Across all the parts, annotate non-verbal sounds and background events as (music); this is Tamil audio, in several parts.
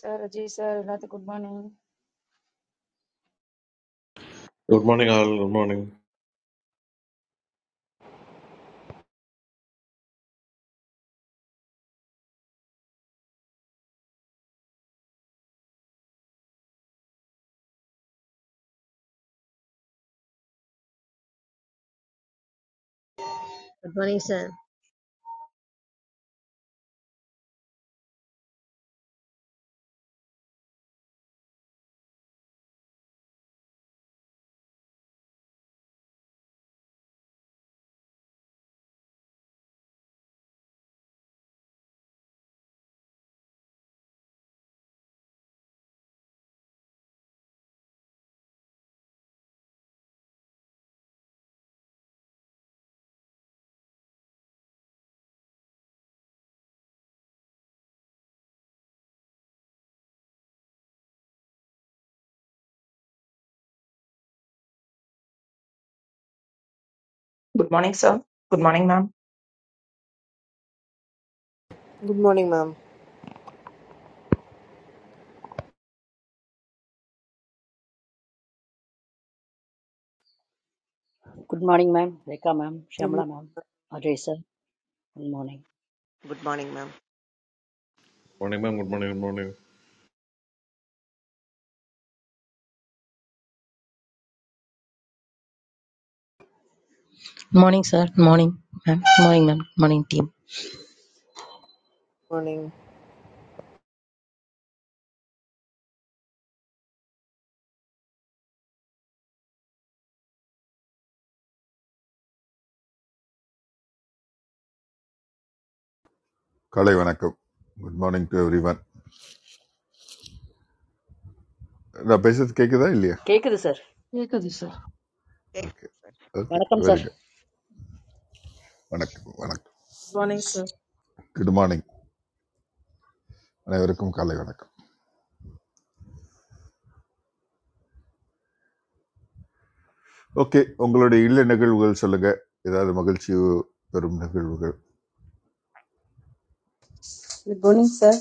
சார், அஜய் சார், எல்லாத்துக்கும் good morning. Good morning all good morning But Bunny said Good morning, sir. Good morning, ma'am. Good morning, ma'am. Good morning, ma'am. Welcome, ma'am. Good Shyamla, ma'am. Ajay, sir. Good morning. Good morning ma'am morning ma'am good morning good morning morning sir morning ma'am morning ma'am morning team morning. காலை வணக்கம் good morning to everyone நான் பேசுறது கேட்குதா இல்லையா Kaise hai, sir? You can do that. Okay okay Walaikum, sir. Very good வணக்கம் வணக்கம் Good morning, sir. Good morning அனைவருக்கும் காலை வணக்கம் ஓகே உங்களுடைய இல்ல நிகழ்வுகள் சொல்லுங்க ஏதாவது மகிழ்ச்சி பெறும் நிகழ்வுகள் Good morning, sir.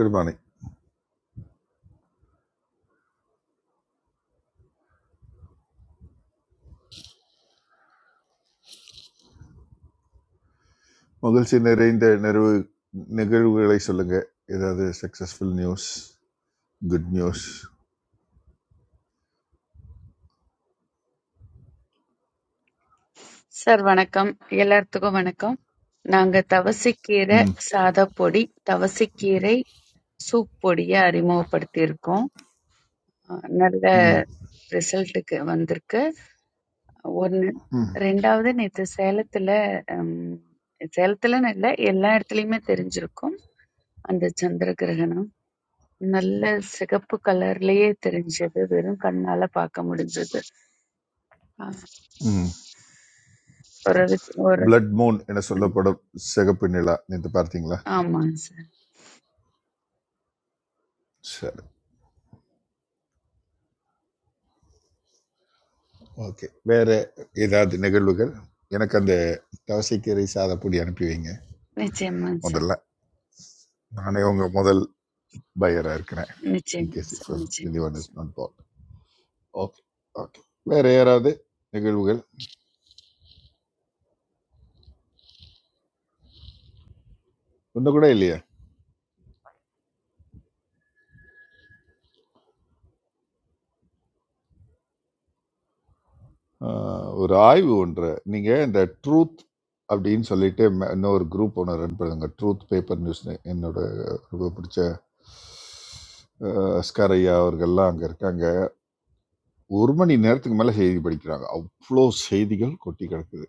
Good morning மகிழ்ச்சி நிறைந்த நிகழ்வு நிகழ்வுகளை சொல்லுங்க ஏதாவது successful news good news sir வணக்கம், எல்லாத்துக்கும் வணக்கம். நாங்க தவசைக்கீரை ம் சாதப்பொடி, தவசைக்கீரை சூப் பொடியை அறிமுகப்படுத்தி இருக்கோம். அஹ் நல்ல ம் ரிசல்ட்டுக்கு வந்திருக்கு. ஒன்று, ம் ரெண்டாவது, நேற்று சேலத்துல ஹம், சேலத்துலன்னு இல்லை, எல்லா இடத்துலையுமே தெரிஞ்சிருக்கும் அந்த சந்திர கிரகணம். நல்ல சிகப்பு கலர்லயே தெரிஞ்சது, வெறும் கண்ணால பார்க்க முடிஞ்சது. ம் ஒரு ஒரு பிளட் மூன் என சொல்லப்படும் சிகப்பு நிலா நேற்று பார்த்தீங்களா ஆமா சார். சரி ஓகே வேறு ஏதாவது நிகழ்வுகள் எனக்கு அந்த தவசைக்கீரை சாதப்பொடி அனுப்பி வைங்க Niche man, sir. முதல்ல நானே உங்கள் முதல் பையராக இருக்கிறேன் Niche man, in case sir. If Niche the man, one sir. Is not bad okay okay வேறு யாராவது நிகழ்வுகள் ஒன்று கூட இல்லையா ஆஹ், ஒரு ஆய்வு ஒன்று நீங்கள் இந்த ட்ரூத் அப்படின்னு சொல்லிட்டு ம- இன்னொரு குரூப் ஒன்று ரன் பண்ணுங்க ட்ரூத் பேப்பர் நியூஸ்னு என்னோட ரொம்ப பிடிச்ச அஹ், அஸ்கார் ஐயா அவர்கள்லாம் அங்கே இருக்காங்க ஒரு மணி நேரத்துக்கு மேலே செய்தி படிக்கிறாங்க அவ்வளோ செய்திகள் கொட்டி கிடக்குது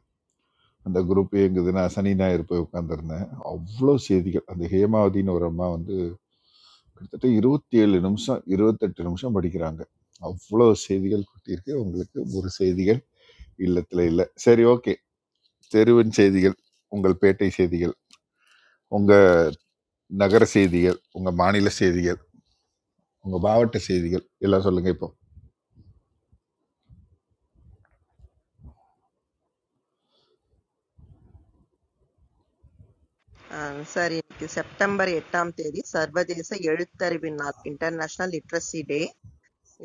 அந்த குரூப் இயங்குதுன்னா சனி ஞாயிறு போய் உட்காந்துருந்தேன் அவ்வளோ செய்திகள் அந்த ஹேமாவதின்னு ஒரு அம்மா வந்து கிட்டத்தட்ட இருபத்தி ஏழு நிமிஷம் இருபத்தெட்டு நிமிஷம் படிக்கிறாங்க அவ்வளோ செய்திகள் கொட்டியிருக்கு உங்களுக்கு ஒரு செய்திகள் இல்லத்தில் இல்லை சரி ஓகே தெருவின் செய்திகள் உங்கள் பேட்டை செய்திகள் உங்கள் நகர செய்திகள் உங்கள் மாநில செய்திகள் உங்கள் மாவட்ட செய்திகள் எல்லாம் சொல்லுங்கள் இப்போ சார் இன்னைக்கு செப்டம்பர் எட்டாம் தேதி சர்வதேச எழுத்தறிவின் நாள் இன்டர்நேஷனல் லிட்ரஸி டே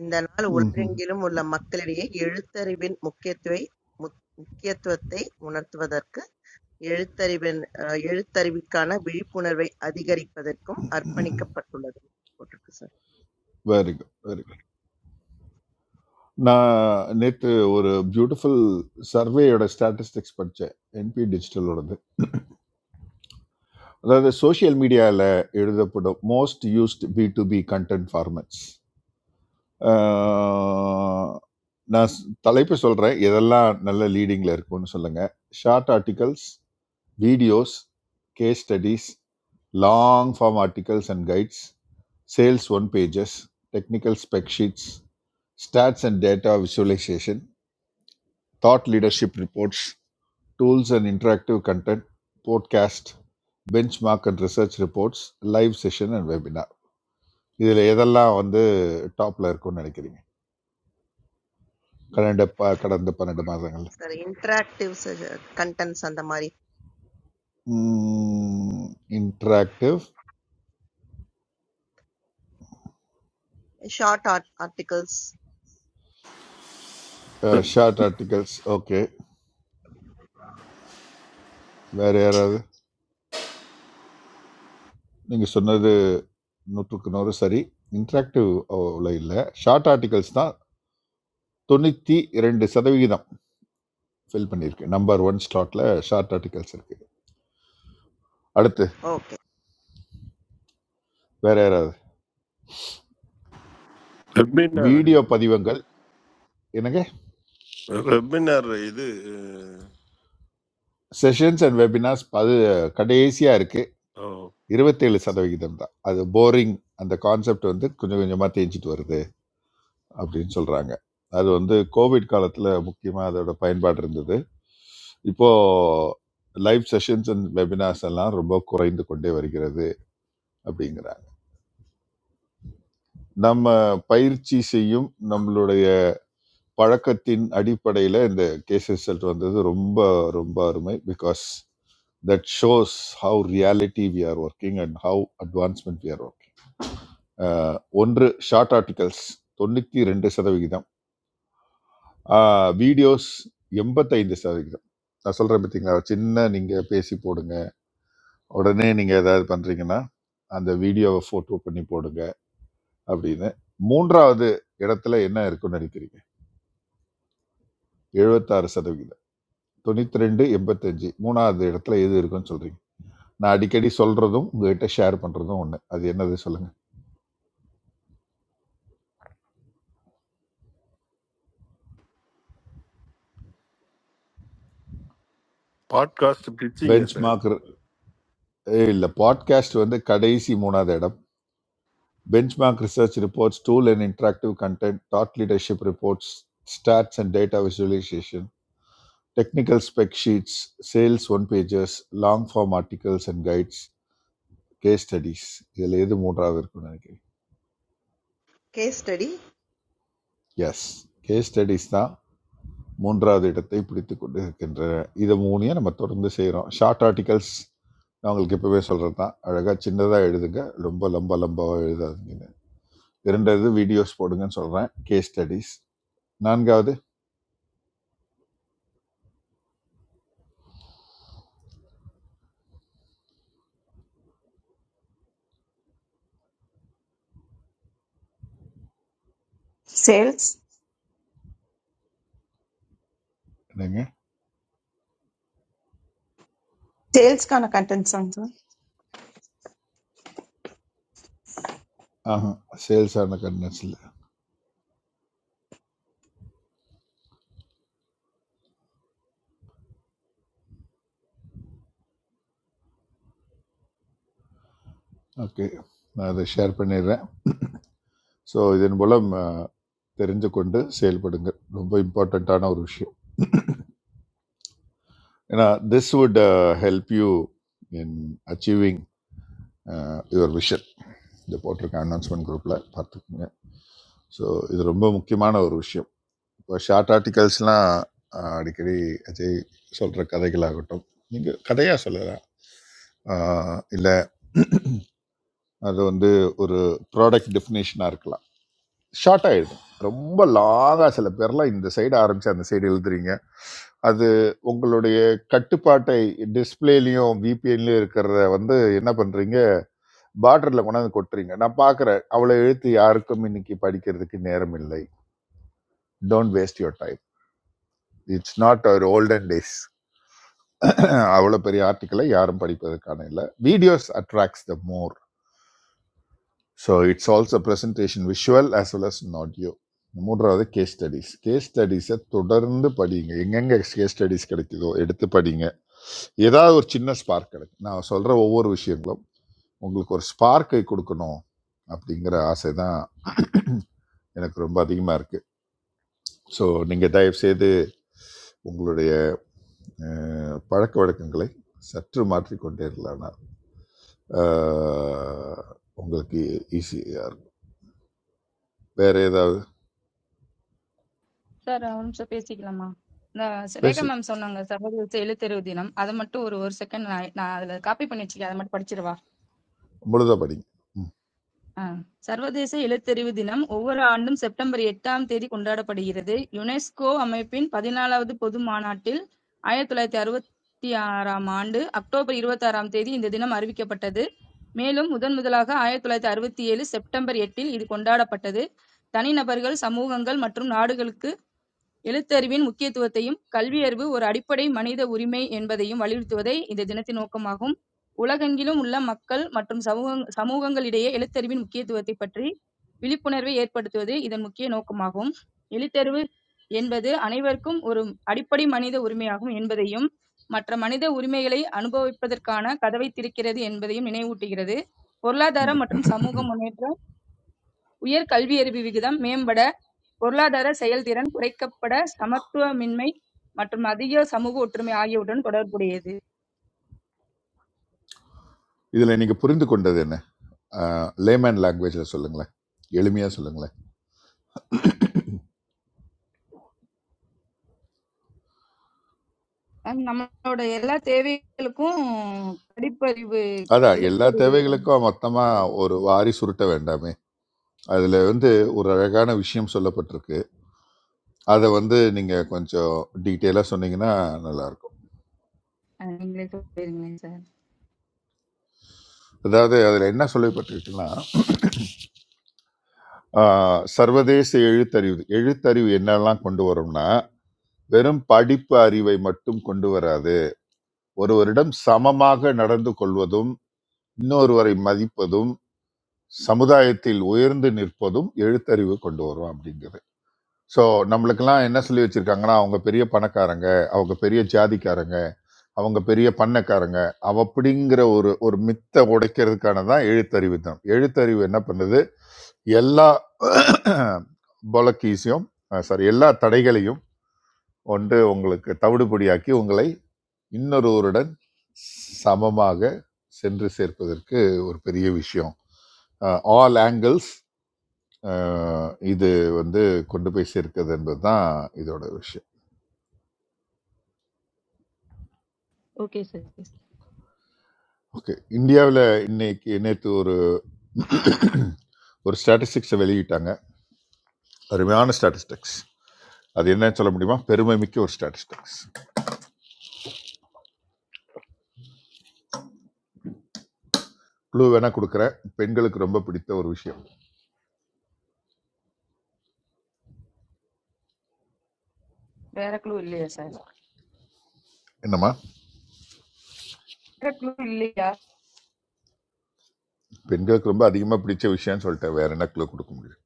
இந்த நாள் ம், உலகெங்கிலும் உள்ள மக்களிடையே எழுத்தறிவின் முக்கியத்துவை முக்- முக்கியத்துவத்தை உணர்த்துவதற்கு எழுத்தறிவின் அஹ், எழுத்தறிவுக்கான விழிப்புணர்வை அதிகரிப்பதற்கும் அர்ப்பணிக்கப்பட்டுள்ளது போட்டிருக்கு சார் வெரி குட் வெரி நான் நேற்று ஒரு பியூட்டிஃபுல் சர்வேயோட ஸ்டாட்டிஸ்டிக்ஸ் படித்தேன் என்பி டிஜிட்டலோடது அதாவது சோஷியல் மீடியாவில் எழுதப்படும் most used B to B content formats நான் ஸ்- தலைப்பு சொல்கிறேன் எதெல்லாம் நல்ல லீடிங்கில் இருக்கும்னு சொல்லுங்கள் short articles videos case studies long form articles and guides sales one pages technical spec sheets stats and data visualization thought leadership reports, tools and interactive content, podcast, benchmark and research reports, live session and webinar. இதில் எதெல்லாம் வந்து டாப்பில் இருக்கும்னு நினைக்கிறீங்க கடந்த ப- கடந்த பன்னெண்டு மாதங்கள் சார் இன்டராக்டிவ் கண்டென்ட்ஸ் அந்த மாதிரி interactive short art articles short articles okay வேறு யாராவது நீங்கள் சொன்னது நூற்றுக்கு நூறு சரி இன்ட்ராக்டிவ் அவ்வளோ இல்லை ஷார்ட் ஆர்டிகல்ஸ் தான் தொண்ணூற்றி இரண்டு சதவிகிதம் ஃபில் பண்ணியிருக்கு நம்பர் ஒன் ஸ்லாட்டில் ஷார்ட் ஆர்டிகல்ஸ் இருக்குது அடுத்து ஓகே வேற யாராவது Webinar, வீடியோ பதிவங்கள் என்னங்க webinar. This sessions and webinars அது கடைசியாக இருக்குது இருபத்தேழு சதவிகிதம் தான் அது போரிங் அந்த கான்செப்ட் வந்து கொஞ்சம் கொஞ்சமாக தேஞ்சிட்டு வருது அப்படின்னு சொல்கிறாங்க அது வந்து கோவிட் காலத்தில் முக்கியமாக அதோட பயன்பாடு இருந்தது இப்போது லைவ் செஷன்ஸ் அண்ட் வெபினார்ஸ் எல்லாம் ரொம்ப குறைந்து கொண்டே வருகிறது அப்படிங்கிறாங்க நம்ம பயிற்சி செய்யும் நம்மளுடைய பழக்கத்தின் அடிப்படையில் இந்த கேஸ் ரிசல்ட் வந்தது ரொம்ப ரொம்ப அருமை because that shows how reality we are working and how advancement we are working ஒன்று ஷார்ட் ஆர்டிகல்ஸ் தொண்ணூற்றி ரெண்டு சதவிகிதம் வீடியோஸ் எண்பத்தைந்து சதவிகிதம் நான் சொல்கிறேன் பார்த்தீங்களா சின்ன நீங்கள் பேசி போடுங்க உடனே நீங்கள் ஏதாவது பண்ணுறீங்கன்னா அந்த வீடியோவை ஃபோட்டோ பண்ணி போடுங்க அப்படின்னு மூன்றாவது இடத்துல என்ன இருக்குன்னு நினைக்கிறீங்க 76% சதவிகிதம் தொண்ணூத்தி ரெண்டு எண்பத்தஞ்சு மூணாவது இடத்துல எது இருக்குன்னு சொல்றீங்க நான் அடிக்கடி சொல்றதும் உங்ககிட்ட ஷேர் பண்றதும் ஒன்று அது என்னது சொல்லுங்க podcast teaching bench is a. Mark இல்லை பாட்காஸ்ட் வந்து கடைசி மூணாவது இடம் benchmark research reports tool and interactive content thought leadership reports stats and data visualization technical spec sheets sales one pages long form articles and guides case studies இதில் எது மூன்றாவது இருக்குன்னு நினைக்கிறீங்க case study yes case studies தான் மூன்றாவது இடத்தை பிடித்து கொண்டு இருக்கின்றன இது மூணையும் நம்ம தொடர்ந்து செய்கிறோம் ஷார்ட் ஆர்டிகல்ஸ் நான் உங்களுக்கு இப்போவே சொல்கிறது தான் அழகாக சின்னதாக எழுதுங்க ரொம்ப லம்ப லம்பாக எழுதாதீங்க இரண்டாவது வீடியோஸ் போடுங்கன்னு சொல்கிறேன் கேஸ் ஸ்டடிஸ் நான்காவது Sales, என்னங்க sales kind of content sir. ஆஹா சேல்ஸ் ஆன கண்டென்ட்ஸில் ஓகே நான் அதை ஷேர் பண்ணிடுறேன் ஸோ இதன் மூலம் அஹ், தெரிந்து கொண்டு செயல்படுங்க ரொம்ப இம்பார்ட்டண்ட்டான ஒரு விஷயம் ஏன்னா this would help you in achieving your vision இந்த போட்டிருக்க அனௌன்ஸ்மெண்ட் குரூப்பில் பார்த்துக்குங்க ஸோ இது ரொம்ப முக்கியமான ஒரு விஷயம் இப்போ ஷார்ட் ஆர்டிகல்ஸ்லாம் அடிக்கடி அஜய் சொல்கிற கதைகளாகட்டும் நீங்கள் கதையாக சொல்லலாம் இல்லை அது வந்து ஒரு ப்ராடக்ட் டெஃபினேஷனாக இருக்கலாம் ஷார்ட் ஆகிடும் ரொம்ப லாங்காக சில பேர்லாம் இந்த சைடு ஆரம்பித்து அந்த சைடு எழுதுறீங்க அது உங்களுடைய கட்டுப்பாட்டை டிஸ்பிளேலையும் விபிஎன்லையும் இருக்கிறத வந்து என்ன பண்ணுறீங்க பார்டரில் கொண்டாந்து கொட்டுறீங்க நான் பார்க்குறேன் அவ்வளோ எழுத்து யாருக்கும் இன்னைக்கு படிக்கிறதுக்கு நேரம் இல்லை don't waste your time it's not our olden days அவ்வளோ (clears throat) பெரிய ஆர்டிக்கலை யாரும் படிப்பதற்கான இல்லை videos attracts the more so it's also presentation visual as well as an audio மூன்றாவது கேஸ் ஸ்டடீஸ் கேஸ் ஸ்டடீஸை தொடர்ந்து படிங்க எங்கெங்கே கேஸ் ஸ்டடீஸ் கிடைக்குதோ எடுத்து படிங்க ஏதாவது ஒரு சின்ன ஸ்பார்க் கிடைக்கும் நான் சொல்கிற ஒவ்வொரு விஷயங்களும் உங்களுக்கு ஒரு ஸ்பார்க்கை கொடுக்கணும் அப்படிங்கிற ஆசை தான் எனக்கு ரொம்ப அதிகமாக இருக்குது ஸோ நீங்கள் தயவு செய்து உங்களுடைய அஹ், பழக்க வழக்கங்களை சற்று மாற்றிக்கொண்டே இருக்கலாம் உங்களுக்கு ஈஸியாக இருக்கும். வேற ஏதாவது சார் ஒரு நிமிஷம் பேசிக்கலாமா இந்த ஸ் ரேகா பேசி மேம் சொன்னாங்க சர்வதேச எழுத்தறிவு தினம் அதை மட்டும் ஒரு ஒரு செகண்ட் நான் நான் அதுல காப்பி பண்ணி வச்சுக்கேன் அதை மட்டும் படிச்சிடவா முழுதாக படிங்க ம் ஆ. சர்வதேச எழுத்தறிவு தினம் ஒவ்வொரு ஆண்டும் செப்டம்பர் எட்டாம் தேதி கொண்டாடப்படுகிறது யுனெஸ்கோ அமைப்பின் பதினாலாவது பொது மாநாட்டில் ஆயிரத்தி தொள்ளாயிரத்தி அறுபத்தி ஆறாம் ஆண்டு அக்டோபர் இருபத்தி ஆறாம் தேதி இந்த தினம் அறிவிக்கப்பட்டது மேலும் முதன் முதலாக ஆயிரத்தி தொள்ளாயிரத்தி அறுபத்தி ஏழு செப்டம்பர் எட்டில் இது கொண்டாடப்பட்டது தனிநபர்கள் சமூகங்கள் மற்றும் நாடுகளுக்கு எழுத்தறிவின் முக்கியத்துவத்தையும் கல்வியறிவு ஒரு அடிப்படை மனித உரிமை என்பதையும் வலியுறுத்துவதே இந்த தினத்தின் நோக்கமாகும் உலகெங்கிலும் உள்ள மக்கள் மற்றும் சமூக சமூகங்களிடையே எழுத்தறிவின் முக்கியத்துவத்தை பற்றி விழிப்புணர்வை ஏற்படுத்துவது இதன் முக்கிய நோக்கமாகும் எழுத்தறிவு என்பது அனைவருக்கும் ஒரு அடிப்படை மனித உரிமையாகும் என்பதையும் மற்ற மனித உரிமைகளை அனுபவிப்பதற்கான கதவை திறக்கிறது என்பதையும் நினைவூட்டுகிறது பொருளாதார மற்றும் சமூக முன்னேற்றம் உயர் கல்வியறிவு விகிதம் மேம்பட பொருளாதார செயல்திறன் குறைக்கப்பட, சமத்துவமின்மை மற்றும் அதிக சமூக ஒற்றுமை ஆகியவற்றுடன் தொடர்புடையது. இதில் நீங்கள் புரிந்து கொண்டது என்ன லேமேன் லாங்குவேஜில் சொல்லுங்களேன் எளிமையாக சொல்லுங்களேன் அஹ் நம்மளோட எல்லா தேவைகளுக்கும் படிப்பறிவு, அதான் எல்லா எழுத்தறிவு கொண்- தேவைகளுக்கும் மொத்தமாக ஒரு வாரி சுருட்ட வேண்டாமே அதில் வந்து ஒரு அழகான விஷயம் சொல்லப்பட்டிருக்கு அதை வந்து நீங்கள் கொஞ்சம் டீட்டெயிலாக சொன்னீங்கன்னா நல்லாயிருக்கும் அஹ் நீங்களே சொல்லிருங்களேன் சார். அதாவது அதில் என்ன சொல்லப்பட்டிருக்குன்னா ஆஹ், சர்வதேச எழுத்தறிவு எழுத்தறிவு என்னெல்லாம் கொண்டு வரும்னா வெறும் படிப்பு அறிவை மட்டும் கொண்டு வராது ஒருவரிடம் சமமாக நடந்து கொள்வதும் இன்னொருவரை மதிப்பதும் சமுதாயத்தில் உயர்ந்து நிற்பதும் எழுத்தறிவு கொண்டு வரும் அப்படிங்கிறது ஸோ நம்மளுக்கெல்லாம் என்ன சொல்லி வச்சிருக்காங்கன்னா அவங்க பெரிய பணக்காரங்க அவங்க பெரிய ஜாதிக்காரங்க அவங்க பெரிய பண்ணக்காரங்க அவ அப்படிங்கிற ஒரு ஒரு மித்தை உடைக்கிறதுக்கான தான் எழுத்தறிவு தான் எழுத்தறிவு என்ன பண்ணுது எல்லா (coughs) பொலக்கீஸையும் சாரி எல்லா தடைகளையும் ஒன்று உங்களுக்கு தவிடுபடியாக்கி உங்களை இன்னொருவருடன் சமமாக சென்று சேர்ப்பதற்கு ஒரு பெரிய விஷயம் ஆல் ஆங்கிள்ஸ் இது வந்து கொண்டு போய் சேர்க்கிறது என்பது தான் இதோட விஷயம் ஓகே சார். ஓகே இந்தியாவில் இன்னைக்கு நேற்று ஒரு (coughs) ஒரு ஸ்டாட்டிஸ்டிக்ஸை வெளியிட்டாங்க அருமையான ஸ்டாட்டிஸ்டிக்ஸ் அது என்னன்னு சொல்ல முடியுமா பெருமை மிக்க ஒரு ஸ்டாட்டிஸ்டிக்ஸ் க்ளூ வேணால் கொடுக்குறேன் பெண்களுக்கு ரொம்ப பிடித்த ஒரு விஷயம் வேற clue இல்லையா சார்? என்னம்மா வேற clue இல்லையா? பெண்களுக்கு ரொம்ப அதிகமாக பிடிச்ச விஷயம்னு சொல்லிட்டேன் வேற என்ன க்ளூ கொடுக்க முடியும்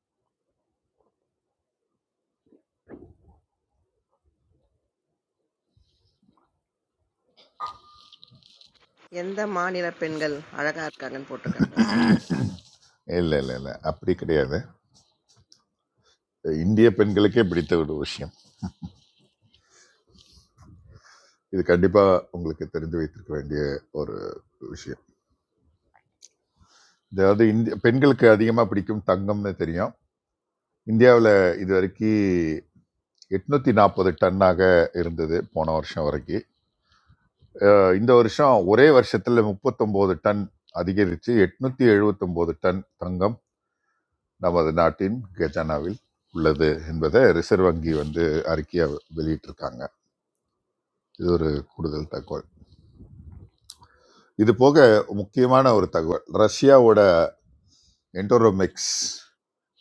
எந்த மாநில பெண்கள் அழகா இருக்காங்கன்னு போட்டிருக்காங்க சார் இல்லை இல்லை இல்லை அப்படி கிடையாது இந்திய பெண்களுக்கே பிடித்த ஒரு விஷயம் இது கண்டிப்பாக உங்களுக்கு தெரிந்து வைத்திருக்க வேண்டிய ஒரு விஷயம் அதாவது இந்திய பெண்களுக்கு அதிகமாக பிடிக்கும் தங்கம்னு தெரியும் இந்தியாவில் இது வரைக்கும் எட்நூற்றி நாற்பது டன்னாக இருந்தது போன வருஷம் வரைக்கும் அஹ் இந்த வருஷம் ஒரே வருஷத்தில் முப்பத்தொம்போது டன் அதிகரித்து எட்நூற்றி எழுபத்தொம்போது டன் தங்கம் நமது நாட்டின் கஜானாவில் உள்ளது என்பதை ரிசர்வ் வங்கி வந்து அறிக்கையாக வெளியிட்டிருக்காங்க இது ஒரு கூடுதல் தகவல் இது போக முக்கியமான ஒரு தகவல் ரஷ்யாவோட என்டோரோமிக்ஸ்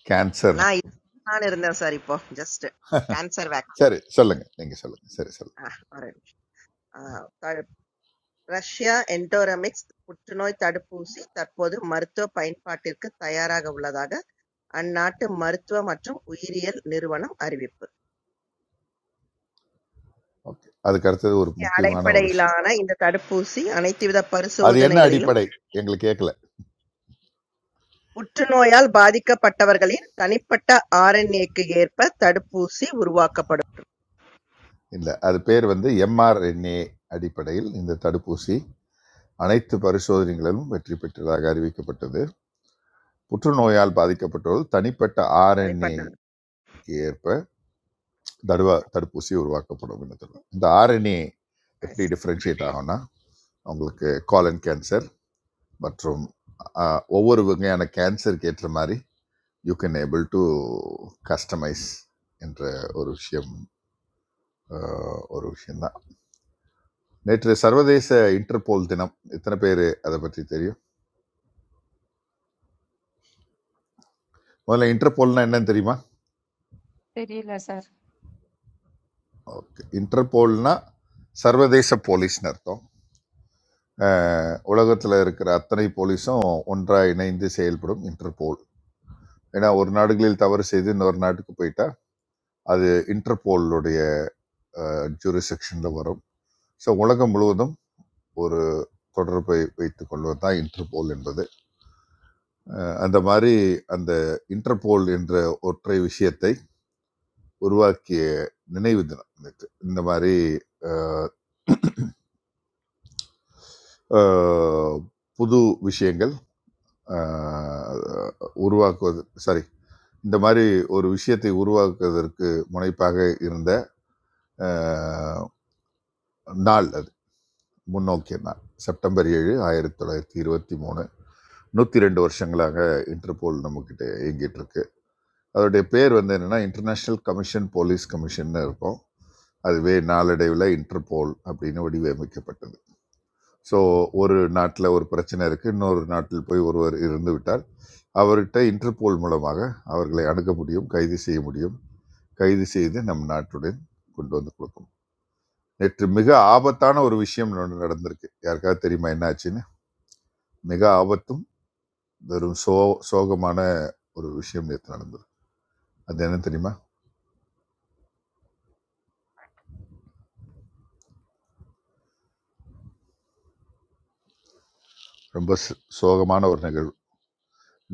கேன்சர் நான் இது சொல்லலாம்னு இருந்தேன் சார் இப்போ ஜஸ்ட் கேன்சர் வேக்சின் சரி சொல்லுங்க நீங்க சொல்லுங்க சரி சொல்லுங்கள். ஒரு நிமிஷம். ஆ, த- ரஷ்யா என்டோரமிக்ஸ் புற்றுநோய் தடுப்பூசி தற்போது மருத்துவ பயன்பாட்டிற்கு தயாராக உள்ளதாக அந்நாட்டு மருத்துவ மற்றும் உயிரியல் நிறுவனம் அறிவிப்பு ஓகே அதுக்கு அடுத்தது ஒரு முக்கியமான ஒரு விஷயம் அடிப்படையிலான இந்த தடுப்பூசி அனைத்து வித அது என்ன பரிசோதனைகளிலும் அடிப்படை எங்களுக்கு கேட்கல புற்றுநோயால் பாதிக்கப்பட்டவர்களின் தனிப்பட்ட ஆர்என்ஏக்கு ஏற்ப தடுப்பூசி உருவாக்கப்படும் இல்லை அது பேர் வந்து எம்ஆர்என்ஏ அடிப்படையில் இந்த தடுப்பூசி அனைத்து பரிசோதனைகளிலும் வெற்றி பெற்றதாக அறிவிக்கப்பட்டது புற்றுநோயால் பாதிக்கப்பட்டவர்கள் தனிப்பட்ட தனிப்பட்ட ஆர்என்ஏக்கு ஏற்ப தடுவா தடுப்பூசி உருவாக்கப்படும் என்று சொல்றோம். இந்த ஆர்என்ஏ ஆ, எப்படி சார். டிஃப்ரென்ஷியேட் ஆகும்னா அவங்களுக்கு காலன் கேன்சர் மற்றும் ஆஹ், ஒவ்வொரு வகையான கேன்சருக்கு ஏற்ற மாதிரி you can able to customize என்ற ஒரு விஷயம் அஹ், ஒரு விஷயம்தான் நேற்று சர்வதேச இன்டர்போல் தினம் எத்தனை பேர் அதை பற்றி தெரியும் முதல்ல இன்டர்போல்னா என்னன்னு தெரியுமா தெரியல சார். ஓகே இன்டர்போல்னா சர்வதேச போலீஸ்னு அர்த்தம் உலகத்தில் இருக்கிற அத்தனை போலீஸும் ஒன்றாக இணைந்து செயல்படும் இன்டர்போல் ஏன்னா ஒரு நாடுகளில் தவறு செய்து இன்னொரு நாட்டுக்கு போயிட்டா அது இன்டர்போலுடைய ஜூரிசெக்ஷனில் வரும் ஸோ உலகம் முழுவதும் ஒரு தொடர்பை வைத்துக் கொள்வது தான் இன்டர்போல் என்பது அஹ் அந்த மாதிரி அந்த இன்டர்போல் என்ற ஒற்றை விஷயத்தை உருவாக்கிய நினைவு தினம் நேற்று இந்த மாதிரி அஹ், அஹ், புது விஷயங்கள் அஹ், உருவாக்குவது சாரி இந்த மாதிரி ஒரு விஷயத்தை உருவாக்குவதற்கு முனைப்பாக இருந்த அஹ், நாள் அது முன்னோக்கிய நாள் செப்டம்பர் ஏழு ஆயிரத்தி தொள்ளாயிரத்தி இருபத்தி மூணு நூற்றி ரெண்டு வருஷங்களாக இன்டர்போல் நம்மக்கிட்ட இயங்கிட்டு இருக்கு அதோடைய பேர் வந்து என்னென்னா இன்டர்நேஷ்னல் கமிஷன் போலீஸ் கமிஷன்னு இருக்கும் அதுவே நாளடைவில் இன்டர்போல் அப்படின்னு வடிவமைக்கப்பட்டது ஸோ ஒரு நாட்டில் ஒரு பிரச்சனை இருக்குது இன்னொரு நாட்டில் போய் ஒருவர் இருந்து விட்டால் அவர்கிட்ட இன்டர்போல் மூலமாக அவர்களை அணுக முடியும் கைது செய்ய முடியும் கைது செய்து நம் நாட்டுடன் கொண்டு வந்து கொடுக்கும் நேற்று மிக ஆபத்தான ஒரு விஷயம் ஒண்ணு நடந்திருக்கு யாருக்காவது தெரியுமா என்ன ஆச்சுன்னு மிக ஆபத்தும் வெறும் சோ சோகமான ஒரு விஷயம் நேற்று நடந்தது அது என்ன தெரியுமா ரொம்ப சு- சோகமான ஒரு நிகழ்வு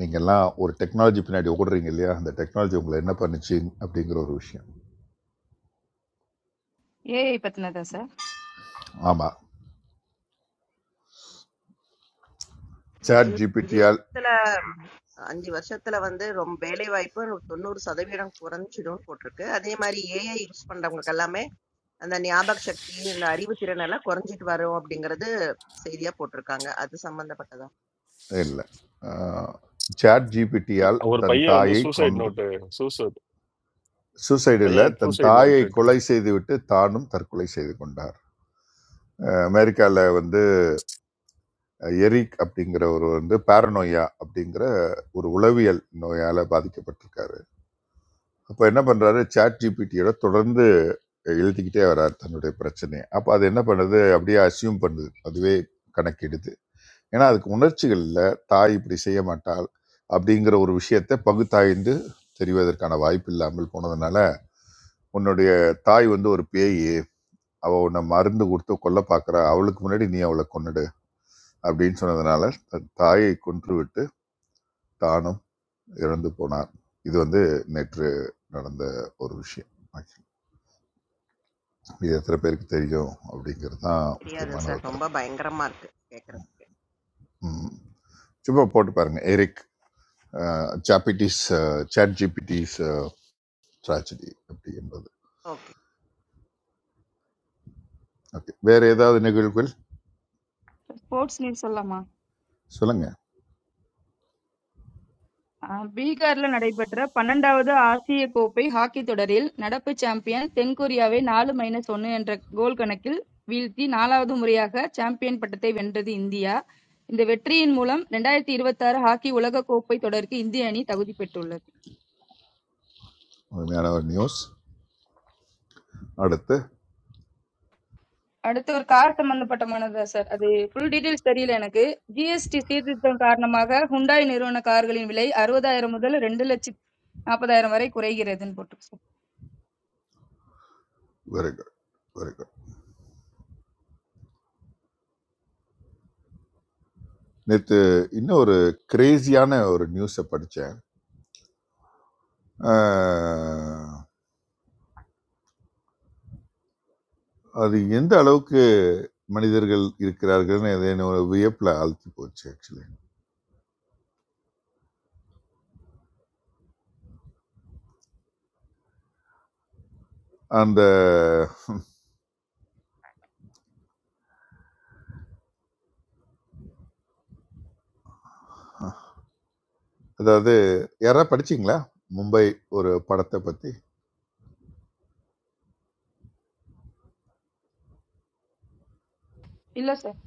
நீங்கள்லாம் ஒரு டெக்னாலஜி பின்னாடி ஓடுறீங்க இல்லையா அந்த டெக்னாலஜி உங்களை என்ன பண்ணுச்சு அப்படிங்கிற ஒரு விஷயம் AI பத்தினதா சார்? ஆமாம் சாட் இன்னும் அஞ்சு ஜிபிடியால் வருஷத்துல 5 வருஷத்துல வந்து ரொம்ப வேலை வாய்ப்பு 90% சதவீதம் குறைஞ்சிடும்னு போட்டிருக்கு. அதே மாரி ஏஐ யூஸ் பண்றவங்களுக்கு எல்லாமே, அந்த ஞாபக சக்தி, இந்த அறிவு திறன் எல்லாம் குறைஞ்சிட்டு வரும் அப்படிங்கிறது செய்தியா போட்டிருக்காங்க. அது சம்பந்தப்பட்டதா? இல்லை சாட் ஜிபிடியால் Our தன் player on the தாயை suicide கொண்டு note. Suicide சூசைடில் player தன் suicide தாயை note. கொலை செய்துவிட்டு தானும் தற்கொலை செய்து கொண்டார் அஹ் அமெரிக்கால வந்து எரிக் அப்படிங்கிறவர் வந்து பாரனோயா அப்படிங்கிற ஒரு உளவியல் நோயால் பாதிக்கப்பட்டிருக்காரு அப்போ என்ன பண்ணுறாரு சாட் ஜிபிடியோட தொடர்ந்து எழுதிக்கிட்டே வரார் தன்னுடைய பிரச்சனையை அப்போ அது என்ன பண்ணுது அப்படியே அசியூம் பண்ணுது அதுவே கணக்கெடுத்து ஏன்னா அதுக்கு உணர்ச்சிகள் இல்லை தாய் இப்படி செய்ய மாட்டாள் அப்படிங்கிற ஒரு விஷயத்தை பகுத்தாய்ந்து தெரிவதற்கான வாய்ப்பு இல்லாமல் போனதுனால உன்னுடைய தாய் வந்து ஒரு பேய் அவ உன்னை மருந்து கொடுத்து கொல்ல பார்க்குறா அவளுக்கு முன்னாடி நீ அவளை கொன்னுடு அப்படின்னு சொன்னதுனால தன் தாயை கொன்று விட்டு தானும் இறந்து போனார் இது வந்து நேற்று நடந்த ஒரு விஷயம் இது எத்தனை பேருக்கு தெரியும் அப்படிங்கிறது தான் தெரியாது முக்கியமான ஒரு சார். ரொம்ப தகவல் பயங்கரமா இருக்கு கேட்கறதுக்கு. ம். சும்மா போட்டு பாருங்க எரிக் சாப்பிட்டிஸ் சாட் ஜிபிடிஸ் tragedy அப்படி என்பது ஓகே. ஓகே வேற ஏதாவது நிகழ்வுகள் ஸ்போர்ட்ஸ் நியூஸ் சொல்லலாமா? சொல்லுங்க ஆஹ் பீகாரில் நடைபெற்ற பன்னெண்டாவது ஆசிய கோப்பை ஹாக்கி தொடரில் நடப்பு சாம்பியன் தென்கொரியாவை நாலு மைனஸ் ஒன்னு என்ற கோல் கணக்கில் வீழ்த்தி நாலாவது முறையாக சாம்பியன் பட்டத்தை வென்றது இந்தியா இந்த வெற்றியின் மூலம் ரெண்டாயிரத்தி இருபத்தாறு ஹாக்கி உலக கோப்பை தொடருக்கு இந்திய அணி தகுதி பெற்றுள்ளது உண்மையான ஒரு நியூஸ் அடுத்து அடுத்து ஒரு கார் சம்பந்தப்பட்டமானதா சார் அது ஃபுல் டீடைல்ஸ் தெரியல எனக்கு ஜிஎஸ்டி சீர்திருத்தம் காரணமாக ஹுண்டாய் நிறுவன கார்களின் விலை அறுபதாயிரம் முதல் ரெண்டு லட்சம் நாற்பதாயிரம் வரை குறைகிறதுன்னு போட்டிருக்கு sir very good very good நேற்று இன்னும் ஒரு கிரேசியான ஒரு நியூஸை படித்தேன் ஆஹ், அது எந்த அளவுக்கு மனிதர்கள் இருக்கிறார்கள்னு அது என்னை ஒரு வியப்பில் ஆழ்த்தி போச்சு ஆக்சுவலி அந்த அதாவது யாராவது படிச்சீங்களா மும்பை ஒரு படத்தை பற்றி இல்ல சார்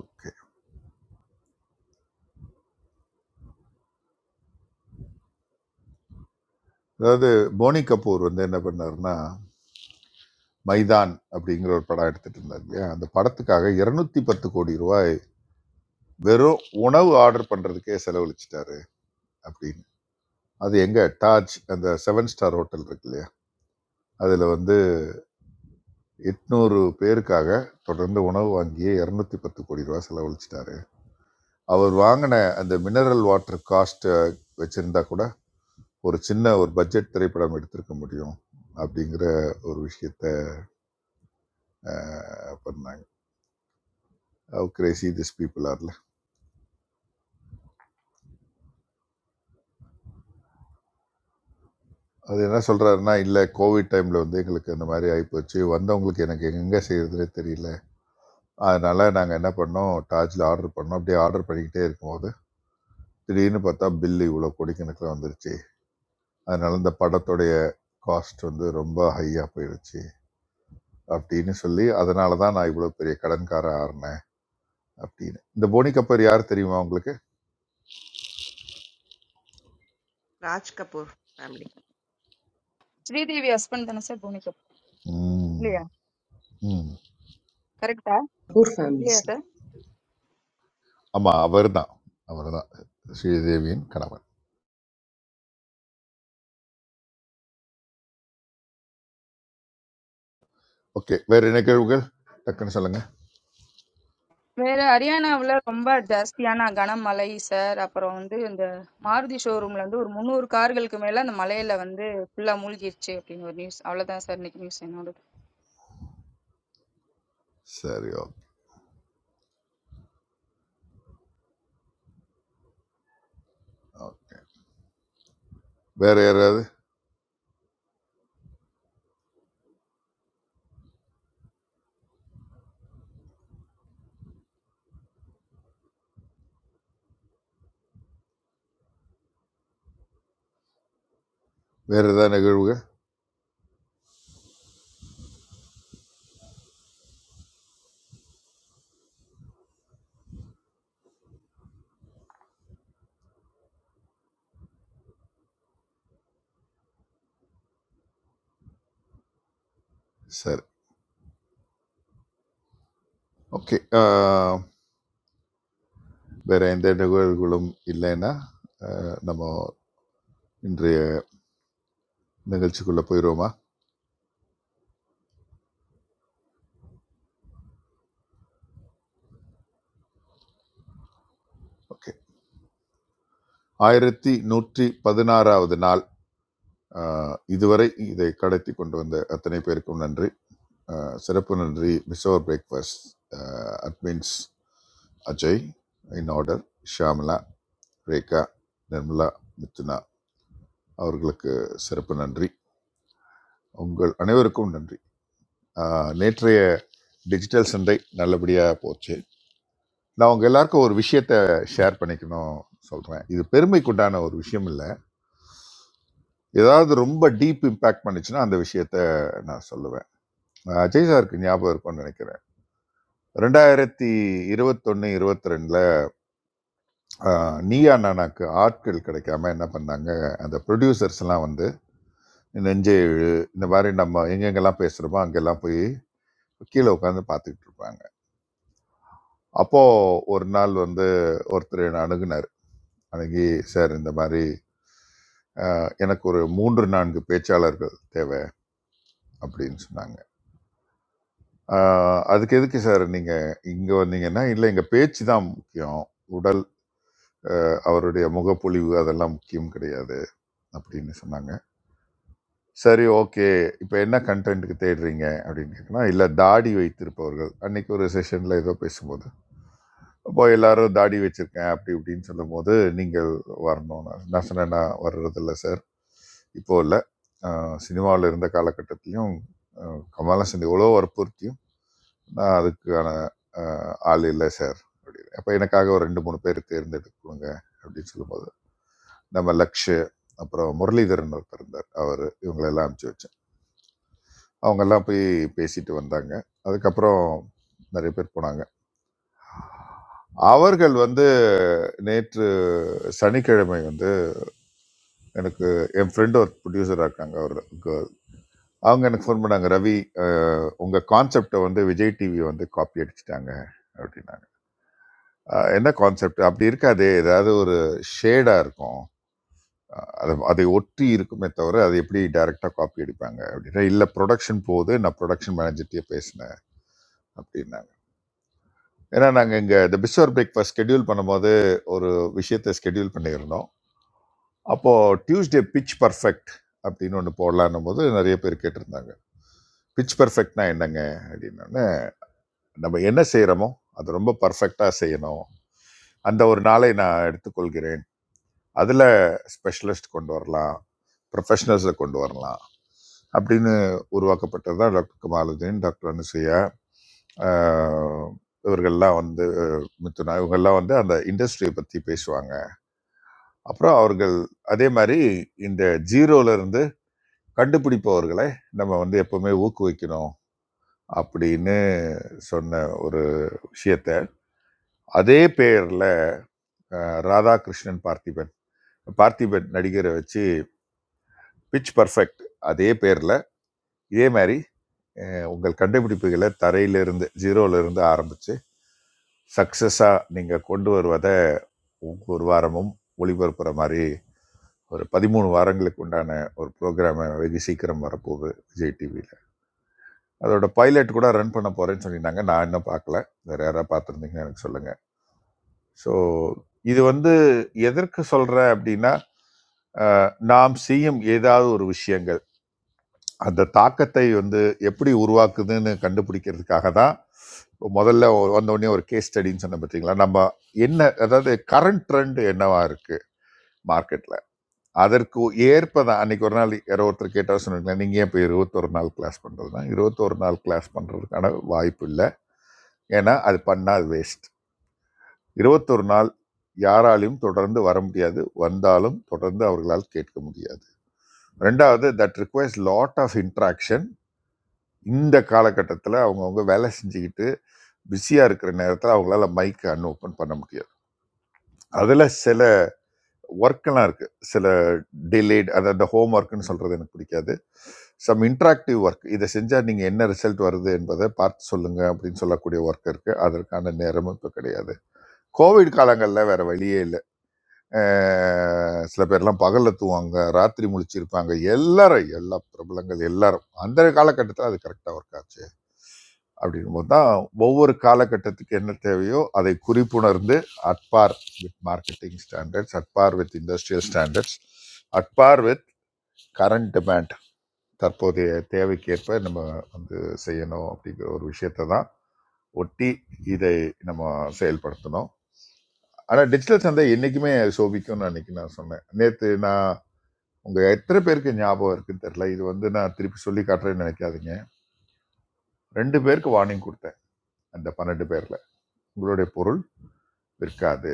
ஓகே அதாவது போனி கபூர் வந்து என்ன பண்ணாருன்னா மைதான் அப்படிங்கிற ஒரு படம் எடுத்துட்டு இருந்தார் இல்லையா அந்த படத்துக்காக 210 பத்து கோடி ரூபாய் வெறும் உணவு ஆர்டர் பண்றதுக்கே செலவழிச்சிட்டாரு அப்படின்னு அது எங்க டாஜ் அந்த செவன் ஸ்டார் ஹோட்டல் இருக்கு இல்லையா அதுல வந்து எட்நூறு பேருக்காக தொடர்ந்து உணவு வாங்கியே 210 பத்து கோடி ரூபாய் செலவழிச்சிட்டாரு அவர் வாங்கின அந்த மினரல் வாட்டர் காஸ்ட் வச்சிருந்தா கூட ஒரு சின்ன ஒரு பட்ஜெட் திரைப்படம் எடுத்திருக்க முடியும் அப்படிங்கிற ஒரு விஷயத்த அஹ், பண்ணாங்க கிரேசி திஸ் பீப்புள் ஆர் அது என்ன சொல்கிறாருன்னா இல்லை கோவிட் டைமில் வந்து எங்களுக்கு இந்த மாதிரி ஆகிப்போச்சு வந்தவங்களுக்கு எனக்கு எங்கே செய்கிறதுனே தெரியல அதனால் நாங்கள் என்ன பண்ணோம் டாஜில் ஆர்டர் பண்ணோம் அப்படியே ஆர்டர் பண்ணிக்கிட்டே இருக்கும்போது திடீர்னு பார்த்தா பில்லு இவ்வளோ கோடிக்கணக்கில் வந்துருச்சு அதனால் இந்த படத்துடைய காஸ்ட் வந்து ரொம்ப ஹையாக போயிடுச்சு அப்படின்னு சொல்லி அதனால தான் நான் இவ்வளோ பெரிய கடன்கார ஆறினேன் அப்படின்னு இந்த போனி கப்பர் யார் தெரியுமா உங்களுக்கு ராஜ் கபூர் ஃபேமிலி. ஸ்ரீதேவி ஹஸ்பண்ட் தானே சார் போனிக்கோ ம் இல்லையா? ம் கரெக்டா Poor இல்லையா families. சார் ஆமாம் அவர் தான் அவர் தான் ஸ்ரீதேவியின் கணவன் ஓகே வேறு என்ன கேள்விகள் டக்குன்னு சொல்லுங்கள் வேற ஹரியானாவுல ரொம்ப ஜாஸ்தியான கனமழை சார் அப்புறம் வந்து இந்த மாருதி ஷோரூம்ல வந்து ஒரு முந்நூறு கார்களுக்கு மேல அந்த மலையில வந்து ஃபுல்லா மூழ்கிருச்சு அப்படின்னு ஒரு நியூஸ் அவ்வளவுதான் சார் இன்னைக்கு நியூஸ் என்னோட சரி ஓகே வேறு யாராவது வேறு ஏதாவது நிகழ்வுகள் சரி ஓகே வேறு எந்த நிகழ்வுகளும் இல்லைன்னா ஆஹ், நம்ம இன்றைய நிகழ்ச்சிக்குள்ளே போயிடுவோமா ஓகே ஆயிரத்தி நூற்றி பதினாறாவது நாள் ஆஹ், இதுவரை இதை கடத்தி கொண்டு வந்த அத்தனை பேருக்கும் நன்றி ஆஹ், சிறப்பு நன்றி பிசோர் breakfast admins Ajay in order Shamla Rekha Nirmala Mithuna அவர்களுக்கு சிறப்பு நன்றி உங்கள் அனைவருக்கும் நன்றி ஆஹ் நேற்றைய டிஜிட்டல் சந்தை நல்லபடியாக போச்சு நான் உங்கள் எல்லாருக்கும் ஒரு விஷயத்த ஷேர் பண்ணிக்கணும் சொல்கிறேன் இது பெருமைக்குண்டான ஒரு விஷயம் இல்லை ஏதாவது ரொம்ப டீப் இம்பேக்ட் பண்ணுச்சுன்னா அந்த விஷயத்த நான் சொல்லுவேன் ஆஹ் அஜய் சாருக்கு ஞாபகம் இருக்கும்னு நினைக்கிறேன் ரெண்டாயிரத்தி இருபத்தொன்று இருபத்தி ரெண்டில் நீயா நானாக்கு ஆட்கள் கிடைக்காம என்ன பண்ணாங்க அந்த ப்ரொடியூசர்ஸ் எல்லாம் வந்து நெஞ்சு இழு, இந்த மாதிரி நம்ம எங்கெங்கெல்லாம் பேசுகிறோமோ அங்கெல்லாம் போய் கீழே உட்காந்து பார்த்துக்கிட்டு இருப்பாங்க அப்போ ஒரு நாள் வந்து ஒருத்தர் என்னை அணுகுனார் அணுகி சார் இந்த மாதிரி ஆஹ், எனக்கு ஒரு மூன்று நான்கு பேச்சாளர்கள் தேவை அப்படின்னு சொன்னாங்க ஆஹ், அதுக்கு எதுக்கு சார் நீங்கள் இங்கே வந்தீங்கன்னா இல்லை எங்கள் பேச்சு தான் முக்கியம் உடல் ஆஹ், அவருடைய முகப்பொழிவு அதெல்லாம் முக்கியம் கிடையாது அப்படின்னு சொன்னாங்க சரி ஓகே இப்போ என்ன கண்டென்ட்டுக்கு தேடுறீங்க அப்படின்னு கேட்கலாம் இல்லை தாடி வைத்திருப்பவர்கள் அன்னைக்கு ஒரு செஷனில் ஏதோ பேசும்போது அப்போ எல்லாரும் தாடி வச்சிருக்கேன் அப்படி இப்படின்னு சொல்லும்போது நீங்கள் வரணும்னு நான் நான் சொன்னேன் நான் வர்றதில்ல சார் இப்போ இல்லை சினிமாவில் இருந்த காலகட்டத்திலையும் கமலாசன் எவ்வளோ வற்புறுத்தியும் நான் அதுக்கான ஆஹ், ஆள் இல்லை சார் அப்படின்னு அப்போ எனக்காக ஒரு ரெண்டு மூணு பேர் தேர்ந்தெடுக்கணுங்க அப்படின்னு சொல்லும்போது நம்ம லக்ஷு அப்புறம் முரளிதரன் ஒருத்தர் இருந்தார் அவர் இவங்களெல்லாம் அனுப்பிச்சு வச்சார் அவங்கெல்லாம் போய் பேசிட்டு வந்தாங்க அதுக்கப்புறம் நிறைய பேர் போனாங்க அவர்கள் வந்து நேற்று சனிக்கிழமை வந்து எனக்கு என் ஃப்ரெண்டு ஒரு ப்ரொடியூசராக இருக்காங்க அவர் girl. அவங்க எனக்கு ஃபோன் பண்ணாங்க ரவி அஹ், உங்க கான்செப்டை வந்து விஜய் டிவி வந்து காப்பி அடிச்சிட்டாங்க அப்படின்னாங்க அஹ், என்ன கான்செப்ட் அப்படி இருக்காது ஏதாவது ஒரு ஷேடாக இருக்கும் அஹ், அது அதை ஒட்டி இருக்குமே தவிர அது எப்படி டைரெக்டாக காப்பி அடிப்பாங்க அப்படின்னா இல்லை ப்ரொடக்ஷன் போகுது நான் ப்ரொடக்ஷன் மேனேஜர்கிட்டயே பேசினேன் அப்படின்னாங்க ஏன்னா நாங்கள் இங்கே இந்த பிஸ்வர் பிரேக்ஃபாஸ்ட் ஸ்கெடியூல் பண்ணும்போது ஒரு விஷயத்தை ஸ்கெடியூல் பண்ணியிருந்தோம் அப்போது டியூஸ்டே பிச் பர்ஃபெக்ட் அப்படின்னு ஒன்று போடலான்னும் போது நிறைய பேர் கேட்டிருந்தாங்க பிச் பர்ஃபெக்ட்னா என்னங்க அப்படின்னோடனே நம்ம என்ன செய்கிறோமோ அது ரொம்ப பர்ஃபெக்டாக செய்யணும் அந்த ஒரு நாளை நான் எடுத்துக்கொள்கிறேன் அதில் ஸ்பெஷலிஸ்ட் கொண்டு வரலாம் ப்ரொஃபஷனல்ஸை கொண்டு வரலாம் அப்படின்னு உருவாக்கப்பட்டது தான் டாக்டர் கமாலுதீன் டாக்டர் அனுசையா ஆஹ் இவர்கள்லாம் வந்து மித்துனா இவங்கெல்லாம் வந்து அந்த இண்டஸ்ட்ரியை பற்றி பேசுவாங்க அப்புறம் அவர்கள் அதே மாதிரி இந்த ஜீரோல இருந்து கண்டுபிடிப்பவர்களை நம்ம வந்து எப்பவுமே ஊக்குவிக்கணும் அப்படின்னு சொன்ன ஒரு விஷயத்த அதே பெயர்ல அஹ், ராதாகிருஷ்ணன் பார்த்திபன் பார்த்திபன் நடிகரை வச்சு பிச் பர்ஃபெக்ட் அதே பேர்ல இதே மாதிரி அஹ், உங்கள் கண்டுபிடிப்புகளை தரையிலிருந்து ஜீரோல இருந்து ஆரம்பிச்சு சக்சஸா நீங்க கொண்டு வருவதை ஒவ்வொரு வாரமும் ஒளிபரப்புற மாதிரி ஒரு பதிமூணு வாரங்களுக்கு உண்டான ஒரு ப்ரோக்ராம் வெகு சீக்கிரம் வரப்போகுது விஜய் டிவியில் அதோட பைலட் கூட ரன் பண்ண போகிறேன்னு சொல்லியிருந்தாங்க நான் இன்னும் பார்க்கல வேறு யாராவது பார்த்துருந்தீங்கன்னா எனக்கு சொல்லுங்கள் ஸோ இது வந்து எதற்கு சொல்கிறேன் அப்படின்னா நாம் செய்யும் ஏதாவது ஒரு விஷயங்கள் அந்த தாக்கத்தை வந்து எப்படி உருவாக்குதுன்னு கண்டுபிடிக்கிறதுக்காக தான் இப்போ முதல்ல ஒ- வந்த உடனே ஒரு கேஸ் ஸ்டடின்னு சொன்ன பார்த்தீங்களா நம்ம என்ன அதாவது கரண்ட் ட்ரெண்ட் என்னவா இருக்குது மார்க்கெட்டில் அதற்கு ஏற்பதான் அன்னைக்கு ஒரு நாள் யாரோ ஒருத்தர் கேட்டால் சொன்னீங்களா நீங்கள் ஏன் இப்போ இருபத்தொரு நாள் கிளாஸ் பண்ணுறதுனா இருபத்தொரு நாள் கிளாஸ் பண்ணுறதுக்கான வாய்ப்பு இல்லை ஏன்னா அது பண்ணால் அது வேஸ்ட் இருபத்தொரு நாள் யாராலையும் தொடர்ந்து வர முடியாது வந்தாலும் தொடர்ந்து அவர்களால் கேட்க முடியாது ரெண்டாவது that requires lot of interaction இந்த காலகட்டத்தில் அவங்கவுங்க வேலை செஞ்சுக்கிட்டு பிஸியாக இருக்கிற நேரத்தில் அவங்களால மைக் அன் ஓப்பன் பண்ண முடியாது அதில் சில ஒர்க்கெல்லாம் இருக்குது சில டிலேட் அதாவது அந்த ஹோம் ஒர்க்குன்னு சொல்கிறது எனக்கு பிடிக்காது சம் இன்ட்ராக்டிவ் ஒர்க் இதை செஞ்சால் நீங்கள் என்ன ரிசல்ட் வருது என்பதை பார்த்து சொல்லுங்கள் அப்படின்னு சொல்லக்கூடிய ஒர்க் இருக்குது அதற்கான நேரமும் இப்போ கிடையாது கோவிட் காலங்களில் வேறு வழியே இல்லை அஹ் சில பேர்லாம் பகலில் தூங்குவாங்க ராத்திரி முழிச்சிருப்பாங்க எல்லாரும் எல்லா பிரபலங்கள் எல்லாரும் அந்த காலகட்டத்தில் அது கரெக்டாக ஒர்க் ஆச்சு அப்படின்போது தான் ஒவ்வொரு காலகட்டத்துக்கு என்ன தேவையோ அதை குறிப்புணர்ந்து at par with marketing standards at par with industrial standards at par with current demand தற்போதைய தேவைக்கேற்ப நம்ம வந்து செய்யணும் அப்படிங்கிற ஒரு விஷயத்தை தான் ஒட்டி இதை நம்ம செயல்படுத்தணும் ஆனால் டிஜிட்டல் சந்தை என்றைக்குமே சோபிக்கும்னு அன்னைக்கு நான் சொன்னேன் நேற்று நான் உங்கள் எத்தனை பேருக்கு ஞாபகம் இருக்குன்னு தெரில இது வந்து நான் திருப்பி சொல்லி காட்டுறேன்னு நினைக்காதீங்க ரெண்டு பேருக்கு வார்னிங் கொடுத்தேன் அந்த பன்னெண்டு பேரில் உங்களுடைய பொருள் விற்காது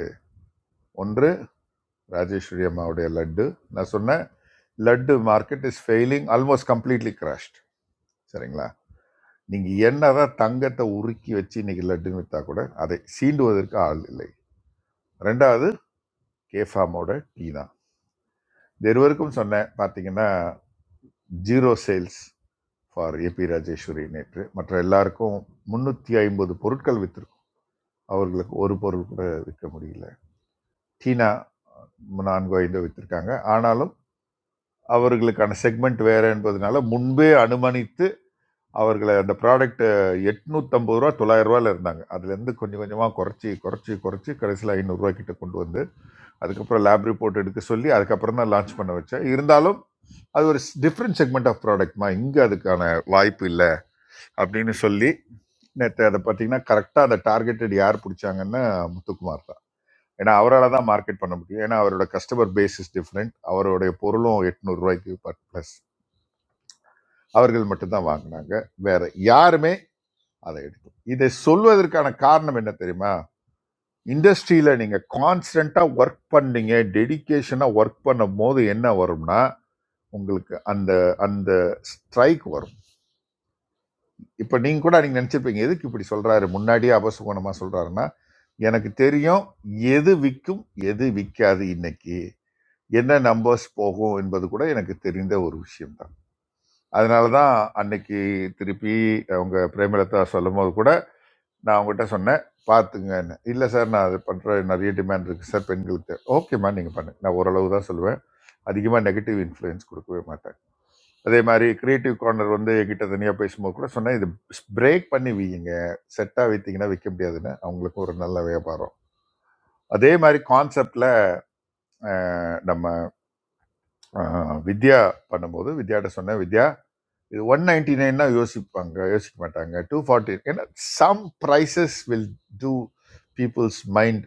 ஒன்று ராஜேஸ்வரி அம்மாவுடைய லட்டு நான் சொன்னேன் laddu market is failing almost completely crashed சரிங்களா நீங்கள் என்னதான் தங்கத்தை உருக்கி வச்சு இன்னைக்கு லட்டுன்னு விற்றா கூட அதை சீண்டுவதற்கு ஆள் இல்லை ரெண்டாவது கேஃபாமோட டீ தான் இது இருவருக்கும் சொன்னேன் பார்த்தீங்கன்னா zero sales for AP Rajeswari நேற்று மற்ற எல்லாருக்கும் முந்நூற்றி ஐம்பது பொருட்கள் வித்திருக்கும் அவர்களுக்கு ஒரு பொருள் கூட விற்க முடியல சீனா நான்கு ஐந்து வித்திருக்காங்க ஆனாலும் அவர்களுக்கான செக்மெண்ட் வேற என்பதனால முன்பே அனுமானித்து அவர்களை அந்த ப்ராடக்ட் எட்நூற்றம்பது ரூபா தொள்ளாயிரம் ரூபாயில் இருந்தாங்க அதுலேருந்து கொஞ்சம் கொஞ்சமாக குறைச்சி குறைச்சி குறைச்சி கடைசியில் ஐநூறுரூவா கிட்ட கொண்டு வந்து அதுக்கப்புறம் லேப் ரிப்போர்ட் எடுக்க சொல்லி அதுக்கப்புறம் தான் லான்ச் பண்ண வச்சேன் இருந்தாலும் அது ஒரு டிஃப்ரெண்ட் செக்மெண்ட் ஆஃப் ப்ராடக்ட்மா இங்கே அதுக்கான வாய்ப்பு இல்லை அப்படின்னு சொல்லி நேற்று அதை பார்த்தீங்கன்னா கரெக்டாக அதை டார்கெட்டட் யார் பிடிச்சாங்கன்னா முத்துக்குமார் தான் ஏன்னா அவரால் தான் மார்க்கெட் பண்ண முடியும் ஏன்னா அவரோட கஸ்டமர் பேஸ் இஸ் டிஃப்ரெண்ட் அவருடைய பொருளும் எட்நூறுரூவாய்க்கு பட் ப்ளஸ் அவர்கள் மட்டும்தான் வாங்கினாங்க வேற யாருமே அதை எடுக்கல இதை சொல்வதற்கான காரணம் என்ன தெரியுமா இண்டஸ்ட்ரியில நீங்க கான்ஸ்டன்டா ஒர்க் பண்ணீங்க டெடிகேஷனா ஒர்க் பண்ணும் போது என்ன வரும்னா உங்களுக்கு அந்த அந்த ஸ்ட்ரைக் வரும் இப்போ நீங்கள் கூட நீங்கள் நினச்சிருப்பீங்க எதுக்கு இப்படி சொல்கிறாரு முன்னாடியே அபசுகுணமாக சொல்கிறாருன்னா எனக்கு தெரியும் எது விற்கும் எது விற்காது இன்னைக்கு என்ன நம்பர்ஸ் போகும் என்பது கூட எனக்கு தெரிந்த ஒரு விஷயம்தான் அதனால தான் அன்னைக்கு திருப்பி அவங்க பிரேமலதா சொல்லும் போது கூட நான் அவங்ககிட்ட சொன்னேன் பார்த்துங்கன்னு இல்லை சார் நான் அது பண்ணுற நிறைய டிமாண்ட் இருக்குது சார் பெண்களுக்கு ஓகேம்மா நீங்கள் பண்ணுங்க நான் ஓரளவு தான் சொல்லுவேன் அதிகமாக நெகட்டிவ் இன்ஃப்ளூயன்ஸ் கொடுக்கவே மாட்டேன் அதே மாதிரி கிரியேட்டிவ் கார்னர் வந்து என்கிட்ட தனியாக பேசும்போது கூட சொன்னேன் இது பிரேக் பண்ணி வீங்க செட்டாக வைத்தீங்கன்னா விற்க முடியாதுன்னு அவங்களுக்கும் ஒரு நல்ல வியாபாரம் அதே மாதிரி கான்செப்ட்ல நம்ம அஹ், வித்யா பண்ணும்போது வித்யாட்ட சொன்னேன் வித்யா இது ஒன் நைன்டி நைன்னா யோசிப்பாங்க யோசிக்க மாட்டாங்க டூ ஃபார்ட்டி ஏன்னா some prices will do people's mind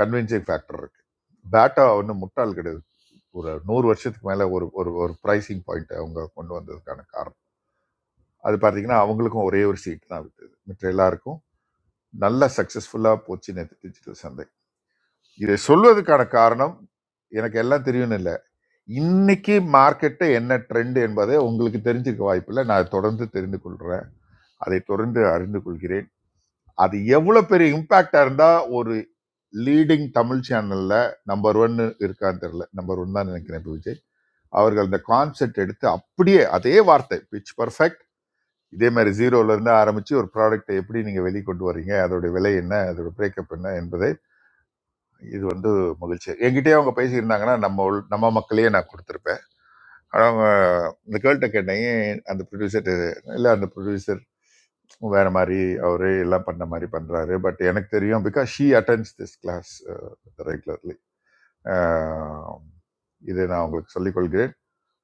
convincing factor இருக்கு பேட்டா ஒன்றும் முட்டாள் கிடையாது ஒரு நூறு வருஷத்துக்கு மேலே ஒரு ஒரு ஒரு ப்ரைசிங் பாயிண்ட் அவங்க கொண்டு வந்ததுக்கான காரணம் அது பார்த்தீங்கன்னா அவங்களுக்கும் ஒரே ஒரு சீட் தான் விட்டது மற்ற எல்லாருக்கும் நல்ல சக்ஸஸ்ஃபுல்லாக போச்சு நேற்று டிஜிட்டல் சந்தை இதை சொல்வதற்கான காரணம் எனக்கு எல்லாம் தெரியும்னு இல்லை இன்னைக்கு மார்க்கெட்டு என்ன ட்ரெண்ட் என்பதை உங்களுக்கு தெரிஞ்சுக்க வாய்ப்பில்லை நான் அதை தொடர்ந்து தெரிந்து கொள்கிறேன் அதை தொடர்ந்து அறிந்து கொள்கிறேன் அது எவ்வளவு பெரிய இம்பாக்டா இருந்தா ஒரு லீடிங் தமிழ் சேனல்ல நம்பர் ஒன்னு இருக்கான்னு தெரியல நம்பர் ஒன் தான் நினைக்கிறேன் இப்ப விஜய் அவர்கள் இந்த கான்செப்ட் எடுத்து அப்படியே அதே வார்த்தை பிச் பர்ஃபெக்ட் இதே மாதிரி ஜீரோல இருந்து ஆரம்பிச்சு ஒரு ப்ராடக்ட்டை எப்படி நீங்க வெளிக்கொண்டு வர்றீங்க அதோட விலை என்ன அதோட பிரேக்கப் என்ன என்பதை இது வந்து மகிழ்ச்சி என்கிட்டயே அவங்க பேசியிருந்தாங்கன்னா நம்ம உள்- நம்ம மக்களையே நான் கொடுத்துருப்பேன் ஆனால் அவங்க இந்த கேள்ட்ட கேட்டேன் "ஏன் அந்த ப்ரொடியூசர் இல்லை அந்த ப்ரொடியூசர் வேற மாதிரி அவரே எல்லாம் பண்ண மாதிரி பண்றாரு பட் எனக்கு தெரியும் because she attends this class regularly இதை நான் உங்களுக்கு சொல்லிக் கொள்கிறேன்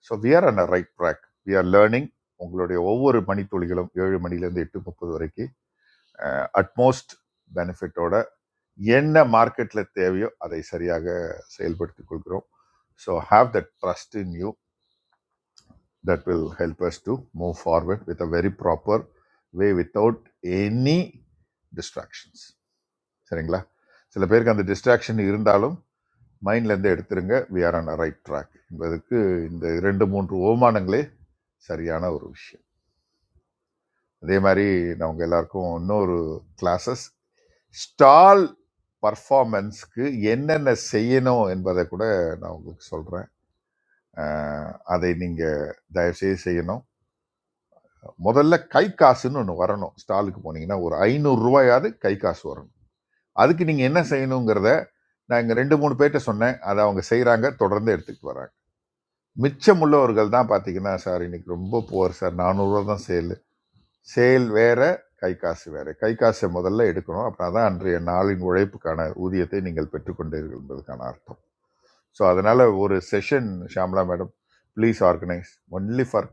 so we are on right track we are learning உங்களுடைய ஒவ்வொரு மணித்துளிகளும் ஏழு மணிலேருந்து எட்டு முப்பது வரைக்கும் அட்மோஸ்ட் பெனிஃபிட்டோட என்ன மார்க்கெட்டில் தேவையோ அதை சரியாக செயல்படுத்திக் கொள்கிறோம் so have that trust in you that will help us to move forward with a very proper way without any distractions சரிங்களா சில பேருக்கு அந்த டிஸ்ட்ராக்ஷன் இருந்தாலும் மைண்ட்லேருந்து எடுத்துருங்க we are on a right track என்பதற்கு இந்த இரண்டு மூன்று ஓமானங்களே சரியான ஒரு விஷயம் அதே மாதிரி நான் உங்க எல்லாருக்கும் இன்னொரு கிளாஸஸ் ஸ்டால் பர்ஃபார்மன்ஸ்க்கு என்னென்ன செய்யணும் என்பதை கூட நான் உங்களுக்கு சொல்கிறேன் அதை நீங்கள் தயவுசெய்து செய்யணும் முதல்ல கை காசுன்னு ஒன்று வரணும் ஸ்டாலுக்கு போனீங்கன்னா ஒரு ஐநூறு ரூபாயாவது கை காசு வரணும் அதுக்கு நீங்கள் என்ன செய்யணுங்கிறத நான் இங்கே ரெண்டு மூணு பேர்கிட்ட சொன்னேன் அதை அவங்க செய்கிறாங்க தொடர்ந்து எடுத்துக்கிட்டு வராங்க மிச்சமுள்ளவர்கள் தான் பார்த்தீங்கன்னா சார் இன்னைக்கு ரொம்ப புவர் சார் நானூறுரூவா தான் சேல் சேல் வேற கை காசு வேற கை காசை முதல்ல எடுக்கணும் அப்படின்னா தான் அன்றைய நாளின் உழைப்புக்கான ஊதியத்தை நீங்கள் பெற்றுக்கொண்டீர்கள் என்பதற்கான அர்த்தம் ஸோ அதனால ஒரு session Shamla madam please organise only for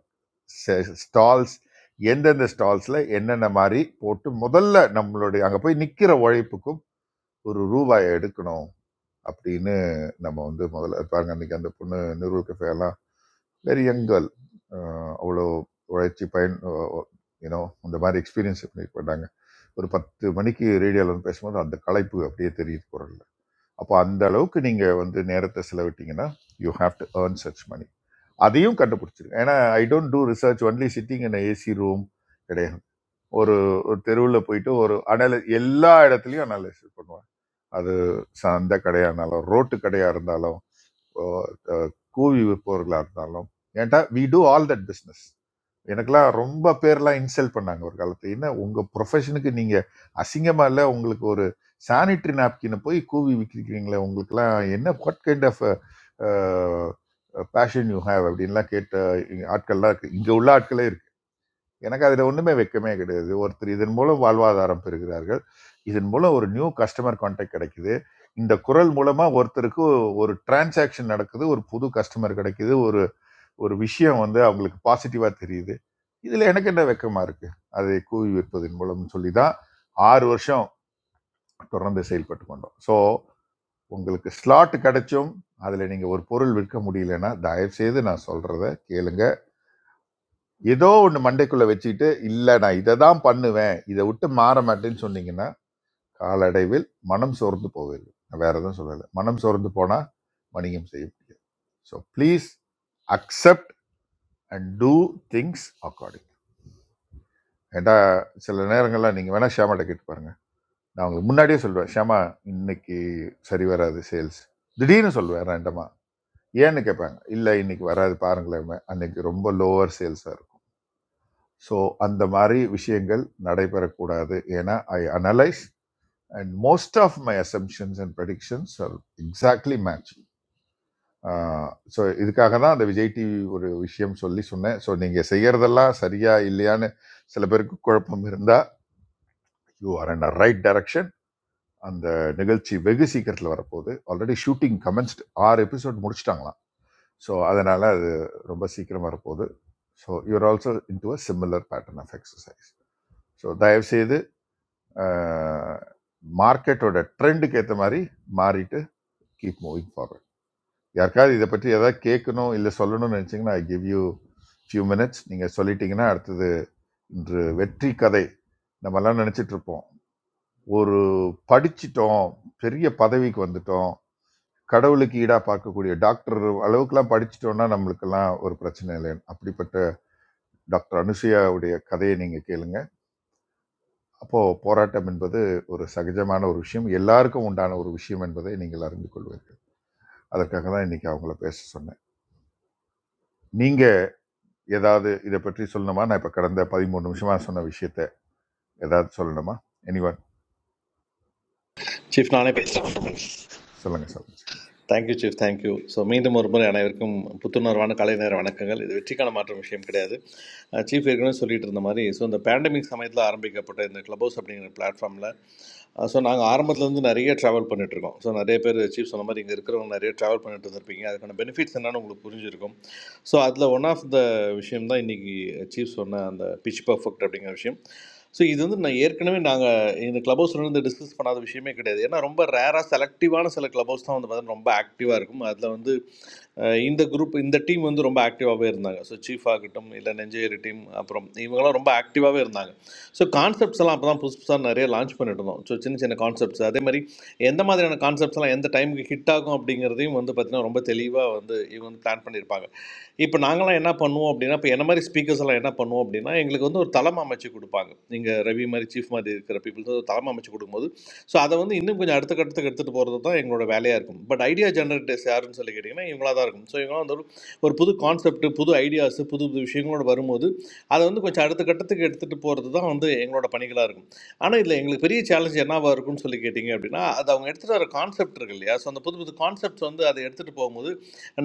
stalls எந்தெந்த ஸ்டால்ஸில் என்னென்ன மாதிரி போட்டு முதல்ல நம்மளுடைய அங்கே போய் நிற்கிற உழைப்புக்கும் ஒரு ரூபாயை எடுக்கணும் அப்படின்னு நம்ம வந்து முதல்ல பாருங்க அன்னைக்கு அந்த பொண்ணு நிறுவல் கஃபேலாம் வெரி யங் கேர்ள் அவ்வளோ உழைச்சி பயன் யூனோ அந்த மாதிரி எக்ஸ்பீரியன்ஸ் பண்ணி பண்ணாங்க. ஒரு பத்து மணிக்கு ரேடியோவில் வந்து பேசும்போது அந்த களைப்பு அப்படியே தெரியுது குரல்ல அப்போ அந்த அளவுக்கு நீங்கள் வந்து நேரத்தை செலவிட்டீங்கன்னா you have to earn such money அதையும் கண்டுபிடிச்சிருங்க ஏன்னா I don't do research only sitting in AC room கிடையாது ஒரு ஒரு தெருவில் போயிட்டு ஒரு அனலை எல்லா இடத்துலையும் அனலைசிஸ் பண்ணுவேன் அது சந்த கடையாக இருந்தாலும் ரோட்டு கடையாக இருந்தாலும் அஹ், கூவி விற்பவர்களாக இருந்தாலும் ஏன்டா we do all that business எனக்கெல்லாம் ரொம்ப பேர்லாம் இன்சல்ட் பண்ணாங்க ஒரு காலத்துல என்ன உங்கள் ப்ரொஃபஷனுக்கு நீங்கள் அசிங்கமாக இல்லை உங்களுக்கு ஒரு சானிட்ரி நாப்கினை போய் கூவி விற்கிறீங்களே உங்களுக்குலாம் என்ன what kind of passion you have அப்படின்லாம் கேட்ட ஆட்கள்லாம் இருக்கு இங்கே உள்ள ஆட்களே இருக்காங்க எனக்கு அதில் ஒன்றுமே வெட்கமே கிடையாது ஒருத்தர் இதன் மூலம் வாழ்வாதாரம் பெறுகிறார்கள் இதன் மூலம் ஒரு நியூ கஸ்டமர் கான்டாக்ட் கிடைக்குது இந்த குரல் மூலமா ஒருத்தருக்கு ஒரு டிரான்சாக்ஷன் நடக்குது ஒரு புது கஸ்டமர் கிடைக்குது ஒரு ஒரு விஷயம் வந்து அவங்களுக்கு பாசிட்டிவா தெரியுது இதுல எனக்கு என்ன வெக்கமா இருக்கு அதை கூவி விற்பதன் மூலம் சொல்லி தான் ஆறு வருஷம் தொடர்ந்து செயல்பட்டு கொண்டோம் ஸோ உங்களுக்கு ஸ்லாட் கிடைச்சும் அதில் நீங்கள் ஒரு பொருள் விற்க முடியலன்னா தயவு செய்து நான் சொல்கிறத கேளுங்க ஏதோ ஒன்று மண்டைக்குள்ளே வச்சுக்கிட்டு இல்லை நான் இதை தான் பண்ணுவேன் இதை விட்டு மாற மாட்டேன்னு சொன்னீங்கன்னா காலடைவில் மனம் சோர்ந்து போவீர்கள் நான் வேற எதுவும் சொல்லலை மனம் சோர்ந்து போனால் வணிகம் செய்ய முடியாது so please accept and do things according ஏண்டா சில நேரங்கள்லாம் நீங்கள் வேணால் ஷியாமாட்ட கேட்டு பாருங்க நான் உங்களுக்கு முன்னாடியே சொல்லுவேன் ஷியாமா இன்னைக்கு சரி வராது சேல்ஸ் திடீர்னு சொல்லுவேன் ரெண்டமா ஏன்னு கேட்பாங்க இல்லை இன்னைக்கு வராது பாருங்களேன் அன்னைக்கு ரொம்ப லோவர் சேல்ஸாக இருக்கும் ஸோ அந்த மாதிரி விஷயங்கள் நடைபெறக்கூடாது ஏன்னா I analyse and most of my assumptions and predictions are exactly match so இதுக்காக தான் அந்த விஜய் டிவி ஒரு விஷயம் சொல்லி சொன்னேன் ஸோ நீங்கள் செய்கிறதெல்லாம் சரியா இல்லையான்னு சில பேருக்கு குழப்பம் இருந்தால் you are in a right direction அந்த நிகழ்ச்சி வெகு சீக்கிரத்தில் வரப்போகுது ஆல்ரெடி ஷூட்டிங் கமென்ஸ்ட் ஆறு எபிசோட் முடிச்சிட்டாங்களாம் ஸோ அதனால் அது ரொம்ப சீக்கிரம் வரப்போகுது so you're also into a similar pattern of exercise so தயவுசெய்து மார்க்கெட்டோட ட்ரெண்டுக்கு ஏற்ற மாதிரி மாறிட்டு கீப் மூவிங் ஃபார்வர்ட் யாருக்காவது இதை பற்றி ஏதாவது கேட்கணும் இல்லை சொல்லணும்னு நினச்சிங்கன்னா I give you few minutes நீங்கள் சொல்லிட்டீங்கன்னா அடுத்தது இன்று வெற்றி கதை நம்மலாம் நினச்சிட்டு இருப்போம் ஒரு படிச்சிட்டோம் பெரிய பதவிக்கு வந்துட்டோம் கடவுளுக்கு ஈடாக பார்க்கக்கூடிய டாக்டர் அளவுக்குலாம் படிச்சிட்டோம்னா நம்மளுக்கெல்லாம் ஒரு பிரச்சனை இல்லைன்னு அப்படிப்பட்ட டாக்டர் அனுசுயாவுடைய கதையை நீங்கள் கேளுங்க அப்போது போராட்டம் என்பது ஒரு சகஜமான ஒரு விஷயம் எல்லாருக்கும் உண்டான ஒரு விஷயம் என்பதை நீங்கள் அறிந்து கொள்வீர்கள் அதற்காக தான் இன்னைக்கு அவங்கள பேச சொன்னேன் நீங்கள் ஏதாவது இதை பற்றி சொல்லணுமா நான் இப்போ கடந்த பதிமூணு நிமிஷமாக சொன்ன விஷயத்த ஏதாவது சொல்லணுமா எனிவன் சீஃப் நானே பேசுகிறேன் சொல்லுங்கள் சொல்லுங்கள் தேங்க்யூ சீஃப் தேங்க்யூ ஸோ மீண்டும் ஒரு முறை அனைவருக்கும் புத்துணர்வான காலை நேர வணக்கங்கள் இது வெற்றிக்கான மாற்றம் விஷயம் கிடையாது சீஃப் ஏற்கனவே சொல்லிட்டு இருந்த மாதிரி ஸோ இந்த பேண்டமிக் சமயத்தில் ஆரம்பிக்கப்பட்ட இந்த க்ளப் ஹவுஸ் அப்படிங்கிற பிளாட்ஃபார்மில் ஸோ நாங்கள் ஆரம்பத்துலேருந்து நிறைய ட்ராவல் இருக்கோம் ஸோ நிறைய பேர் சீஃப் சொன்ன மாதிரி இங்கே இருக்கிறவங்க நிறைய ட்ராவல் பண்ணிட்டு இருந்திருப்பீங்க அதுக்கான பெனிஃபிட்ஸ் என்னன்னு உங்களுக்கு புரிஞ்சிருக்கும் ஸோ அதில் ஒன் ஆஃப் த விஷயம் தான் இன்றைக்கி சீஃப் சொன்ன அந்த பிச் பர்ஃபெக்ட் அப்படிங்கிற விஷயம் ஸோ இது வந்து நான் ஏற்கனவே நாங்கள் இந்த கிளப் ஹவுஸ்ல இருந்து டிஸ்கஸ் பண்ணாத விஷயமே கிடையாது ஏன்னா ரொம்ப ரேராக செலக்டிவான சில கிளப் ஹவுஸ் தான் வந்து பார்த்தீங்கன்னா ரொம்ப ஆக்டிவாக இருக்கும் அதில் வந்து அஹ், இந்த குரூப் இந்த டீம் வந்து ரொம்ப ஆக்டிவாகவே இருந்தாங்க ஸோ சீஃப் ஆகட்டும் இல்லை நெஞ்சேரி டீம் அப்புறம் இவங்கெல்லாம் ரொம்ப ஆக்டிவாகவே இருந்தாங்க ஸோ கான்செப்ட்ஸ் எல்லாம் அப்போ தான் புதுசு புதுசாக நிறைய லான்ச் பண்ணிட்டு இருந்தோம் ஸோ சின்ன சின்ன கான்செப்ட்ஸ் அதே மாதிரி எந்த மாதிரியான கான்செப்ட்ஸ் எல்லாம் எந்த டைமுக்கு ஹிட் ஆகும் அப்படிங்கிறதையும் வந்து பார்த்தீங்கன்னா ரொம்ப தெளிவாக வந்து இவங்க வந்து பிளான் பண்ணியிருப்பாங்க இப்போ நாங்களாம் என்ன பண்ணுவோம் அப்படின்னா இப்போ என்ன மாதிரி ஸ்பீக்கர்ஸ் எல்லாம் என்ன பண்ணுவோம் அப்படின்னா எங்களுக்கு வந்து ஒரு தலைமை அமைச்சு கொடுப்பாங்க நீங்கள் ரவி மாதிரி சீஃப் மாதிரி இருக்கிற பீப்புள் ஒரு தலைமை அமைச்சு கொடுக்கும்போது ஸோ அதை வந்து இன்னும் கொஞ்சம் அடுத்த கட்டத்துக்கு எடுத்துகிட்டு போகிறது தான் எங்களோட வேலையாக இருக்கும் பட் ஐடியா ஜெனரேட்டர்ஸ் யாருன்னு சொல்லி கேட்டிங்கன்னா இவங்களா தான் இருக்கும் ஸோ இவங்களாம் வந்து ஒரு ஒரு புது கான்செப்ட் புது ஐடியாஸ் புது புது விஷயங்களோட வரும்போது அதை வந்து கொஞ்சம் அடுத்த கட்டத்துக்கு எடுத்துகிட்டு போகிறது தான் வந்து எங்களோட பணிகளாக இருக்கும் ஆனால் இதில் எங்களுக்கு பெரிய சேலஞ்ச் என்னவா இருக்கும்னு சொல்லி கேட்டிங்க அப்படின்னா அது அவங்க எடுத்துகிட்டு வர கான்செப்ட் இருக்கு இல்லையா ஸோ அந்த புது புது கான்செப்ட்ஸ் வந்து அதை எடுத்துகிட்டு போகும்போது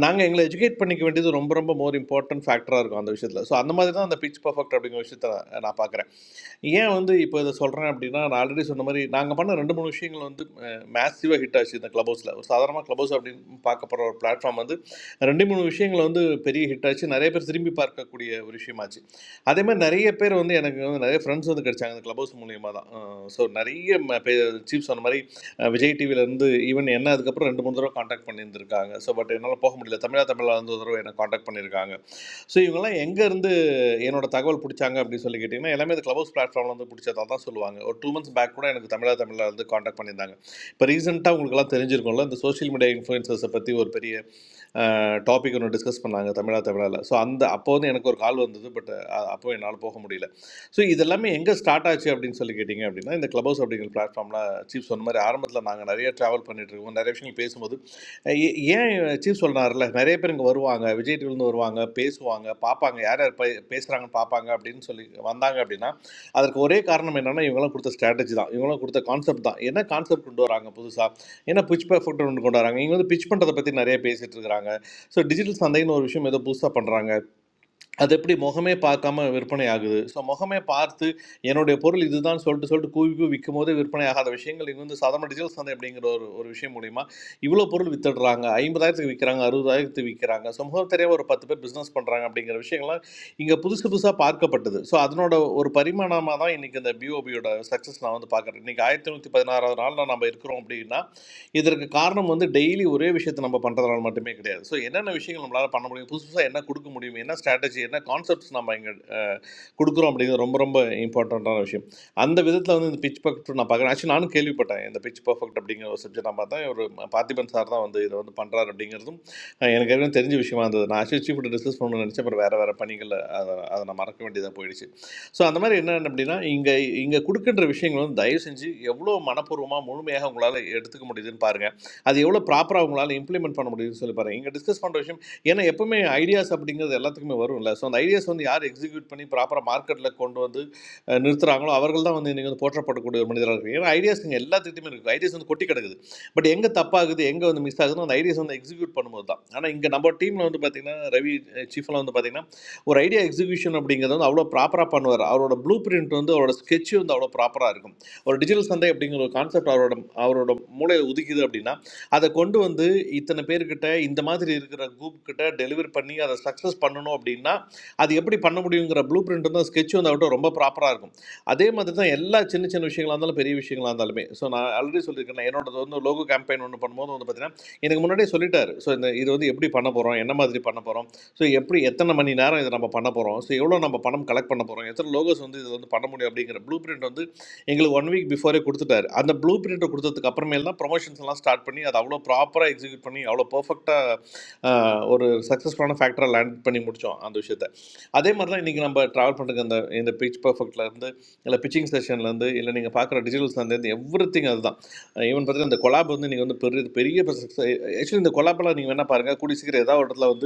நாங்கள் எங்களை எஜுகேட் பண்ணிக்க வேண்டியது ரொம்ப ரொம்ப மோர் இம்பார்ட்டன்ட் ஃபேக்டராக இருக்கும் அந்த விஷயத்தில் ஸோ அந்த மாதிரி தான் அந்த பிச் பர்ஃபெக்ட் அப்படிங்கிற விஷயத்த நான் பார்க்குறேன் ஏன் வந்து இப்போ இதை சொல்கிறேன் அப்படின்னா நான் ஆல்ரெடி சொன்ன மாதிரி நாங்கள் பண்ண ரெண்டு மூணு விஷயங்கள் வந்து மேசிவாக ஹிட் ஆச்சு இந்த க்ளப் ஹவுஸில் ஒரு சாதாரணமாக க்ளப் ஹவுஸ் அப்படின்னு பார்க்க போகிற ஒரு பிளாட்ஃபார்ம் வந்து ரெண்டு மூணு விஷயங்கள் வந்து பெரிய ஹிட் ஆச்சு நிறைய பேர் திரும்பி பார்க்கக்கூடிய ஒரு விஷயமாச்சு அதே மாதிரி நிறைய பேர் வந்து எனக்கு வந்து நிறைய ஃப்ரெண்ட்ஸ் வந்து கிடைச்சாங்க அந்த க்ளப் ஹவுஸ் மூலியமாக தான் ஸோ நிறைய சீப் சொன்ன மாதிரி அஹ், விஜய் டிவிலேருந்து ஈவன் என்ன அதுக்கப்புறம் ரெண்டு மூணு தடவை காண்டாக்ட் பண்ணியிருந்திருக்காங்க ஸோ பட் என்னால் போக முடியல தமிழா தமிழா வந்து ஒரு தடவை என்னை காண்டாக்ட் பண்ணியிருக்காங்க ஸோ இவங்கெல்லாம் எங்கேருந்து என்னோட தகவல் பிடிச்சாங்க அப்படின்னு சொல்லி கேட்டிங்கன்னா எல்லாமே அது க்ளப் ஹவுஸ் பிளாட்ஃபார்மில் வந்து பிடிச்சதா தான் சொல்லுவாங்க ஒரு டூ மந்த்ஸ் பேக் கூட எனக்கு தமிழா தமிழில் வந்து காண்டாக்ட் பண்ணியிருந்தாங்க இப்போ ரீசெண்டாக உங்களுக்குலாம் தெரிஞ்சிருக்கும்ல இந்த சோஷியல் மீடியா இன்ஃப்ளூயன்சர்ஸை பற்றி ஒரு பெரிய டாபிக் ஒன்று டிஸ்கஸ் பண்ணாங்க தமிழா தமிழால் ஸோ அந்த அப்போ வந்து எனக்கு ஒரு கால் வந்தது பட் அப்போ என்னால் போக முடியல ஸோ இதெல்லாமே எங்கே ஸ்டார்ட் ஆச்சு அப்படின்னு சொல்லி கேட்டிங்க அப்படின்னா இந்த க்ளப் ஹவுஸ் அப்படிங்கிற பிளாட்ஃபார்ம்லாம் சீப் சொன்ன மாதிரி ஆரம்பத்தில் நாங்கள் நிறைய ட்ராவல் பண்ணிட்டு இருக்கோம் நிறைய விஷயங்கள் பேசும்போது ஏ- ஏன் சீஃப் சொல்றாருல நிறைய பேர் இங்கே வருவாங்க விஜய் TV ல இருந்து வருவாங்க பேசுவாங்க பார்ப்பாங்க யார் யார் பே- பேசுறாங்கன்னு பார்ப்பாங்க அப்படின்னு சொல்லி வந்தாங்க அப்படின்னா அதற்கு ஒரே காரணம் என்னன்னா இவங்களாம் கொடுத்த ஸ்ட்ராட்டஜி தான் இவங்களாம் கொடுத்த கான்செப்ட் தான் என்ன கான்செப்ட் கொண்டு வராங்க புதுசாக என்ன பிச் ஃபுட் ஒன்று கொண்டு வராங்க இவங்க வந்து பிச் பண்ணுறதை பற்றி நிறைய பேசிட்டு இருக்காங்க ஸோ டிஜிட்டல் சந்தைன்னு ஒரு விஷயம் ஏதோ புதுசாக பண்ணுறாங்க அது எப்படி முகமே பார்க்காம விற்பனை ஆகுது ஸோ முகமே பார்த்து என்னுடைய பொருள் இதுதான் சொல்லிட்டு சொல்லிட்டு கூவி கூவி விற்கும் போதே விற்பனை ஆகாத விஷயங்கள் இங்கே வந்து சாதாரண டிஜிட்டல் சந்தை அப்படிங்கிற ஒரு ஒரு விஷயம் மூலிமா இவ்வளோ பொருள் வித்துடுறாங்க ஐம்பதாயிரத்துக்கு விற்கிறாங்க அறுபதாயிரத்துக்கு விற்கிறாங்க ஸோ முகம் தெரியாம ஒரு பத்து பேர் பிஸ்னஸ் பண்ணுறாங்க அப்படிங்கிற விஷயங்கள்லாம் இங்கே புதுசு புதுசாக பார்க்கப்பட்டது ஸோ அதனோட ஒரு பரிமாணமாக தான் இன்றைக்கி இந்த பிஓபியோட சக்ஸஸ் நான் வந்து பார்க்குறேன் இன்றைக்கி ஆயிரத்தி நூற்றி பதினாறாவது நாளில் நம்ம இருக்கிறோம் அப்படின்னா இதற்கு காரணம் வந்து டெய்லி ஒரே விஷயத்தை நம்ம பண்ணுறதுனால மட்டுமே கிடையாது ஸோ என்னென்ன விஷயங்கள் நம்மளால் பண்ண முடியும் புதுசு புதுசாக என்ன கொடுக்க முடியும் என்ன ஸ்ட்ராட்டஜி என்ன கான்செப்ட்ஸ் நம்ம இங்கே கொடுக்குறோம் அப்படிங்கிறது ரொம்ப ரொம்ப இம்பார்ட்டண்ட்டான விஷயம் அந்த விதத்தில் வந்து இந்த பிச் பர்ஃபெக்ட் நான் பார்க்குறேன் ஆக்சுவலி நானும் கேள்விப்பட்டேன் இந்த பிச் பர்ஃபெக்ட் அப்படிங்கிற ஒரு சப்ஜெக்ட் நான் பார்த்தேன் ஒரு பார்த்திபன் சார் தான் வந்து இதை வந்து பண்ணுறாரு அப்படிங்கிறதும் அஹ், எனக்கு ஏற்கனவே தெரிஞ்ச விஷயமா இருந்தது நான் ஆக்சுவலி சீஃப் டிஸ்கஸ் பண்ணணும்னு நினச்சேன் அப்புறம் வேறு வேறு பணிகளில் அதை அதை நான் மறக்க வேண்டியதாக போயிடுச்சு ஸோ அந்த மாதிரி என்னென்ன அப்படின்னா இங்கே இங்கே கொடுக்கின்ற விஷயங்கள் வந்து தயவு செஞ்சு எவ்வளோ மனப்பூர்வமாக முழுமையாக உங்களால் எடுத்துக்க முடியுதுன்னு பாருங்கள் அது எவ்வளோ ப்ராப்பராக உங்களால் இம்ப்ளிமெண்ட் பண்ண முடியுதுன்னு சொல்லி பாருங்கள் இங்கே டிஸ்கஸ் பண்ணுற விஷயம் ஏன்னா எப்பவுமே ஐடியாஸ் அப்படிங்கிறது எல்லாத்துக்குமே வரும்ல ஸோ அந்த ஐடியாஸ் வந்து யார் எக்ஸிக்யூட் பண்ணி ப்ராப்பராக மார்க்கெட்டில் கொண்டு வந்து அஹ், நிறுத்துறாங்களோ அவர்கள் தான் வந்து இன்றைக்கி வந்து போற்றப்படக்கூடிய ஒரு மனிதராக இருக்கு ஏன்னா ஐடியாஸ் இங்கே எல்லாத்துக்கிட்டையுமே இருக்குது ஐடியாஸ் வந்து கொட்டி கிடக்குது பட் எங்கே தப்பாகுது எங்கே வந்து மிஸ் ஆகுதுன்னு அந்த ஐடியாஸ் வந்து எக்ஸிக்யூட் பண்ணும்போது தான் ஆனால் இங்கே நம்ம டீமில் வந்து பார்த்திங்கன்னா ரவி சீஃப்லாம் வந்து பார்த்திங்கன்னா ஒரு ஐடியா எக்ஸிகியூஷன் அப்படிங்கிறது வந்து அவ்வளோ ப்ராப்பராக பண்ணுவார் அவரோட ப்ளூ பிரிண்ட் வந்து அவரோட ஸ்கெட்சு வந்து அவ்வளோ ப்ராப்பராக இருக்கும் ஒரு டிஜிட்டல் சந்தை அப்படிங்கிற ஒரு கான்செப்ட் அவரோட அவரோட மூளையில் உதிக்குது அப்படின்னா அதை கொண்டு வந்து இத்தனை பேர்கிட்ட இந்த மாதிரி இருக்கிற குரூப் கிட்ட டெலிவர் பண்ணி அதை சக்ஸஸ் பண்ணணும் அப்படின்னா அது எப்படி பண்ண முடியுங்கிற ப்ளூ பிரிண்ட் வந்து ஸ்கெட்ச் வந்து அவர்கிட்ட ரொம்ப ப்ராப்பராக இருக்கும் அதே மாதிரி தான் எல்லா சின்ன சின்ன விஷயங்களா இருந்தாலும் பெரிய விஷயங்களா இருந்தாலுமே ஸோ நான் ஆல்ரெடி சொல்லியிருக்கேன் நான் என்னோட வந்து லோகோ கேம்பெயின் ஒன்று பண்ணும்போது வந்து பார்த்தீங்கன்னா எனக்கு முன்னாடியே சொல்லிட்டாரு ஸோ இந்த இது வந்து எப்படி பண்ண போகிறோம் என்ன மாதிரி பண்ண போகிறோம் ஸோ எப்படி எத்தனை மணி நேரம் இதை நம்ம பண்ண போகிறோம் ஸோ எவ்வளோ நம்ம பணம் கலெக்ட் பண்ண போகிறோம் எத்தனை லோகோஸ் வந்து இதில் வந்து பண்ண முடியும் அப்படிங்கிற ப்ளூ பிரிண்ட் வந்து எங்களுக்கு ஒன் வீக் பிஃபோரே கொடுத்துட்டாரு அந்த ப்ளூ பிரிண்ட்டை கொடுத்ததுக்கு அப்புறமேல் தான் ப்ரொமோஷன்ஸ் எல்லாம் ஸ்டார்ட் பண்ணி அதை அவ்வளோ ப்ராப்பராக எக்ஸிக்யூட் பண்ணி அவ்வளோ பர்ஃபெக்டாக ஒரு சக்ஸஸ்ஃபுல்லான ஃபேக்டராக லேண்ட் பண்ணி முடித்தோம் அந்த விஷயத்த அதே மாதிரி தான் இன்றைக்கி நம்ம ட்ராவல் பண்ணுறது அந்த இந்த பிச் பர்ஃபெக்ட்லேருந்து இல்லை பிச்சிங் செஷன்லேருந்து இல்லை நீங்கள் பார்க்குற டிஜிட்டல்ஸ்லேருந்து எவ்ரி திங் அதுதான் ஈவன் பார்த்தீங்கன்னா இந்த கொலாப் வந்து நீங்கள் வந்து பெரிய பெரிய ஆக்சுவலி இந்த கொலாபெல்லாம் நீங்கள் வேணால் பாருங்கள் கூடி சீக்கிரம் ஏதாவது ஒரு இடத்துல வந்து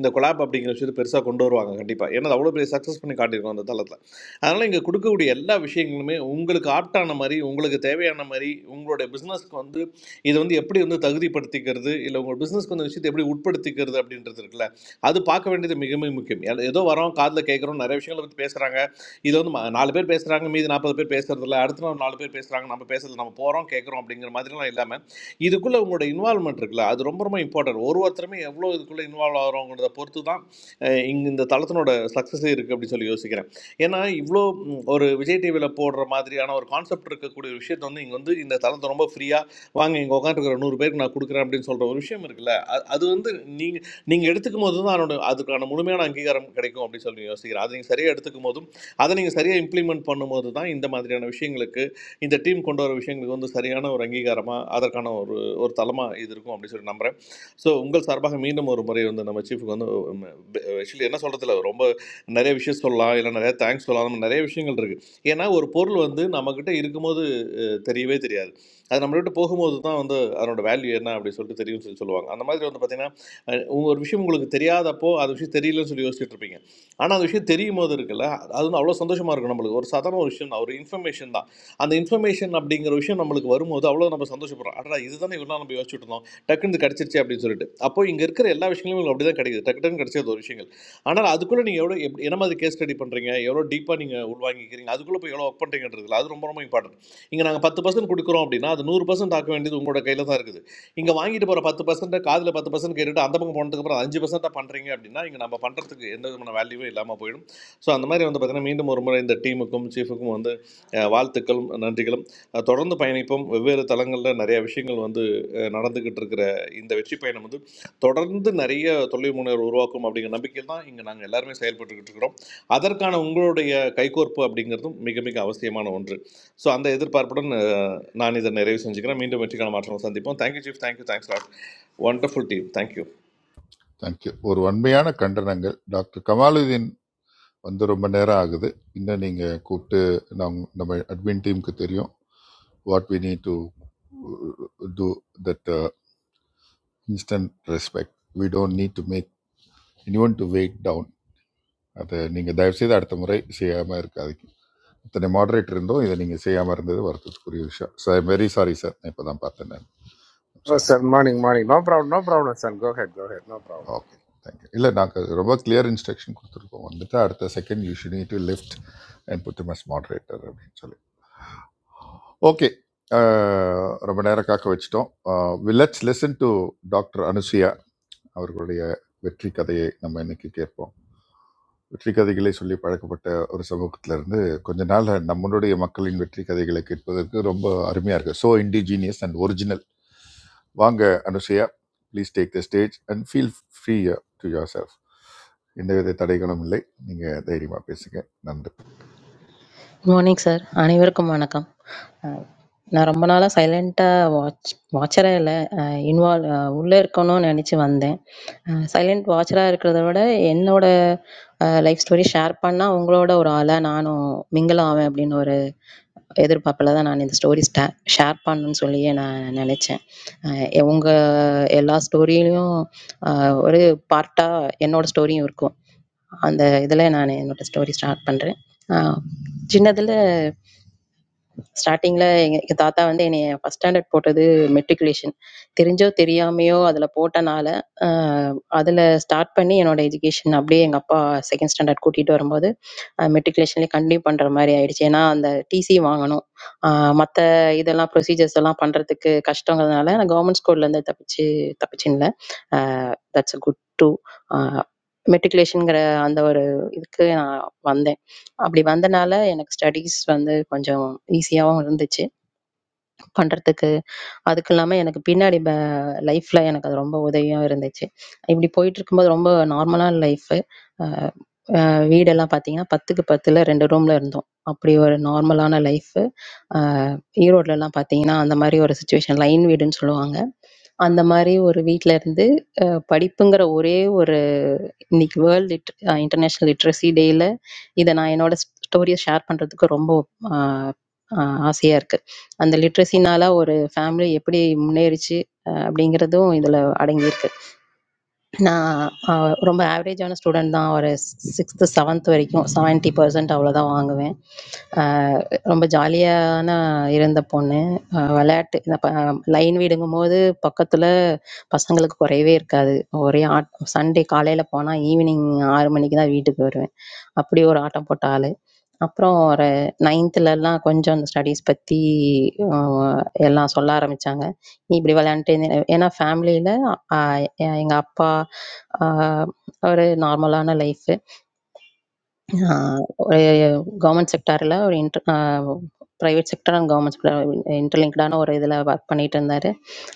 இந்த கொலாப் அப்படிங்கிற விஷயத்தை பெருசாக கொண்டு வருவாங்க கண்டிப்பாக ஏன்னா அது அவ்வளோ பெரிய சக்ஸஸ் பண்ணி காட்டியிருக்கோம் அந்த தளத்தில் அதனால் இங்கே கொடுக்கக்கூடிய எல்லா விஷயங்களுமே உங்களுக்கு ஆப்டான மாதிரி உங்களுக்கு தேவையான மாதிரி உங்களுடைய பிஸ்னஸ்க்கு வந்து இது வந்து எப்படி வந்து தகுதிப்படுத்திக்கிறது இல்லை உங்கள் பிஸ்னஸ்க்கு அந்த விஷயத்தை எப்படி உட்படுத்திக்கிறது அப்படின்றது இருக்குல்ல அது பார்க்க வேண்டியது மிக மிக முக்கியம் எல்- ஏதோ வரோம் காதில் கேட்குறோம் நிறைய விஷயங்களை பற்றி பேசுகிறாங்க இது வந்து ம- நாலு பேர் பேசுகிறாங்க மீதி நாற்பது பேர் பேசுறது இல்ல அடுத்த நாள் நாலு பேர் பேசுகிறாங்க நம்ம பேசுறது நம்ம போகிறோம் கேட்குறோம் அப்படிங்கிற மாதிரிலாம் இல்லாமல் இதுக்குள்ளே உங்களோட இன்வால்மெண்ட் இருக்குல்ல அது ரொம்ப ரொம்ப இம்பார்ட்டன்ட் ஒரு ஒருத்தருமே எவ்வளோ இதுக்குள்ளே இன்வால்வ் ஆகிறோங்கிறத பொறுத்து தான் இங்கே இந்த தளத்தினோட சக்ஸஸே இருக்குது அப்படின்னு சொல்லி யோசிக்கிறேன் ஏன்னா இவ்வளோ ம், ஒரு விஜய் டிவியில் போடுற மாதிரியான ஒரு கான்செப்ட் இருக்கக்கூடிய ஒரு விஷயத்தை வந்து இங்கே வந்து இந்த தளத்தை ரொம்ப ஃப்ரீயாக வாங்க இங்கே உட்காந்துருக்கிற நூறு பேருக்கு நான் கொடுக்குறேன் அப்படின்னு சொல்கிற ஒரு விஷயம் இருக்குல்ல அ- அது வந்து நீங்கள் நீங்கள் எடுத்துக்கும் போது தான் அதனோட அதுக்கான முழுமையான அங்கீகாரம் கிடைக்கும் அப்படின்னு சொல்லி யோசிக்கிறேன் அது நீங்கள் சரியாக எடுத்துக்கும் போதும் அதை நீங்கள் சரியாக இம்ப்ளிமெண்ட் பண்ணும்போது தான் இந்த மாதிரியான விஷயங்களுக்கு இந்த டீம் கொண்டு வர விஷயங்களுக்கு வந்து சரியான ஒரு அங்கீகாரமாக அதற்கான ஒரு ஒரு தளமாக இது இருக்கும் அப்படின்னு சொல்லி நம்புகிறேன் ஸோ உங்கள் சார்பாக மீண்டும் ஒரு முறை வந்து நம்ம சீஃபுக்கு வந்து ஆக்சுவலி என்ன சொல்கிறதுல ரொம்ப நிறைய விஷயம் சொல்லலாம் இல்லை நிறைய தேங்க்ஸ் சொல்லலாம் அந்த மாதிரி நிறைய விஷயங்கள் இருக்குது ஏன்னா ஒரு பொருள் வந்து நம்மக்கிட்ட இருக்கும்போது தெரியவே தெரியாது அது நம்மளை விட்டு போகும்போது தான் வந்து அதனோட வேல்யூ என்ன அப்படின்னு சொல்லிட்டு தெரியும்னு சொல்லி சொல்லுவாங்க அந்த மாதிரி வந்து பார்த்தீங்கன்னா அஹ், உங்க ஒரு விஷயம் உங்களுக்கு தெரியாதப்போ அது விஷயம் தெரியலன்னு சொல்லி யோசிச்சுட்டு இருப்பீங்க ஆனால் அந்த விஷயம் தெரியும் போது இருக்குல்ல அது வந்து அவ்வளோ சந்தோஷமாக இருக்கும் நம்மளுக்கு ஒரு சாதாரண ஒரு விஷயம் தான் ஒரு இன்ஃபர்மேஷன் தான் அந்த இன்ஃபர்மேஷன் அப்படிங்கிற விஷயம் நம்மளுக்கு வரும்போது அவ்வளோ நம்ம சந்தோஷப்படுறோம் அடடா இதுதானே இவ்வளோ நம்ம யோசிச்சுட்டு இருந்தோம் டக்குன்னு இது கிடச்சிருச்சு அப்படின்னு சொல்லிட்டு அப்போ இங்கே இருக்கிற எல்லா விஷயங்களும் உங்களுக்கு அப்படி தான் கிடைக்குது டக்கு டக்குன்னு கிடச்சது ஒரு விஷயங்கள் ஆனால் அதுக்குள்ளே நீங்கள் எவ்வளோ எப் என்ன மாதிரி கேஸ் ஸ்டடி பண்ணுறீங்க எவ்வளோ டீப்பாக நீங்கள் உள்வாங்கிக்கிறீங்க அதுக்குள்ளே போய் எவ்வளோ ஒர்க் பண்ணுறீங்கன்றதுல அது ரொம்ப ரொம்ப இம்பார்ட்டன்ட் இங்கே நாங்கள் பத்து பர்சன்ட் கொடுக்குறோம் அப்படின்னா அது நூறு பர்சன்ட் ஆக்க வேண்டியது உங்களோட கையில் தான் இருக்குது இங்கே வாங்கிட்டு போகிற பத்து பர்சன்ட் காதில் பத்து பர்சன்ட் கேட்டுட்டு அந்த பக்கம் போனதுக்கப்புறம் அஞ்சு பர்சன்ட்டாக பண்ணுறீங்க அப்படின்னா இங்கே நம்ம பண்ணுறதுக்கு எந்த விதமான வேல்யூவே இல்லாமல் போயிடும் ஸோ அந்த மாதிரி வந்து பார்த்தீங்கன்னா மீண்டும் ஒரு முறை இந்த டீமுக்கும் சீஃபுக்கும் வந்து அஹ், வாழ்த்துக்களும் நன்றிகளும் அஹ், தொடர்ந்து பயணிப்போம் வெவ்வேறு தளங்களில் நிறைய விஷயங்கள் வந்து அஹ், நடந்துக்கிட்டு இருக்கிற இந்த வெற்றி பயணம் வந்து தொடர்ந்து நிறைய தொழில் முனைவர் உருவாக்கும் அப்படிங்கிற நம்பிக்கையில் தான் இங்கே நாங்கள் எல்லாருமே செயல்பட்டுக்கிட்டு இருக்கிறோம் அதற்கான உங்களுடைய கைகோர்ப்பு அப்படிங்கிறதும் மிக மிக அவசியமான ஒன்று ஸோ அந்த எதிர்பார்ப்புடன் நான் இதை நிறைவு செஞ்சுக்கிறேன் மீண்டும் வெற்றிக்கான மாற்றங்கள் சந்திப்போம் thank you chief thank you thanks lot wonderful team thank you thank you ஒரு வன்மையான கண்டனங்கள் டாக்டர் கமாலுதீன் வந்து ரொம்ப நேரம் ஆகுது இன்னும் நீங்கள் கூப்பிட்டு நம் நம்ம அட்மின் டீமுக்கு தெரியும் what we need to do that uh, instant respect. We don't need to make anyone to wait down. அதை நீங்கள் தயவுசெய்து அடுத்த முறை செய்யாமல் இருக்காதீங்க இத்தனை மாடரேட்டர் இருந்தும் இதை நீங்கள் செய்யாமல் இருந்தது வருத்தத்துக்குரிய விஷயம் சார் வெரி சாரி சார் நான் இப்போ தான் பார்த்தேன் நான் Oh, sorry sir, morning, morning. No problem, no problem, sir. Go ahead, go ahead, no problem. Okay thank you இல்லை நாங்கள் ரொம்ப கிளியர் இன்ஸ்ட்ரக்ஷன் கொடுத்துருக்கோம் வந்துட்டு அடுத்த second you should need to lift and put மஸ் மாடரேட்டர் அப்படின்னு சொல்லி ஓகே ரொம்ப நேரம் காக்க வச்சிட்டோம் we let's listen to doctor Anusuya அவர்களுடைய வெற்றி கதையை நம்ம இன்னைக்கு கேட்போம் வெற்றி கதைகளை சொல்லி பழக்கப்பட்ட ஒரு சமூகத்திலிருந்து கொஞ்ச நாள் நம்மளுடைய மக்களின் வெற்றி கதைகளை கேட்பதற்கு ரொம்ப அருமையாக இருக்குது ஸோ இண்டிஜீனியஸ் அண்ட் ஒரிஜினல் வாங்க Anusuya please take the stage and feel free to yourself எந்தவித தடைகளும் இல்லை நீங்கள் தைரியமாக பேசுங்க நன்றி மார்னிங் சார் அனைவருக்கும் வணக்கம் அஹ் நான் ரொம்ப நாளாக சைலண்ட்டாக வாட்ச் வாட்சராக இல்லை இன்வால்வ் உள்ளே இருக்கணும்னு நினச்சி வந்தேன் சைலண்ட் வாட்சராக இருக்கிறத விட என்னோட லைஃப் ஸ்டோரி ஷேர் பண்ணால் உங்களோட ஒரு ஆளாக நானும் மிங்கிள் ஆவேன் அப்படின்னு ஒரு எதிர்பார்ப்பில் தான் நான் இந்த ஸ்டோரி ஸ்டே ஷேர் பண்ணணும்னு சொல்லியே நான் நினச்சேன் உங்கள் எல்லா ஸ்டோரியிலையும் ஒரு பார்ட்டாக என்னோட ஸ்டோரியும் இருக்கும் அந்த இதில் நான் என்னோட ஸ்டோரி ஸ்டார்ட் பண்ணுறேன் சின்னதில் ஸ்டார்டிங்ல எங்க எங்க தாத்தா வந்து என்னைய ஃபர்ஸ்ட் ஸ்டாண்டர்ட் போட்டது மெட்ரிகுலேஷன் தெரிஞ்சோ தெரியாமையோ அதில் போட்டனால அதில் ஸ்டார்ட் பண்ணி என்னோட எஜுகேஷன் அப்படியே எங்கள் அப்பா செகண்ட் ஸ்டாண்டர்ட் கூட்டிகிட்டு வரும்போது மெட்ரிகுலேஷன்லேயே கண்டினியூ பண்ணுற மாதிரி ஆயிடுச்சு ஏன்னா அந்த டிசி வாங்கணும் மற்ற இதெல்லாம் ப்ரொசீஜர்ஸ் எல்லாம் பண்ணுறதுக்கு கஷ்டங்கிறதுனால நான் கவர்மெண்ட் ஸ்கூல்லேருந்து தப்பிச்சு தப்பிச்சுங்களேன் தட்ஸ் அ குட் டூ மெட்ரிகுலேஷனுங்கிற அந்த ஒரு இதுக்கு நான் வந்தேன் அப்படி வந்தனால எனக்கு ஸ்டடீஸ் வந்து கொஞ்சம் ஈஸியாவும் இருந்துச்சு பண்றதுக்கு. அதுக்கு இல்லாம எனக்கு பின்னாடி ப லைஃப்ல எனக்கு அது ரொம்ப உதவியா இருந்துச்சு. இப்படி போயிட்டுருக்கும்போது ரொம்ப நார்மலான லைஃபு. அ வீடெல்லாம் பார்த்தீங்கன்னா, 10க்கு 10ல 2 ரூம்ல இருந்தோம். அப்படி ஒரு நார்மலான லைஃபு. அ ஈரோட்லலாம் பார்த்தீங்கன்னா, அந்த மாரி ஒரு சிச்சுவேஷன் லைன் வீடுன்னு சொல்லுவாங்க. அந்த மாரி ஒரு வீட்ல இருந்து அ படிப்புங்கிற ஒரே ஒரு இன்னைக்கு world lit a international literacy டேல இத நான் என்னோட ஸ் ஸ்டோரிய ஷேர் பண்றதுக்கு ரொம்ப ஆ ஆ ஆசையா இருக்கு. அந்த லிட்ரசினால ஒரு ஃபேமிலி எப்படி முன்னேறுச்சு அ அப்படிங்கிறதும் இதுல அடங்கியிருக்கு. நான் அஹ், ரொம்ப ஆவரேஜான ஸ்டூடெண்ட் தான் ஒரு சிக்ஸ்த்து செவன்த் வரைக்கும் செவன்ட்டி பர்சன்ட் அவ்வளோதான் வாங்குவேன் அஹ், ரொம்ப ஜாலியான இருந்த பொண்ணு அஹ், விளையாட்டு லைன் வீடுங்கும் போது பக்கத்தில் பசங்களுக்கு குறையவே இருக்காது ஒரே ஆட் சண்டே காலையில் போனால் ஈவினிங் ஆறு மணிக்கு தான் வீட்டுக்கு வருவேன் அப்படி ஒரு ஆட்டம் போட்ட ஆள் அப்புறம் ஒரு நைன்த்துலலாம் கொஞ்சம் அந்த ஸ்டடீஸ் பற்றி எல்லாம் சொல்ல ஆரம்பித்தாங்க நீ இப்படி விளையாண்ட்டு இருந்த ஏன்னா ஃபேமிலியில எங்கள் அப்பா ஆஹ் ஒரு நார்மலான லைஃபு ஆ ஒரு கவர்ன்மெண்ட் செக்டார்ல ஒரு inter uh private sector and government sector இன்டர்லிங்க்டான ஒரு இதில ஒர்க் பண்ணிட்டு இருந்தாரு.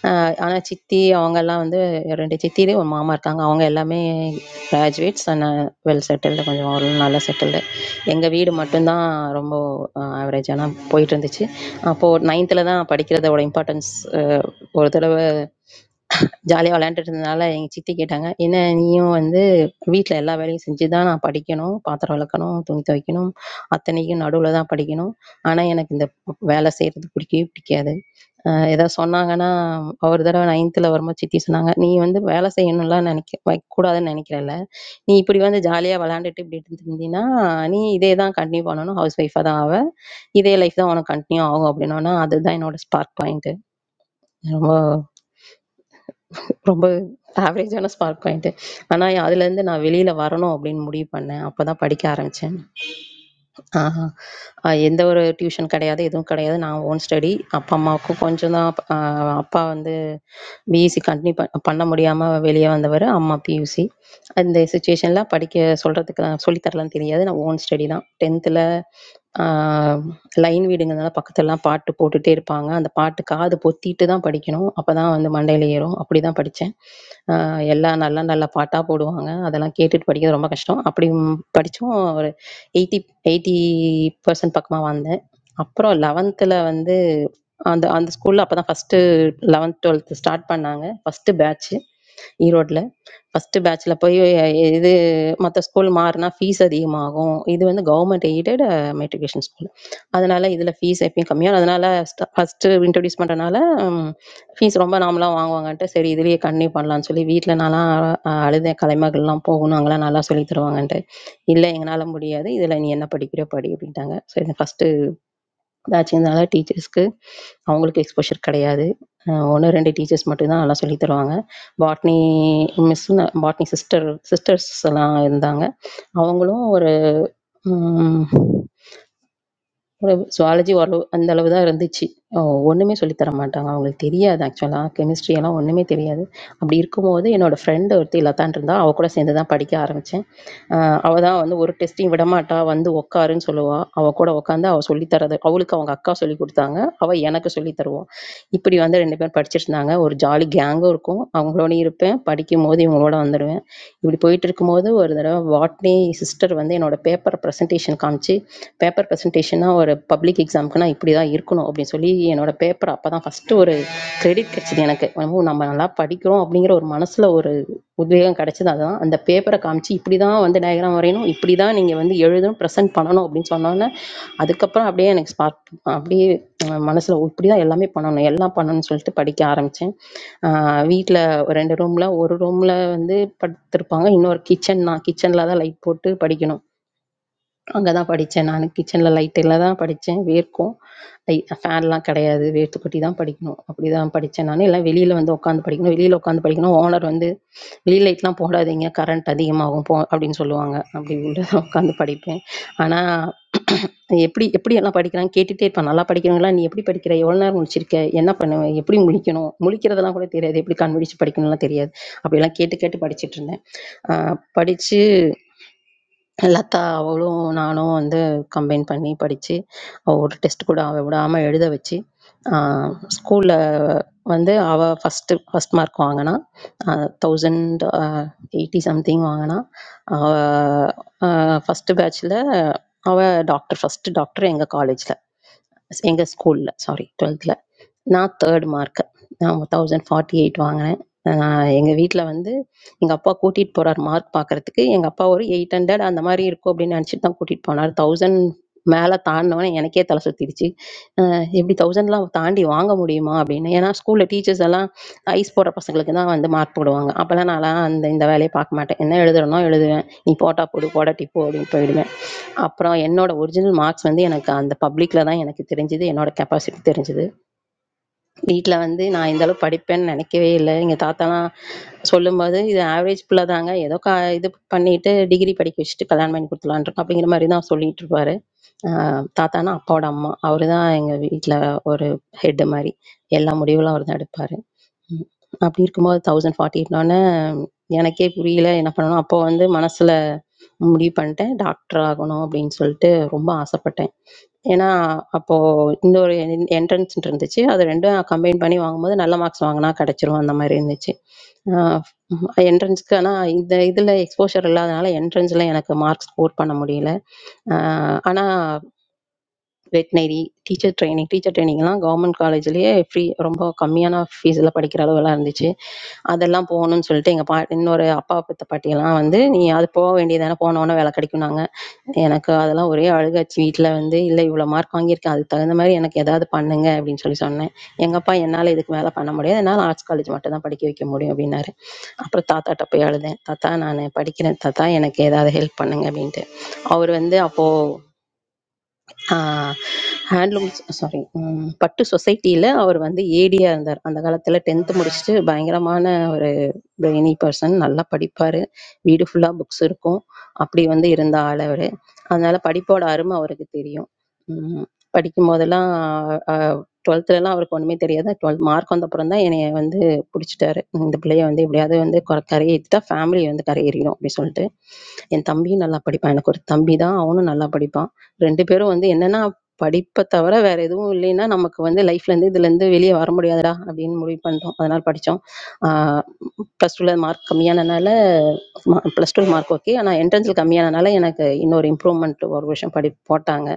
அ ஆனா சித்தி அவங்கலாம் வந்து 2 சித்திலே ஒரு மாமா இருக்காங்க. அவங்க எல்லாமே கிராஜுவேட்ஸ் அண்ட் வெல் செட்டில்டு கொஞ்சம் ஒரு நல்லா செட்டில்டு. எங்க வீடு மட்டும்தான் ரொம்ப ஆவரேஜா தான் போயிட்டு இருந்துச்சு. அப்போ 9த்ல தான் படிக்கிறதோட இம்பார்ட்டன்ஸ் அ ஒரு தடவ ஜாலியா விளையாண்டுட்டு இருந்ததுனால எங்க சித்தி கேட்டாங்க, "என்ன நீயும் வந்து வீட்ல எல்லா வேலையும் செஞ்சு தான் நான் படிக்கணும். பாத்திரம் விளக்கணும், துணி துவைக்கணும். அத்தனைக்கும் நடுவுல தான் படிக்கணும். ஆனா, எனக்கு இந்த வேலை செய்றது பிடிக்கவே பிடிக்காது. அ ஏதாவது சொன்னாங்கன்னா, ஒரு தடவ 9த்ல வரும்போது சித்தி சொன்னாங்க, "நீ வந்து வேலை செய்யணும்லாம் நினைக்க வைக்கக்கூடாதுன்னு நினைக்கிறல்ல. நீ இப்படி வந்து ஜாலியா விளையாண்டுட்டு இப்படி இருந்திருந்தீன்னா, நீ இதே தான் கன்டின்யூ பண்ணணும். ஹவுஸ் ஒய்ஃபா தான் ஆவ. இதே லைஃப் தான் உனக்கு கன்டின்யூ ஆகும்." அப்படின்னோன, அதுதான் என்னோட ஸ்பார்க் பாயிண்ட்டு. ரொம்ப ரொம்ப ஆவரேஜான ஸ்பார்க் பாயிண்ட்டு ஆனால் அதுலேருந்து நான் வெளியில் வரணும் அப்படின்னு முடிவு பண்ணேன் அப்போ தான் படிக்க ஆரம்பித்தேன் ஆஹா. அ எந்த ஒரு டியூஷன் கெடையாது, எதுவும் கெடையாது. நான் ஓன் ஸ்டடி. அப்பா, அம்மாவுக்கும் கொஞ்சம் தான் அ அப்பா வந்து பிஎஸ்சி கன்டின்யூ ப பண்ண முடியாம வெளிய வந்தவரு. அம்மா பியூசி. அந்த சிச்சுவேஷன்ல படிக்க சொல்றதுக்கு சொல்லி தரலான்னு தெரியாது. நான் ஓன் ஸ்டடி தான். 10த்ல ஆ லைன் வீடுங்கிறதுனால பக்கத்துலலாம் பாட்டு போட்டுட்டே இருப்பாங்க. அந்த பாட்டு காது பொத்திட்டு தான் படிக்கணும். அப்பதான் வந்து மண்டையில ஏறும். அப்படிதான் படிச்சேன். அ எல்லாம் நல்ல நல்ல பாட்டா போடுவாங்க. அதெல்லாம் கேட்டுட்டு படிக்கிறது ரொம்ப கஷ்டம். அப்படி படிச்சும் ஒரு எயிட்டி 80% பக்கமா வந்தேன். அப்புறம் 11ல வந்து அந்த அந்த ஸ்கூல்ல அப்பதான் ஃபர்ஸ்ட்டு 11, 12 ஸ்டார்ட் பண்ணாங்க. ஃபர்ஸ்ட்டு பேட்ச்சு ஈரோட்ல. ஃபர்ஸ்ட்டு பேட்ச்ல போய் எ- இது மத்த ஸ்கூல் மாறுனா ஃபீஸ் அதிகமாகும். இது வந்து கவர்மெண்ட் எய்டட் மெட்ரிகுலேஷன் ஸ்கூல். அதனால இதுல ஃபீஸ் எப்பயும் கம்மியா அதனால ஸ்ட ஃபர்ஸ்ட்டு இன்ட்ரோடியூஸ் பண்றனால ஃபீஸ் ரொம்ப நார்மலா வாங்குவாங்கன்ட்டு, சரி இதுலயே கன்டினியூ பண்ணலாம்ன்னு சொல்லி வீட்ல நான்லாம் அ அழுதேன். கலைமகள்லாம் போகணும், அங்கலாம் நல்லா சொல்லி தருவாங்கன்ட்டு. இல்லை எங்களால முடியாது இதில் நீ என்ன படிக்கிறியோ படி அப்படின்ட்டாங்க ஸோ எனக்கு ஃபஸ்ட்டு பேட்சுங்கிறதுனால டீச்சர்ஸ்க்கு அவங்களுக்கு எக்ஸ்போஷர் கிடையாது ஒன்று ரெண்டு டீச்சர்ஸ் மட்டும்தான் நல்லா சொல்லித் தருவாங்க botany miss botany sister sisters எல்லாம் இருந்தாங்க அவங்களும் ஒரு உறவு சுவாலஜி ஒரு அந்த அளவு தான் இருந்துச்சு ஓ, ஒண்ணுமே சொல்லித் தர மாட்டாங்க அவங்களுக்கு தெரியாது ஆக்சுவலா கெமிஸ்ட்ரி எல்லாம் ஒண்ணுமே தெரியாது அப்படி இருக்கும்போது என்னோட ஃப்ரெண்டு ஒருத்தி லதான் இருந்தா அவ கூட சேர்ந்து தான் படிக்க ஆரம்பிச்சேன் ஆஹ் அவ தான் வந்து ஒரு டெஸ்டையும் விட மாட்டா வந்து உட்காருன்னு சொல்லுவா அவ கூட உட்காந்து அவ சொல்லித் தரது அவளுக்கு அவங்க அக்கா சொல்லி கொடுத்தாங்க அவ எனக்கு சொல்லி தருவோம் இப்படி வந்து ரெண்டு பேரும் படிச்சிட்டு இருந்தாங்க ஒரு ஜாலி கேங்கும் இருக்கும் அவங்களோட இருப்பேன் படிக்கும் போது இவங்களோட வந்துடுவேன் இப்படி போயிட்டு இருக்கும்போது ஒரு தடவை வாட்னி சிஸ்டர் வந்து என்னோட பேப்பர் ப்ரெசன்டேஷன் காமிச்சு பேப்பர் ப்ரெசன்டேஷன்னா ஒரு பப்ளிக் எக்ஸாம்க்குனா இப்படி தான் இருக்கணும் அப்படின்னு சொல்லி என்னோட பேப்பர் அப்போ தான் ஃபஸ்ட்டு ஒரு கிரெடிட் கிடைச்சது எனக்கு நம்ம நம்ம நல்லா படிக்கிறோம் அப்படிங்கிற ஒரு மனசில் ஒரு உத்வேகம் கிடைச்சது அதுதான் அந்த பேப்பரை காமிச்சு இப்படி தான் வந்து டயக்ராம் வரையணும் இப்படி தான் நீங்கள் வந்து எழுதணும் ப்ரெசென்ட் பண்ணணும் அப்படின்னு சொன்னோன்னே அதுக்கப்புறம் அப்படியே எனக்கு ஸ்பார்க் அப்படியே மனசில் இப்படி தான் எல்லாமே பண்ணணும் எல்லாம் பண்ணணும்னு சொல்லிட்டு படிக்க ஆரம்பித்தேன் வீட்டில் ஒரு ரெண்டு ரூம்ல ஒரு ரூம்ல வந்து படுத்திருப்பாங்க இன்னொரு கிச்சன் நான் கிச்சன்ல தான் லைட் போட்டு படிக்கணும் அங்க தான் படிச்சேன் நானு. கிச்சன்ல லைட்டுல தான் படிச்சேன். வேர்க்கும். ஐ ஃபேன்லாம் கிடையாது. வேர்த்து கொட்டி தான் படிக்கணும். அப்படிதான் படிச்சேன் நானு. எல்லாம் வெளியில வந்து உட்காந்து படிக்கணும். வெளியில உட்காந்து படிக்கணும். ஓனர் வந்து வெளி லைட்லாம் போடாதீங்க, கரண்ட் அதிகமாகும் போ அப்படின்னு சொல்லுவாங்க. அப்படி உள்ள உட்காந்து படிப்பேன். ஆனா எப்படி எப்படி எல்லாம் படிக்கிறாங்க கேட்டுட்டே இருப்பேன். நல்லா படிக்கிறவங்களா நீ எப்படி படிக்கிற? எவ்வளோ நேரம் முழிச்சிருக்க? என்ன பண்ணுவ? எப்படி முழிக்கணும்? முழிக்கிறதெல்லாம் கூட தெரியாது. எப்படி கண் முழிச்சு படிக்கணும்லாம் தெரியாது. அப்படிலாம் கேட்டு கேட்டு படிச்சுட்டு இருந்தேன். ஆ, படிச்சு லதா அவளும் நானும் வந்து கம்பைன் பண்ணி படித்து அவள் ஒரு டெஸ்ட் கூட அவள் விடாமல் எழுத வச்சு ஸ்கூலில் வந்து அவள் ஃபஸ்ட்டு ஃபஸ்ட் மார்க் வாங்கினா தௌசண்ட் அ எயிட்டி சம்திங் வாங்கினா அவள் ஃபஸ்ட்டு பேட்ச்சில் அவள் டாக்டர் ஃபஸ்ட்டு டாக்டர் எங்கள் காலேஜில் எங்கள் ஸ்கூலில் சாரி டுவெல்த்தில் நான் தேர்ட் மார்க்கு நான் தௌசண்ட் ஃபார்ட்டி எயிட் வாங்கினேன் எங்கள் வீட்டில் வந்து எங்கள் அப்பா கூட்டிகிட்டு போகிறார் மார்க் பார்க்கறதுக்கு எங்கள் அப்பா ஒரு எயிட் ஹண்ட்ரட் அந்த மாதிரி இருக்கும் அப்படின்னு நினச்சிட்டு தான் கூட்டிகிட்டு போனார் தௌசண்ட் மேலே தாண்டினோன்னே எனக்கே தலை சுற்றிடுச்சு எப்படி தௌசண்ட்லாம் தாண்டி வாங்க முடியுமா அப்படின்னு ஏன்னா ஸ்கூலில் டீச்சர்ஸ் எல்லாம் ஐஸ் போடுற பசங்களுக்கு தான் வந்து மார்க் போடுவாங்க அப்போல்லாம் நான்லாம் அந்த இந்த வேலையை பார்க்க மாட்டேன் என்ன எழுதுறனோ எழுதுவேன் நீ போட்டா போடு போடாட்டி போ அப்படின்னு போயிடுவேன் அப்புறம் என்னோட ஒரிஜினல் மார்க்ஸ் வந்து எனக்கு அந்த பப்ளிக்கில் தான் எனக்கு தெரிஞ்சது என்னோட கெப்பாசிட்டி தெரிஞ்சது வீட்ல வந்து நான் இந்த அளவு படிப்பேன்னு நினைக்கவே இல்ல. எங்க தாத்தாலாம் சொல்லும்போது, "இது ஆவரேஜ் புள்ள தாங்க. ஏதோ க இது பண்ணிட்டு டிகிரி படிக்க வச்சுட்டு கல்யாணம் பண்ணி குடுத்துடலாம்ன்னு இருக்கோம்." அப்படிங்கிற மாரி தான் சொல்லிட்டு இருப்பாரு. அ தாத்தான்னா அப்பாவோட அம்மா. அவரு தான் எங்க வீட்ல ஒரு ஹெட் மாரி. எல்லா முடிவுகளும் அவர் தான் எடுப்பாரு. ம். அப்படி இருக்கும்போது 1040 ன்னோனே எனக்கே புரியல என்ன பண்ணணும். அப்போ வந்து மனசுல முடிவு பண்ணிட்டேன். டாக்டர் ஆகணும் அப்படின்னு சொல்லிட்டு ரொம்ப ஆசைப்பட்டேன். ஏன்னா அப்போ இன்னொரு என்ட்ரன்ஸ் இருந்துச்சு அது ரெண்டும் கம்பைன் பண்ணி வாங்கும்போது நல்ல மார்க்ஸ் வாங்கினா கிடைச்சிரும் அந்த மாதிரி இருந்துச்சு என்ட்ரன்ஸ்க்கு ஆனால் இந்த இதில் எக்ஸ்போஷர் இல்லாதனால என்ட்ரன்ஸில் எனக்கு மார்க் ஸ்கோர் பண்ண முடியல ஆஹ் ஆனா வெட்டினரி டீச்சர் ட்ரைனிங் டீச்சர் ட்ரைனிங்லாம் கவர்மெண்ட் காலேஜ்லேயே ஃப்ரீ ரொம்ப கம்மியான ஃபீஸில் படிக்கிற அளவெல்லாம் இருந்துச்சு அதெல்லாம் போகணும்னு சொல்லிட்டு எங்கள் பா இன்னொரு அப்பா பத்த பாட்டியெல்லாம் வந்து நீ அது போக வேண்டியதானே போனோன்னே வேலை கிடைக்கும்னாங்க எனக்கு அதெல்லாம் ஒரே அழுகாச்சு வீட்டில் வந்து இல்லை இவ்வளோ மார்க் வாங்கியிருக்கேன் அதுக்கு தகுந்த மாதிரி எனக்கு ஏதாவது பண்ணுங்க அப்படின்னு சொல்லி சொன்னேன் எங்கள் அப்பா என்னால் இதுக்கு மேலே பண்ண முடியாது என்னால் ஆர்ட்ஸ் காலேஜ் மட்டும் தான் படிக்க வைக்க முடியும் அப்படின்னாரு அப்புறம் தாத்தாட்ட போய் அழுதேன் தாத்தா நான் படிக்கிறேன் தாத்தா எனக்கு ஏதாவது ஹெல்ப் பண்ணுங்க அப்படின்ட்டு அவர் வந்து அப்போது ஹேண்ட்லூம் சாரி பட்டு சொசைட்டியில் அவர் வந்து ஏடியாக இருந்தார் அந்த காலத்தில் டென்த்து முடிச்சுட்டு பயங்கரமான ஒரு பிரெய்னி பர்சன் நல்லா படிப்பார் வீடு ஃபுல்லாக புக்ஸ் இருக்கும் அப்படி வந்து இருந்த ஆள் அவர் அதனால படிப்போட அருமை அவருக்கு தெரியும் ம், படிக்கும் போதெல்லாம் டுவெல்த்துலலாம் அவருக்கு ஒன்றுமே தெரியாது டுவெல்த் மார்க் வந்த அப்புறம் தான் என்னைய வந்து பிடிச்சிட்டாரு இந்த பிள்ளைய வந்து எப்படியாவது வந்து கொர- கரையேற்றிட்டா ஃபேமிலி வந்து கரையேறிடும் அப்படின்னு சொல்லிட்டு என் தம்பியும் நல்லா படிப்பான் எனக்கு ஒரு தம்பி தான் அவனும் நல்லா படிப்பான் ரெண்டு பேரும் வந்து என்னன்னா படிப்பை தவிர வேற எதுவும் இல்லைன்னா நமக்கு வந்து லைஃப்ல இருந்து இதுல இருந்து வெளியே வர முடியாதுடா அப்படின்னு முடிவு பண்ணிட்டோம் அதனால படித்தோம் ப்ளஸ் டூவில் மார்க் கம்மியானனால மா ப்ளஸ் டூ மார்க் ஓகே ஆனால் என்ட்ரன்ஸில் கம்மியானனால எனக்கு இன்னொரு இம்ப்ரூவ்மெண்ட் ஒரு வருஷம் படி போட்டாங்க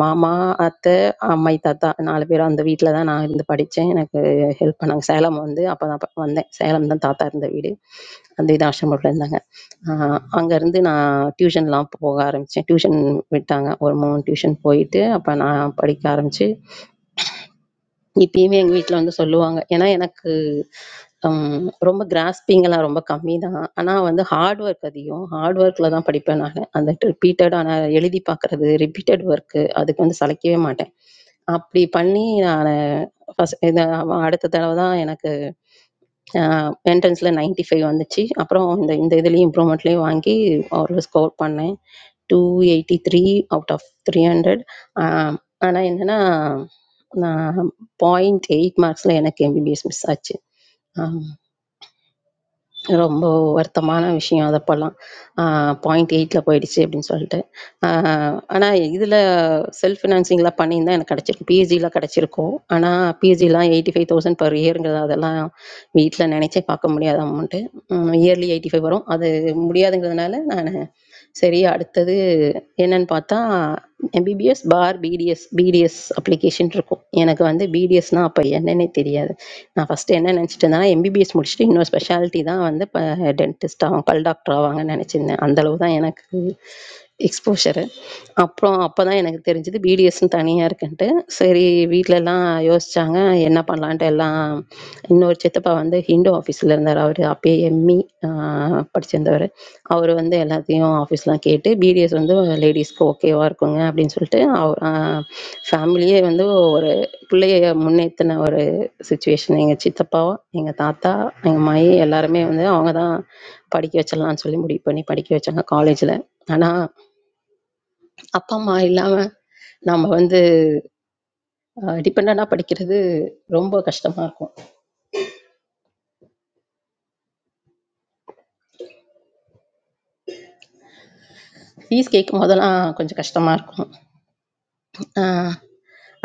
மாமா அத்தை அம்மாயி தாத்தா நாலு பேரும் அந்த வீட்டில் தான் நான் இருந்து படித்தேன் எனக்கு ஹெல்ப் பண்ணாங்க சேலம் வந்து அப்போ தான் ப- வந்தேன் சேலம் தான் தாத்தா இருந்த வீடு அந்த இது ஆசிரமத்தில் இருந்தாங்க அங்கேருந்து நான் டியூஷன்லாம் போக ஆரம்பித்தேன் டியூஷன் விட்டாங்க ஒரு மூணு டியூஷன் போயிட்டு அப்போ நான் படிக்க ஆரம்பித்து இப்பயுமே எங்கள் வீட்டில் வந்து சொல்லுவாங்க ஏன்னா எனக்கு ஹம், ரொம்ப கிராஸ்பிங் எல்லாம் ரொம்ப கம்மி தான் ஆனால் வந்து ஹார்ட் ஒர்க் அதிகம் ஹார்ட் ஒர்க்கில் தான் படிப்பேன் நான் அந்த ரிப்பீட்டட் ஆனால் எழுதி பார்க்குறது ரிப்பீட்டட் ஒர்க்கு அதுக்கு வந்து சளைக்கவே மாட்டேன் அப்படி பண்ணி நான் ஃபஸ்ட் அடுத்த தடவை தான் எனக்கு என்ட்ரன்ஸில் 95 ஃபைவ் வந்துச்சு அப்புறம் இந்த இந்த இதுலேயும் இம்ப்ரூவ்மெண்ட்லேயும் வாங்கி ஒரு ஸ்கோர் பண்ணேன் two eighty three out of three hundred ஆனால் என்னென்னா நான் பாயிண்ட் எயிட் மார்க்ஸில் எனக்கு எம்பிபிஎஸ் மிஸ் ஆச்சு ரொம்ப வருத்தமான விஷயம் அது அப்போல்லாம். ஆ பாயிண்ட் 8ல போயிடுச்சு அப்படின்னு சொல்லிட்டு. ஆ ஆனா இதில செல்ஃப் ஃபினான்சிங்லாம் பண்ணியிருந்தா எனக்கு கிடைச்சிருக்கும். பிஎஸ்ஜில கிடைச்சிருக்கும். ஆனா பிஎஸ்ஜிலாம் 85,000 பெர் இயர்ங்கிறது அதெல்லாம் வீட்ல நினைச்சே பார்க்க முடியாத அமௌண்ட்டு. ம் இயர்லி 85 வரும். அது முடியாதுங்கிறதுனால நானு சரி அடுத்தது என்னன்னு பார்த்தா MBBS for BDS BDS application இருக்கும் எனக்கு வந்து பிடிஎஸ்னா அப்போ என்னன்னே தெரியாது நான் ஃபஸ்ட்டு என்ன நினச்சிட்டு இருந்தேன்னா எம்பிபிஎஸ் முடிச்சுட்டு இன்னொரு ஸ்பெஷாலிட்டி தான் வந்து இப்போ டென்டிஸ்ட் ஆகும் பல் டாக்டர் ஆவாங்கன்னு நினச்சிருந்தேன் அந்தளவு தான் எனக்கு எக்ஸ்போஷரு அப்புறம் அப்போ தான் எனக்கு தெரிஞ்சுது பிடிஎஸ்னு தனியாக இருக்குன்ட்டு சரி வீட்டிலலாம் யோசித்தாங்க என்ன பண்ணலான்ட்டு எல்லாம் இன்னொரு சித்தப்பா வந்து ஹிண்டு ஆஃபீஸில் இருந்தார் அவர் அப்பயே எம்இ படிச்சிருந்தவர் அவர் வந்து எல்லாத்தையும் ஆஃபீஸ்லாம் கேட்டு பிடிஎஸ் வந்து லேடிஸ்க்கு ஓகேவாக இருக்குங்க அப்படின்னு சொல்லிட்டு அவர் ஃபேமிலியே வந்து ஒரு பிள்ளைய முன்னேற்றின ஒரு சுச்சுவேஷன் எங்கள் சித்தப்பா எங்கள் தாத்தா எங்கள் மாயி எல்லாருமே வந்து அவங்க தான் படிக்க வச்சிடலாம்னு சொல்லி முடிவு பண்ணி படிக்க வச்சாங்க காலேஜில் ஆனால் அப்பா அம்மா இல்லாம நாம வந்து டிபெண்டா படிக்கிறது ரொம்ப கஷ்டமா இருக்கும் ஃபீஸ் கேட்கும் போதெல்லாம் கொஞ்சம் கஷ்டமா இருக்கும் அஹ்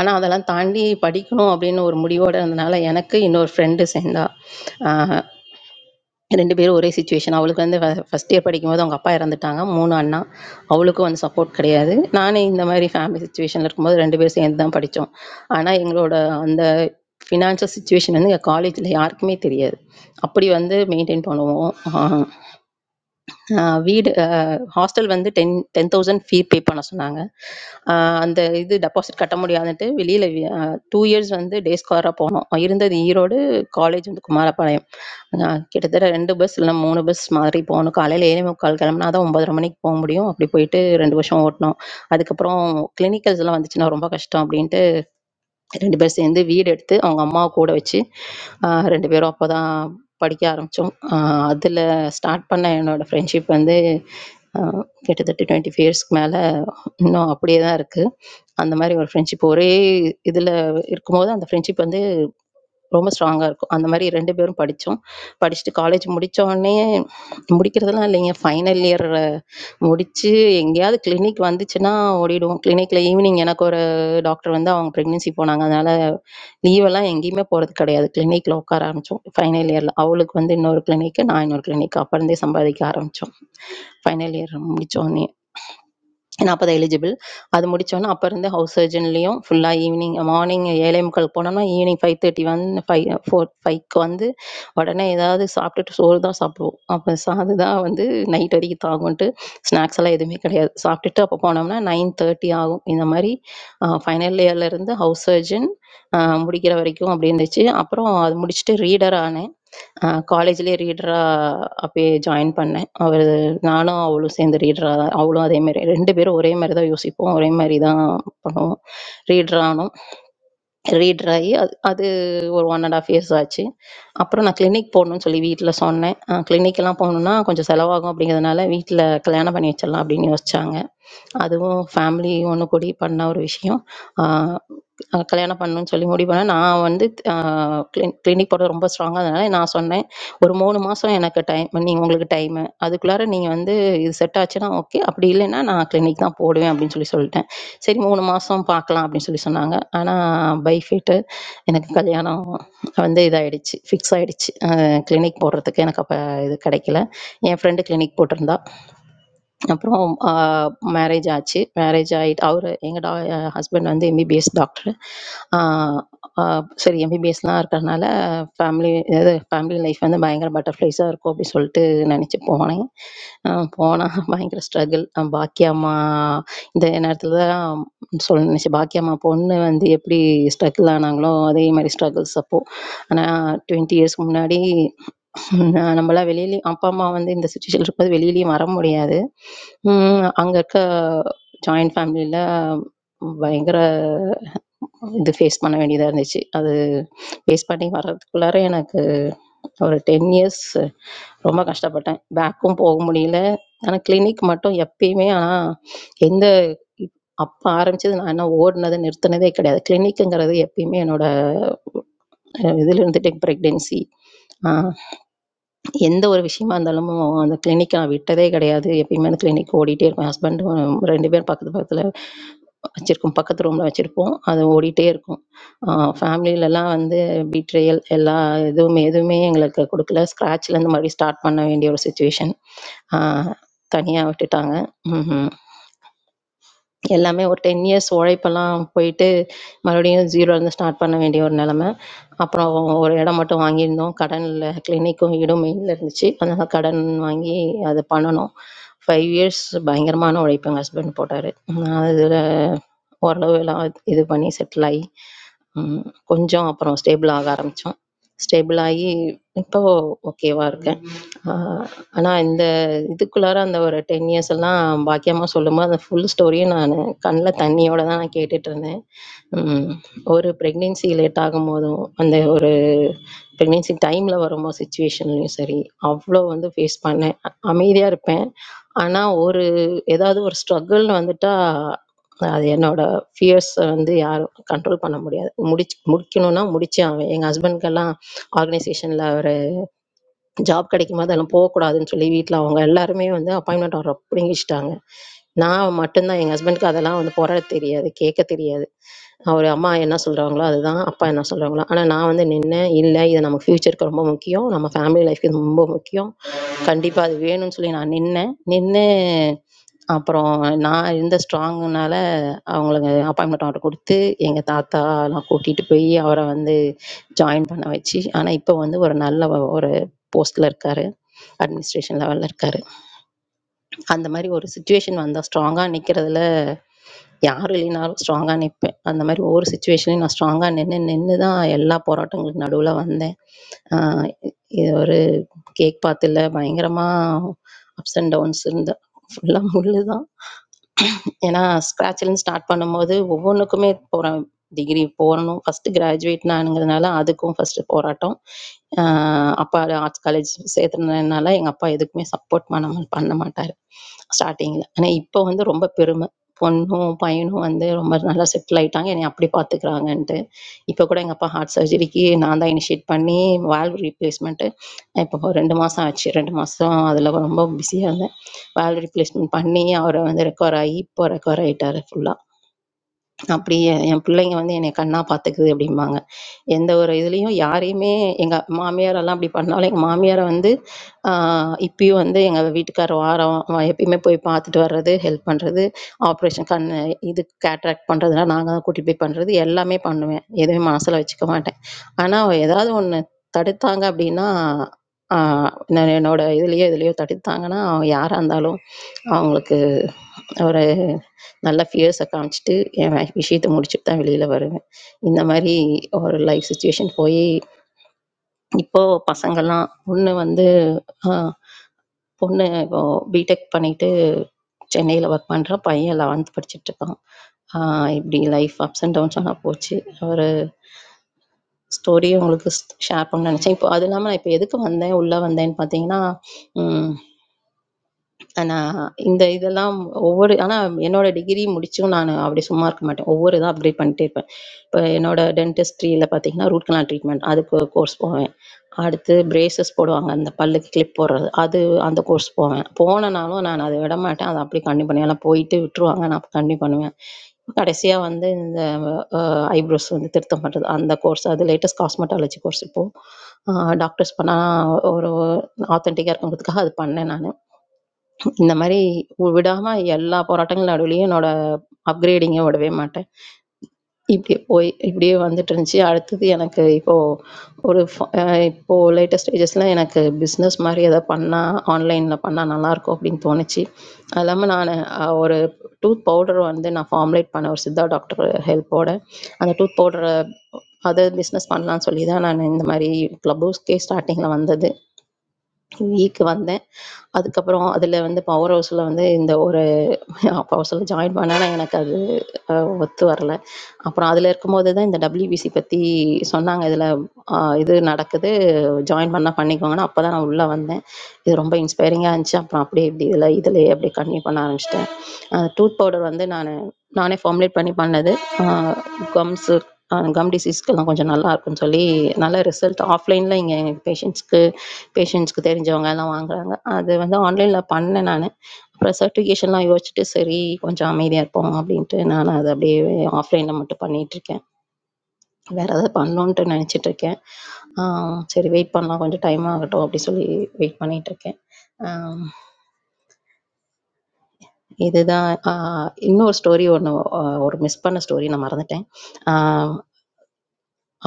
ஆனா அதெல்லாம் தாண்டி படிக்கணும் அப்படின்னு ஒரு முடிவோட இருந்தனால எனக்கு இன்னொரு ஃப்ரெண்டு சேர்ந்தா ஆஹ் 2 பேரும் ஒரே சிச்சுவேஷன். அவளுக்கு வந்து ஃப ஃபர்ஸ்ட் இயர் படிக்கும்போது அவங்க அப்பா இறந்துட்டாங்க. 3 அண்ணா. அவளுக்கும் வந்து சப்போர்ட் கிடையாது. நானே இந்த மாதிரி ஃபேமிலி சிச்சுவேஷன்ல இருக்கும்போது 2 பேரும் சேர்ந்து தான் படிச்சோம். ஆனா எங்களோட அந்த ஃபினான்ஷியல் சிச்சுவேஷன் வந்து எங்க காலேஜ்ல யாருக்குமே தெரியாது. அப்படி வந்து மெயின்டெயின் பண்ணுவோம். ஆ ஆ, வீடு அ, ஹாஸ்டல் வந்து 10, 10,000 ஃபீ பே பண்ண சொன்னாங்க. ஆ, அந்த இது டெபாசிட் கட்ட முடியாதுன்ட்டு வெளியில வி- அ, 2 இயர்ஸ் வந்து டே ஸ்காலரா போனோம். இருந்தது ஈரோடு, காலேஜ் வந்து குமாரபாளையம். அ, கிட்டத்தட்ட 2 பஸ் இல்லைன்னா 3 பஸ் மாறி போகணும். காலையில 7:45 கிளம்புனா தான் 9:30 மணிக்கு போக முடியும். அப்படி போயிட்டு 2 வருஷம் ஓட்டினோம். அதுக்கப்புறம் கிளினிக்கல்ஸ்லாம் வந்துச்சுன்னா ரொம்ப கஷ்டம் அப்படின்ட்டு ரெண்டு பேரும் சேர்ந்து வீடு எடுத்து அவங்க அம்மாவை கூட வச்சு ஆஹ் ரெண்டு பேரும் அப்போ தான் படிக்க ஆரம்பித்தோம் அதில் ஸ்டார்ட் பண்ண என்னோடய ஃப்ரெண்ட்ஷிப் வந்து ஆஹ் கிட்டத்தட்ட டுவெண்ட்டி ஃபைவ் இயர்ஸ்க்கு மேலே இன்னும் அப்படியே தான் இருக்குது அந்த மாதிரி ஒரு ஃப்ரெண்ட்ஷிப் ஒரே இதில் இருக்கும்போது அந்த ஃப்ரெண்ட்ஷிப் வந்து ரொம்ப ஸ்ட்ராங்காக இருக்கும் அந்த மாதிரி ரெண்டு பேரும் படித்தோம் படிச்சுட்டு காலேஜ் முடித்த உடனே முடிக்கிறதெல்லாம் இல்லைங்க ஃபைனல் இயர் முடித்து எங்கேயாவது கிளினிக் வந்துச்சுன்னா ஓடிடுவோம் கிளினிக்கில் ஈவினிங் எனக்கு ஒரு டாக்டர் வந்து அவங்க ப்ரெக்னென்சி போனாங்க அதனால லீவெல்லாம் எங்கேயுமே போகிறது கிடையாது கிளினிக்ல உட்கார ஆரம்பித்தோம் ஃபைனல் இயரில் அவளுக்கு வந்து இன்னொரு கிளினிக்கு நான் இன்னொரு கிளினிக் அப்புறம் சம்பாதிக்க ஆரம்பித்தோம் ஃபைனல் இயர் முடிச்சோடனே நாற்பது எலிஜிபிள் அது முடித்தோன்னே அப்போ இருந்து ஹவுஸ் சர்ஜன்லேயும் ஃபுல்லாக ஈவினிங் மார்னிங் ஏழே முக்காலுக்கு போனோம்னா ஈவினிங் ஃபைவ் தேர்ட்டி வந்து ஃபைவ் ஃபோர் ஃபைவ்க்கு வந்து உடனே ஏதாவது சாப்பிட்டுட்டு சோறு தான் சாப்பிடுவோம் அப்போ சாது தான் வந்து நைட் வரைக்கும் தாகும்ன்ட்டு ஸ்நாக்ஸ் எல்லாம் எதுவுமே கிடையாது சாப்பிட்டுட்டு அப்போ போனோம்னா நைன் தேர்ட்டி ஆகும் இந்த மாதிரி ஃபைனல் இயர்லேருந்து ஹவுஸ் சர்ஜன் முடிக்கிற வரைக்கும் அப்படி இருந்துச்சு அப்புறம் அது முடிச்சுட்டு ரீடர் ஆனேன் ஆ காலேஜ்லயே ரீடரா அப்பயே ஜாயின் பண்ணேன். அவரு நானும் அவளும் சேர்ந்து ரீடரா தான் அவளும் அதே மாரி 2 பேரும் ஒரே மாரி தான் யோசிப்போம். ஒரே மாரி தான் பண்ணுவோம். ரீடர் ஆனோம். ரீடர் ஆகி அது அது ஒரு ஒன் அண்ட் ஆஃப் இயர்ஸ் ஆச்சு அப்புறம் நான் கிளினிக் போகணும்னு சொல்லி வீட்டில் சொன்னேன் clinic எல்லாம் போகணுன்னா கொஞ்சம் செலவாகும் அப்படிங்கிறதுனால வீட்டில் கல்யாணம் பண்ணி வச்சிடலாம் அப்படின்னு யோசிச்சாங்க அதுவும் ஃபேமிலி ஒன்று கூடி பண்ண ஒரு விஷயம் ஆஹ் அஹ் கல்யாணம் பண்ணணும்னு சொல்லி முடிவு பண்ணேன் நான் வந்து கிளினிக் போட ரொம்ப ஸ்ட்ராங்காக அதனால நான் சொன்னேன் ஒரு மூணு மாதம் எனக்கு டைம் நீங்கள் உங்களுக்கு டைமு அதுக்குள்ளார நீங்கள் வந்து இது செட் ஆச்சுன்னா ஓகே அப்படி இல்லைன்னா நான் கிளினிக் தான் போடுவேன் அப்படின்னு சொல்லி சொல்லிட்டேன் சரி மூணு மாதம் பார்க்கலாம் அப்படின்னு சொல்லி சொன்னாங்க ஆனால் பைஃபிட்டு எனக்கு கல்யாணம் வந்து இதாயிடுச்சு ஃபிக்ஸ் ஆயிடுச்சு கிளினிக் போடுறதுக்கு எனக்கு அப்போ இது கிடைக்கல என் ஃப்ரெண்டு கிளினிக் போட்டிருந்தா அப்புறம் மேரேஜ் ஆச்சு மேரேஜ் ஆகிட்டு அவர் எங்கள் டா ஹஸ்பண்ட் வந்து எம்பிபிஎஸ் டாக்டர் சரி எம்பிபிஎஸ்லாம் இருக்கிறதுனால ஃபேமிலி இது ஃபேமிலி லைஃப் வந்து பயங்கர பட்டர்ஃப்ளைஸாக இருக்கும் அப்படி சொல்லிட்டு நினச்சி போனேன் போனால் பயங்கர ஸ்ட்ரகிள் பாக்கியம்மா இந்த நேரத்தில் தான் சொல்ல நினச்சேன் பாக்கியம்மா பொண்ணு வந்து எப்படி ஸ்ட்ரகிள் ஆனாங்களோ அதே மாதிரி ஸ்ட்ரகிள்ஸ் அப்போது ஆனால் டுவெண்ட்டி இயர்ஸ்க்கு முன்னாடி நான் நம்மளாம் வெளியிலயும் அப்பா அம்மா வந்து இந்த சுச்சுவேஷன் இருக்கும்போது வெளியிலயும் வர முடியாது ம், அங்க இருக்க ஜாயிண்ட் ஃபேமிலியில பயங்கர இது ஃபேஸ் பண்ண வேண்டியதா இருந்துச்சு அது ஃபேஸ் பண்ணி வர்றதுக்குள்ளார எனக்கு ஒரு டென் இயர்ஸ் ரொம்ப கஷ்டப்பட்டேன் பேக்கும் போக முடியல ஆனால் கிளினிக் மட்டும் எப்பயுமே ஆனால் எந்த அப்போ ஆரம்பிச்சது நான் என்ன ஓடினது நிறுத்தினதே கிடையாது கிளினிக்குங்கிறது எப்பயுமே என்னோட இதுல இருந்துட்டு ப்ரெக்னென்சி எந்த ஒரு விஷயமா இருந்தாலும் அந்த கிளினிக் நான் விட்டதே கிடையாது எப்பயுமே அந்த கிளினிக் ஓடிட்டே இருக்கும் ஹஸ்பண்டும் ரெண்டு பேரும் பக்கத்து பக்கத்தில் வச்சுருக்கோம் பக்கத்து ரூமில் வச்சுருப்போம் அது ஓடிட்டே இருக்கும் ஃபேமிலிலலாம் வந்து பீட்ரியல் எல்லா எதுவுமே எதுவுமே எங்களுக்கு கொடுக்கல ஸ்க்ராட்ச்லேருந்து மறுபடியும் ஸ்டார்ட் பண்ண வேண்டிய ஒரு சுச்சுவேஷன் தனியாக விட்டுட்டாங்க ம் எல்லாமே ஒரு டென் இயர்ஸ் உழைப்பெல்லாம் போயிட்டு மறுபடியும் ஜீரோலேருந்து ஸ்டார்ட் பண்ண வேண்டிய ஒரு நிலமை அப்புறம் ஒரு இடம் மட்டும் வாங்கியிருந்தோம் கடனில் கிளினிக்கும் வீடும் மெயினில் இருந்துச்சு அதனால் கடன் வாங்கி அதை பண்ணணும் ஃபைவ் இயர்ஸ் பயங்கரமான உழைப்பு எங்கள் ஹஸ்பண்ட் போட்டார் அதில் ஓரளவு எல்லாம் இது பண்ணி செட்டில் ஆகி ம், கொஞ்சம் அப்புறம் ஸ்டேபிள் ஆக ஆரம்பிச்சோம். ஸ்டேபிள் ஆகி இப்போ ஓகேவா இருக்கேன். ஆ, ஆனா இந்த இதுக்குள்ளார அந்த ஒரு 10 இயர்ஸ் எல்லாம் பாக்கியம்மா சொல்லும்போது அந்த ஃபுல் ஸ்டோரியும் நான் கண்ணுல தண்ணியோட தான் நான் கேட்டுட்டு இருந்தேன். ம், ஒரு பிரெக்னென்சி லேட் ஆகும்போதும் அந்த ஒரு பிரெக்னென்சி டைமில் வரும்போது சுச்சுவேஷன்லையும் சரி அவ்வளோ வந்து ஃபேஸ் பண்ணேன் அமைதியாக இருப்பேன் ஆனால் ஒரு ஏதாவது ஒரு ஸ்ட்ரகிள்னு வந்துட்டா அது என்னோட ஃபியர்ஸை வந்து யாரும் கண்ட்ரோல் பண்ண முடியாது முடிச்சு முடிக்கணும்னா முடிச்சே ஆவேன் எங்கள் ஹஸ்பண்ட்கெல்லாம் ஆர்கனைசேஷனில் அவர் ஜாப் கிடைக்கும் போது அதெல்லாம் போகக்கூடாதுன்னு சொல்லி வீட்டில் அவங்க எல்லாருமே வந்து அப்பாயின்மெண்ட் ஆர்டர் பிடுங்கிச்சிட்டாங்க நான் மட்டும்தான் எங்கள் ஹஸ்பண்டுக்கு அதெல்லாம் வந்து போராட தெரியாது கேட்க தெரியாது அவர் அம்மா என்ன சொல்கிறாங்களோ அதுதான் அப்பா என்ன சொல்கிறாங்களோ ஆனால் நான் வந்து நின்னேன் இல்லை இது நம்ம ஃப்யூச்சருக்கு ரொம்ப முக்கியம் நம்ம ஃபேமிலி லைஃப்க்கு இது ரொம்ப முக்கியம் கண்டிப்பாக அது வேணும்னு சொல்லி நான் நின்னேன் நின்று அப்புறம் நான் இருந்த ஸ்ட்ராங்குனால அவங்களுக்கு அப்பாயின்மெண்ட் ஆர்டர் கொடுத்து எங்கள் தாத்தாலாம் கூட்டிகிட்டு போய் அவரை வந்து ஜாயின் பண்ண வச்சு ஆனால் இப்போ வந்து ஒரு நல்ல ஒரு போஸ்டில் இருக்கார் அட்மினிஸ்ட்ரேஷன் லெவலில் இருக்கார் அந்த மாதிரி ஒரு சுச்சுவேஷன் வந்தால் ஸ்ட்ராங்காக நிற்கிறதுல யார் இல்லைனாலும் ஸ்ட்ராங்காக நிற்பேன் அந்த மாதிரி ஒவ்வொரு சுச்சுவேஷன்லையும் நான் ஸ்ட்ராங்காக நின்று நின்று தான் எல்லா போராட்டங்களுக்கு நடுவில் வந்தேன் ஆ, இது ஒரு கேக் பாத்துல பயங்கரமா அப்ஸ் அண்ட் டவுன்ஸ் இருந்த ஃபுல்லா முள்ளு தான் ஏன்னா ஸ்க்ராட்ச்லேருந்து ஸ்டார்ட் பண்ணும்போது ஒவ்வொன்றுக்குமே போகிறேன் டிகிரி போகணும் ஃபஸ்ட்டு கிராஜுவேட் நானுங்கிறதுனால அதுக்கும் ஃபஸ்ட்டு போராட்டம் ஆஹ் அப்பா ஆர்ட்ஸ் காலேஜ் சேர்த்துனதுனால எங்கள் அப்பா எதுக்குமே சப்போர்ட் பண்ண மா- பண்ண மாட்டார் ஸ்டார்டிங்கில் ஆனால் இப்போ வந்து ரொம்ப பெருமை பொண்ணும் பையனும் வந்து ரொம்ப நல்லா செட்டில் ஆயிட்டாங்க என்னை அப்படி பார்த்துக்கிறாங்கன்ட்டு இப்போ கூட எங்கள் அப்பா ஹார்ட் சர்ஜரிக்கு நான் தான் இனிஷியேட் பண்ணி வால்வ் ரீப்ளேஸ்மெண்ட்டு இப்போ ரெண்டு மாதம் ஆச்சு ரெண்டு மாதம் அதில் ரொம்ப பிஸியாக இருந்தேன் வால்வ் ரீப்ளேஸ்மெண்ட் பண்ணி அவரை வந்து ரெக்கவர் ஆகி இப்போ ரெக்கவர் ஆகிட்டாரு ஃபுல்லாக அப்படி என் என் பிள்ளைங்க வந்து என்னை கண்ணா பார்த்துக்குது அப்படிம்பாங்க எந்த ஒரு இதுலேயும் யாரையுமே எங்கள் மாமியார் எல்லாம் அப்படி பண்ணாலும் எங்கள் மாமியாரை வந்து ஆஹ் இப்பயும் வந்து எங்கள் வீட்டுக்கார் வாரம் வ- எப்பயுமே போய் பார்த்துட்டு வர்றது ஹெல்ப் பண்ணுறது ஆப்ரேஷன் கண் இது கேட்ராக்ட் பண்ணுறதுனா நாங்கள் தான் கூட்டிகிட்டு போய் பண்ணுறது எல்லாமே பண்ணுவேன் எதுவுமே மனசில் வச்சுக்க மாட்டேன் ஆனால் ஏதாவது ஒன்று தடுத்தாங்க அப்படின்னா ஆஹ் நான் என்னோட இதுலேயோ இதுலேயோ தடுத்தாங்கன்னா அவங்க யாராக இருந்தாலும் அவங்களுக்கு ஒரு நல்லா ஃபியர்ஸை காமிச்சிட்டு என் விஷயத்த முடிச்சுட்டு தான் வெளியில் வருவேன் இந்த மாதிரி ஒரு லைஃப் சுச்சுவேஷன் போய் இப்போது பசங்கள்லாம் ஒன்று வந்து ஆஹ், பொண்ணு இப்போ பிடெக் பண்ணிட்டு சென்னையில் ஒர்க் பண்ணுறா பையன் லெவன்த் படிச்சுட்டு இருக்கான் ஆஹ், இப்படி லைஃப் அப்ஸ் அண்ட் டவுன்ஸ் ஆனால் போச்சு ஒரு ஸ்டோரியை உங்களுக்கு ஷேர் பண்ண நினச்சேன் இப்போ அது இல்லாமல் நான் இப்போ எதுக்கு வந்தேன் உள்ளே வந்தேன்னு பார்த்தீங்கன்னா ஆனா இந்த இதெல்லாம் ஒவ்வொரு ஆனா என்னோட டிகிரி முடிச்சும் நான் அப்படி சும்மா இருக்க மாட்டேன் ஒவ்வொரு இதா அப்டேட் பண்ணிட்டே இருப்பேன் இப்போ என்னோட டென்டிஸ்ட்ரியில பார்த்தீங்கன்னா ரூட் கனால் ட்ரீட்மெண்ட் அதுக்கு கோர்ஸ் போவேன் அடுத்து பிரேசஸ் போடுவாங்க அந்த பல்லுக்கு கிளிப் போடுறது அது அந்த கோர்ஸ் போவேன் போனனாலும் நான் அதை விட மாட்டேன் அதை அப்படியே கண்டினியூ பண்ணுவேன் ஏன்னா போயிட்டு விட்டுருவாங்க நான் கண்டினியூ பண்ணுவேன் கடைசியா வந்து இந்த ஐப்ரோஸ் வந்து திருத்தம் பண்றது அந்த கோர்ஸ் அது லேட்டஸ்ட் காஸ்மெட்டாலஜி கோர்ஸ் இப்போ டாக்டர்ஸ் பண்ணால் ஒரு ஆத்தென்டிக்காக இருக்கணுங்கிறதுக்காக அது பண்ணேன் நான் இந்த மாரி விடாம எல்லா போராட்டங்கள் நடுவுலயும் என்னோட அப்கிரேடிங்கை விடவே மாட்டேன். இப்படி போய் இப்படியே வந்துட்டு இருந்துச்சு. அடுத்தது எனக்கு இப்போ ஒரு ஃப அ இப்போ லேட்டஸ்ட் ஸ்டேஜஸ்ல எனக்கு பிஸ்னஸ் மாதிரி எதாவது பண்ணா, ஆன்லைன்ல பண்ணா நல்லாயிருக்கும் அப்படின்னு தோணுச்சு. அது இல்லாம நானு அ ஒரு டூத் பவுடர் வந்து நான் ஃபார்முலேட் பண்ணேன் ஒரு சித்தா டாக்டர் ஹெல்ப்போட. அந்த டூத் பவுடர அதர் பிஸ்னஸ் பண்ணலான்னு சொல்லி தான் நான் இந்த மாரி க்ளப் ஹவுஸ்க்கே ஸ்டார்ட்டிங்ல வந்தது. விஏக்கு வந்தேன். அதுக்கப்புறம் அதில வந்து பவர் ஹவுஸ்ல வந்து இந்த ஒரு (laughs) பவர் ஹவுஸ்ல ஜாயின் பண்ணேன். ஆனா, எனக்கு அது அ ஒத்து வரல. அப்புறம் அதில இருக்கும்போது தான் இந்த டபிள்யூபிசி பத்தி சொன்னாங்க. இதில அ இது நடக்குது. ஜாயின் பண்ணா பண்ணிக்கோங்கன்னு. அப்ப தான் நான் உள்ள வந்தேன். இது ரொம்ப இன்ஸ்பைரிங்கா இருந்துச்சு. அப்புறம் அப்படியே இப்படி இதில இதிலயே அப்படியே கன்டின்யூ பண்ண ஆரம்பிச்சுட்டேன். அந்த டூத் பவுடர் வந்து நானு நானே ஃபார்முலேட் பண்ணி பண்ணது. அ கம்ஸு அஹ் கம் டிசீஸ்க்கெல்லாம் கொஞ்சம் நல்லா இருக்குன்னு சொல்லி நல்ல ரிசல்ட் ஆஃப்லைனில் இங்கே எங்கள் பேஷண்ட்ஸ்க்கு பேஷண்ட்ஸ்க்கு தெரிஞ்சவங்க எல்லாம் வாங்குறாங்க அது வந்து ஆன்லைனில் பண்ணேன் நான் அப்புறம் சர்டிஃபிகேஷன்லாம் யோசிச்சுட்டு சரி கொஞ்சம் அமைதியாக இருப்போம் அப்படின்ட்டு நான் அதை அப்படியே ஆஃப்லைனில் மட்டும் பண்ணிகிட்ருக்கேன் வேறு ஏதாவது பண்ணணுன்ட்டு நினச்சிட்டு இருக்கேன் ஆம், சரி வெயிட் பண்ணலாம் கொஞ்சம் டைம் ஆகட்டும் அப்படி சொல்லி வெயிட் பண்ணிகிட்ருக்கேன் இதுதான் ஆ, இன்னொரு ஸ்டோரி ஒன்று ஒரு மிஸ் பண்ண ஸ்டோரி நான் மறந்துட்டேன் ஆஹ்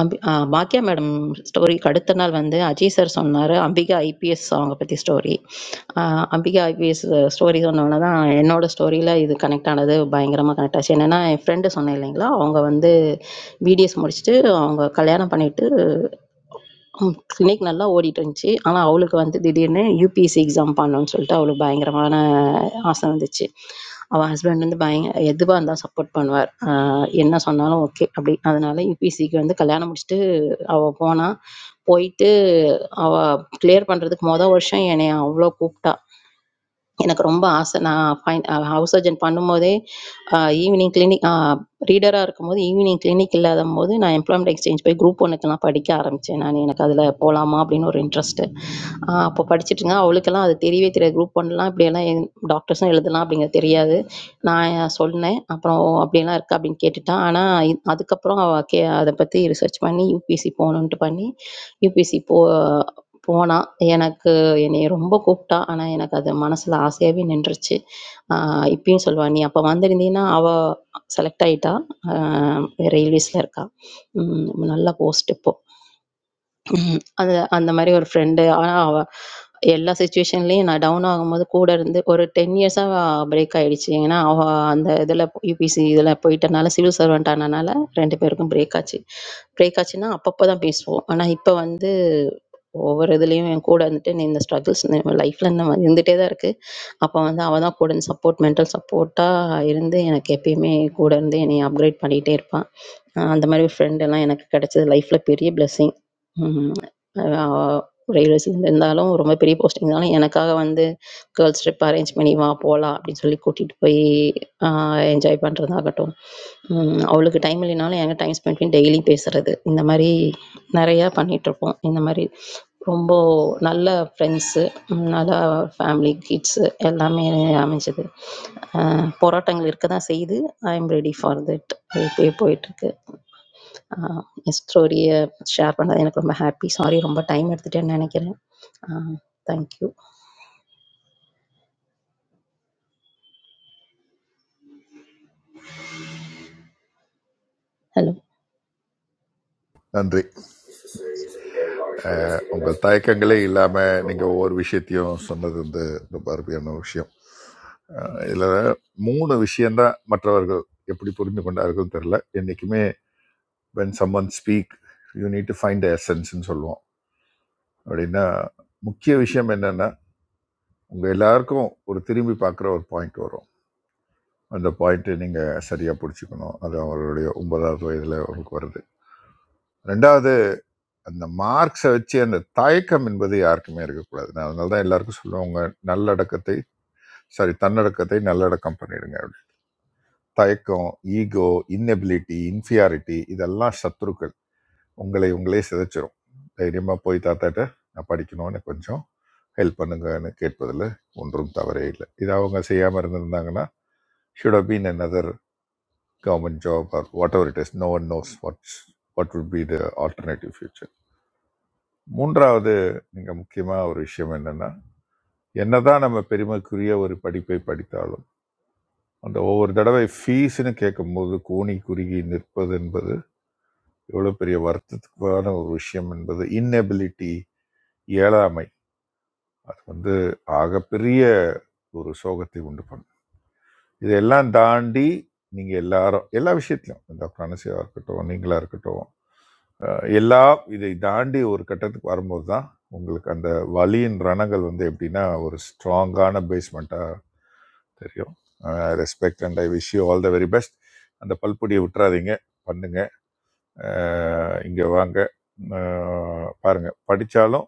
அம்பி ஆ பாக்கியா மேடம் ஸ்டோரிக்கு அடுத்த நாள் வந்து அஜய் சார் சொன்னார் அம்பிகா ஐபிஎஸ் அவங்க பற்றி ஸ்டோரி அம்பிகா ஐபிஎஸ் ஸ்டோரி சொன்னோன்னே தான் என்னோட ஸ்டோரியில் இது கனெக்ட் ஆனது பயங்கரமாக கனெக்ட் ஆச்சு என்னென்னா என் ஃப்ரெண்டு சொன்னேன் இல்லைங்களா அவங்க வந்து பிடிஎஸ் முடிச்சுட்டு அவங்க கல்யாணம் பண்ணிட்டு ம். கிளினிக் நல்லா ஓடிட்டுருந்துச்சு. ஆனா, அவளுக்கு வந்து திடீர்னு யுபிஎஸ்சி எக்ஸாம் பண்ணணும்னு சொல்லிட்டு அவளுக்கு பயங்கரமான ஆசை வந்துச்சு. அவ ஹஸ்பண்ட் வந்து பயங்க எதுவா இருந்தாலும் சப்போர்ட் பண்ணுவார். அ என்ன சொன்னாலும் ஓகே அப்படி. அதனால யுபிஎஸ்சிக்கு வந்து கல்யாணம் முடிச்சுட்டு அவ போனா. போயிட்டு அவ கிளியர் பண்றதுக்கு மொத வருஷம் என்னைய அவ்ளோ கூப்பிட்டா. எனக்கு ரொம்ப ஆசை நான் ஃபைன் ஹவுஸ் சர்ஜன் பண்ணும்போதே ஈவினிங் கிளினிக் ரீடராக இருக்கும்போது ஈவினிங் கிளினிக் இல்லாத போது நான் எம்ப்ளாய்மெண்ட் எக்ஸ்சேஞ்ச் போய் குரூப் ஒன்றுக்கெல்லாம் படிக்க ஆரம்பித்தேன் நான் எனக்கு அதில் போகலாமா அப்படின்னு ஒரு இன்ட்ரெஸ்ட்டு அப்போ படிச்சுட்டு இருந்தேன் அவளுக்கெல்லாம் அது தெரியவே தெரியாது குரூப் ஒன்லாம் இப்படியெல்லாம் என் டாக்டர்ஸும் எழுதலாம் அப்படிங்கிறது தெரியாது நான் சொன்னேன் அப்புறம் "ஓ, அப்படியெல்லாம் இருக்கா அப்படின்னு கேட்டுட்டான் ஆனால் அதுக்கப்புறம் அவள் கே அதை பற்றி ரிசர்ச் பண்ணி யூபிசி போகணுன்ட்டு பண்ணி யூபிசி போ போனா, எனக்கு என்னைய ரொம்ப கூப்பிட்டா. ஆனா, எனக்கு அது மனசுல ஆசையாவே நின்றுச்சு. ஆ இப்பயும் சொல்லுவா, "நீ அப்ப வந்திருந்தீன்னா, அவ செலக்ட் ஆயிட்டா. அ ரயில்வேஸ்ல இருக்கா. ம் நல்லா போஸ்ட் இப்போ. ம். அது அந்த மாரி ஒரு ஃப்ரெண்டு. ஆனா, அவ எல்லா சிச்சுவேஷன்லயும் நான் டவுன் ஆகும்போது கூட இருந்து ஒரு 10 இயர்ஸா பிரேக் ஆயிடுச்சு. ஏன்னா, அவ அந்த இதுல யுபிசி இதுல போயிட்டனால, சிவில் சர்வன்ட் ஆனனால 2 பேருக்கும் பிரேக் ஆச்சு. பிரேக் ஆச்சுன்னா, அப்பப்ப தான் பேசுவோம். ஆனா, இப்ப வந்து ஒவ்வொரு இதுலயும் என் கூட இருந்துட்டு, நீ "இந்த ஸ்ட்ரகிள்ஸ் லைஃப்ல இருந்துட்டே தான் இருக்கு. அப்போ வந்து அவள் தான் கூட இருந்து சப்போர்ட் மென்டல் சப்போர்ட்டாக இருந்து எனக்கு எப்பயுமே கூட இருந்து என்னை அப்கிரேட் பண்ணிகிட்டே இருப்பாள் அந்த மாதிரி ஒரு friend எல்லாம் எனக்கு கிடைச்சது லைஃப்பில் பெரிய பிளெஸ்ஸிங் ரயில்வேஸ் இருந்தாலும் ரொம்ப பெரிய போஸ்டிங் இருந்தாலும் எனக்காக வந்து கேர்ள்ஸ் ட்ரிப் அரேஞ்ச் பண்ணி வா போகலாம் அப்படின்னு சொல்லி கூட்டிகிட்டு போய் என்ஜாய் பண்ணுறதாகட்டும் ஹம் அவளுக்கு டைம் இல்லைனாலும் என்கிட்ட டைம் ஸ்பெண்ட் பண்ணி டெய்லி பேசுறது இந்த மாதிரி நிறையா பண்ணிகிட்ருப்போம் இந்த மாதிரி ரொம்ப நல்ல ஃப்ரெண்ட்ஸு நல்லா ஃபேமிலி கிட்ஸு எல்லாமே அமைஞ்சுது போராட்டங்கள் இருக்க தான் செய்யுது I am ready for that இப்படியே போயிட்டுருக்கு என் ஸ்டோரியை ஷேர் பண்ணது எனக்கு ரொம்ப ஹாப்பி சாரி ரொம்ப டைம் எடுத்துட்டேன்னு நினைக்கிறேன் தேங்க்யூ ஹலோ நன்றி அஹ், உங்க தயக்கங்களே இல்லாம நீங்க ஒவ்வொரு விஷயத்தையும் சொன்னது வந்து ரொம்ப அருமையான விஷயம் அஹ், இதுல மூணு விஷயம்தான் மற்றவர்கள் எப்படி புரிந்து கொண்டார்கள் தெரியல என்னைக்குமே when someone speak you need to find எசன்ஸ்ன்னு சொல்லுவோம் அப்படின்னா முக்கிய விஷயம் என்னன்னா உங்க எல்லாருக்கும் ஒரு திரும்பி பார்க்குற ஒரு பாயிண்ட் வரும் அந்த பாயிண்ட்டை நீங்கள் சரியாக பிடிச்சிக்கணும் அது அவருடைய ஒன்பதாவது வயதில் உங்களுக்கு வருது ரெண்டாவது அந்த மார்க்ஸை வச்சு அந்த தயக்கம் என்பது யாருக்குமே இருக்கக்கூடாது நான் அதனால தான் எல்லாருக்கும் சொல்லுவேன் உங்கள் நல்லடக்கத்தை சாரி தன்னடக்கத்தை நல்லடக்கம் பண்ணிடுங்க அப்படின்னு. தயக்கம் ஈகோ இன்னெபிலிட்டி இன்ஃபியாரிட்டி இதெல்லாம் சத்துருக்கள் உங்களை உங்களே சிதைச்சிரும் தைரியமாக போய் தாத்தாட்ட நான் படிக்கணும்னு கொஞ்சம் ஹெல்ப் பண்ணுங்கன்னு கேட்பதில் ஒன்றும் தவறே இல்லை இது அவங்க செய்யாமல் இருந்திருந்தாங்கன்னா should have been another government job or whatever it is no one knows what what would be the alternative future மூன்றாவது நீங்க முக்கியமா ஒரு விஷயம் என்னன்னா என்னதான் நம்ம பெருமைக்குரிய ஒரு படிப்பை படித்தாலும் அந்த ஒவ்வொரு தடவை ஃபீஸ்னு கேட்கும்போது கூனி குறுகி நிற்பது என்பது எவ்வளோ பெரிய வருத்தத்துக்கான ஒரு விஷயம் என்பது இன்னெபிலிட்டி இயலாமை அது வந்து ஆகப்பெரிய ஒரு சோகத்தை உண்டு பண்ணும் இதெல்லாம் தாண்டி நீங்கள் எல்லாரும் எல்லா விஷயத்துலையும் டாக்டர் அனசியாக இருக்கட்டும் நீங்களாக இருக்கட்டும் அஹ் எல்லா இதை தாண்டி ஒரு கட்டத்துக்கு வரும்போது தான் உங்களுக்கு அந்த வலியின் ரணங்கள் வந்து எப்படின்னா ஒரு ஸ்ட்ராங்கான பேஸ்மெண்ட்டாக தெரியும் respect and I wish you all the very best அந்த பல்பொடியை விட்டுறாதீங்க பண்ணுங்க இங்கே வாங்க அஹ் பாருங்க படித்தாலும்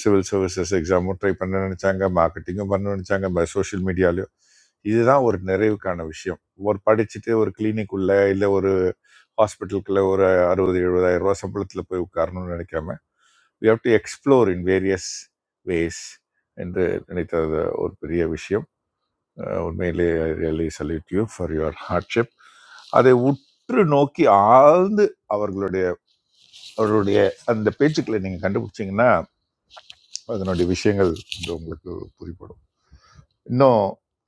சிவில் சர்வீசஸ் எக்ஸாமும் ட்ரை பண்ண நினச்சாங்க மார்க்கெட்டிங்கும் பண்ண நினச்சாங்க சோஷியல் மீடியாலையும் இதுதான் ஒரு நிறைவுக்கான விஷயம் ஒரு படிச்சுட்டு ஒரு clinic உள்ள இல்லை ஒரு ஹாஸ்பிட்டலுக்குள்ள ஒரு அறுபது எழுபதாயிரம் ரூபா சம்பளத்தில் போய் உட்காரணும்னு நினைக்காம we have to explore in various ways என்று நினைத்தது ஒரு பெரிய விஷயம் அஹ் உண்மையிலே I really salute you for your hardship அதை உற்று நோக்கி ஆழ்ந்து அவர்களுடைய அவருடைய அந்த பேச்சுக்களை நீங்கள் கண்டுபிடிச்சீங்கன்னா அதனுடைய விஷயங்கள் இன்று உங்களுக்கு புரிப்படும் இன்னும்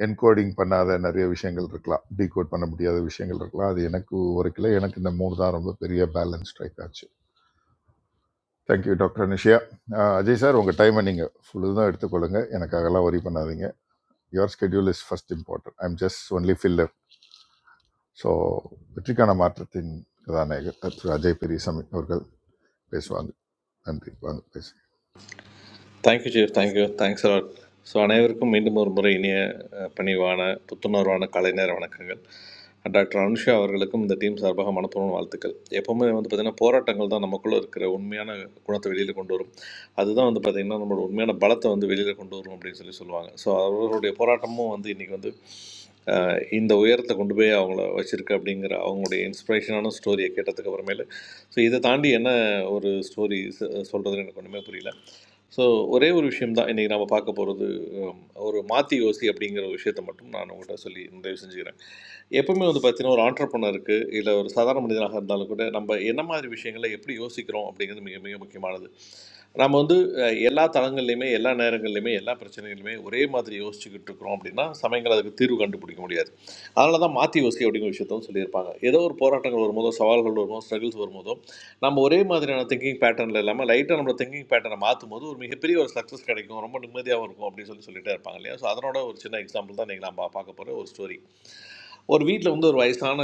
என்கோடிங் பண்ணாத நிறைய விஷயங்கள் இருக்கலாம் டீகோட் பண்ண முடியாத விஷயங்கள் இருக்கலாம் அது எனக்கு உரைக்கல எனக்கு இந்த மூணு தான் ரொம்ப பெரிய பேலன்ஸ் ஸ்ட்ரைக் ஆச்சு தேங்க்யூ டாக்டர் நிஷியா அஹ் அஜய் சார் உங்கள் டைமை நீங்கள் ஃபுல்லு தான் எடுத்துக்கொள்ளுங்க எனக்காகலாம் ஒரி பண்ணாதீங்க your schedule is first important I am just only filler so வெற்றிக்கான மாற்றத்தின் கதாநாயகர் திரு அஜய் பெரியசாமி அவர்கள் பேசுவாங்க நன்றி வாங்க பேசு thank you chief thank you thanks a lot so அனைவருக்கும் மீண்டும் ஒரு முறை இனிய அஹ், பணிவான புத்துணர்வான காலை நேர வணக்கங்கள் டாக்டர் அனுஷா அவர்களுக்கும் இந்த டீம் சார்பாக மனப்பூர்வம் வாழ்த்துக்கள் எப்போவுமே வந்து பார்த்திங்கன்னா போராட்டங்கள் தான் நமக்குள்ளே இருக்கிற உண்மையான குணத்தை வெளியில் கொண்டு வரும் அதுதான் வந்து பார்த்திங்கன்னா நம்மளோட உண்மையான பலத்தை வந்து வெளியில் கொண்டு வரும் அப்படின்னு சொல்லி சொல்லுவாங்க ஸோ அவர்களுடைய போராட்டமும் வந்து இன்றைக்கி வந்து அஹ், இந்த உயரத்தை கொண்டு போய் அவங்கள வச்சுருக்கு அப்படிங்கிற அவங்களுடைய இன்ஸ்பிரேஷனான ஸ்டோரியை கேட்டதுக்கு அப்புறமேலு ஸோ இதை தாண்டி என்ன ஒரு ஸ்டோரி சொல்கிறதுன்னு எனக்கு ஒன்றுமே புரியல ஸோ ஒரே ஒரு விஷயம் தான் இன்றைக்கி நம்ம பார்க்க போகிறது ஒரு மாற்றி யோசி அப்படிங்கிற ஒரு விஷயத்தை மட்டும் நான் உங்கள்கிட்ட சொல்லி நிறைவு செஞ்சுக்கிறேன் எப்பவுமே வந்து பார்த்தீங்கன்னா ஒரு ஆண்டர்பனருக்கு இல்லை ஒரு சாதாரண மனிதனாக இருந்தாலும் கூட நம்ம என்ன மாதிரி விஷயங்களை எப்படி யோசிக்கிறோம் அப்படிங்கிறது மிக மிக முக்கியமானது நம்ம வந்து அஹ், எல்லா தளங்கள்லையுமே எல்லா நேரங்கள்லையுமே எல்லா பிரச்சனைகளையுமே ஒரே மாதிரி யோசிச்சுக்கிட்டு இருக்கிறோம் அப்படின்னா சமயங்கள் அதுக்கு தீர்வு கண்டுபிடிக்க முடியாது அதனால தான் மாற்றி யோசி அப்படிங்கிற விஷயத்தும் சொல்லியிருப்பாங்க ஏதோ ஒரு போராட்டங்கள் வரும்போதோ சவால்கள் வரும்போதோ ஸ்ட்ரகிள்ஸ் வரும்போதோ நம்ம ஒரே மாதிரியான திங்கிங் பேட்டர்னில் இல்லாமல் லைட்டாக நம்மளோட திங்கிங் பேட்டர்னை மாற்றும் போது ஒரு மிகப்பெரிய ஒரு சக்ஸஸ் கிடைக்கும் ரொம்ப நிம்மதியாகவும் இருக்கும் அப்படின்னு சொல்லி சொல்லிட்டே இருப்பாங்க இல்லையா ஸோ அதனோட ஒரு சின்ன எக்ஸாம்பிள் தான் நீங்கள் நம்ம பார்க்க போகிற ஒரு ஸ்டோரி ஒரு வீட்டில் வந்து ஒரு வயசான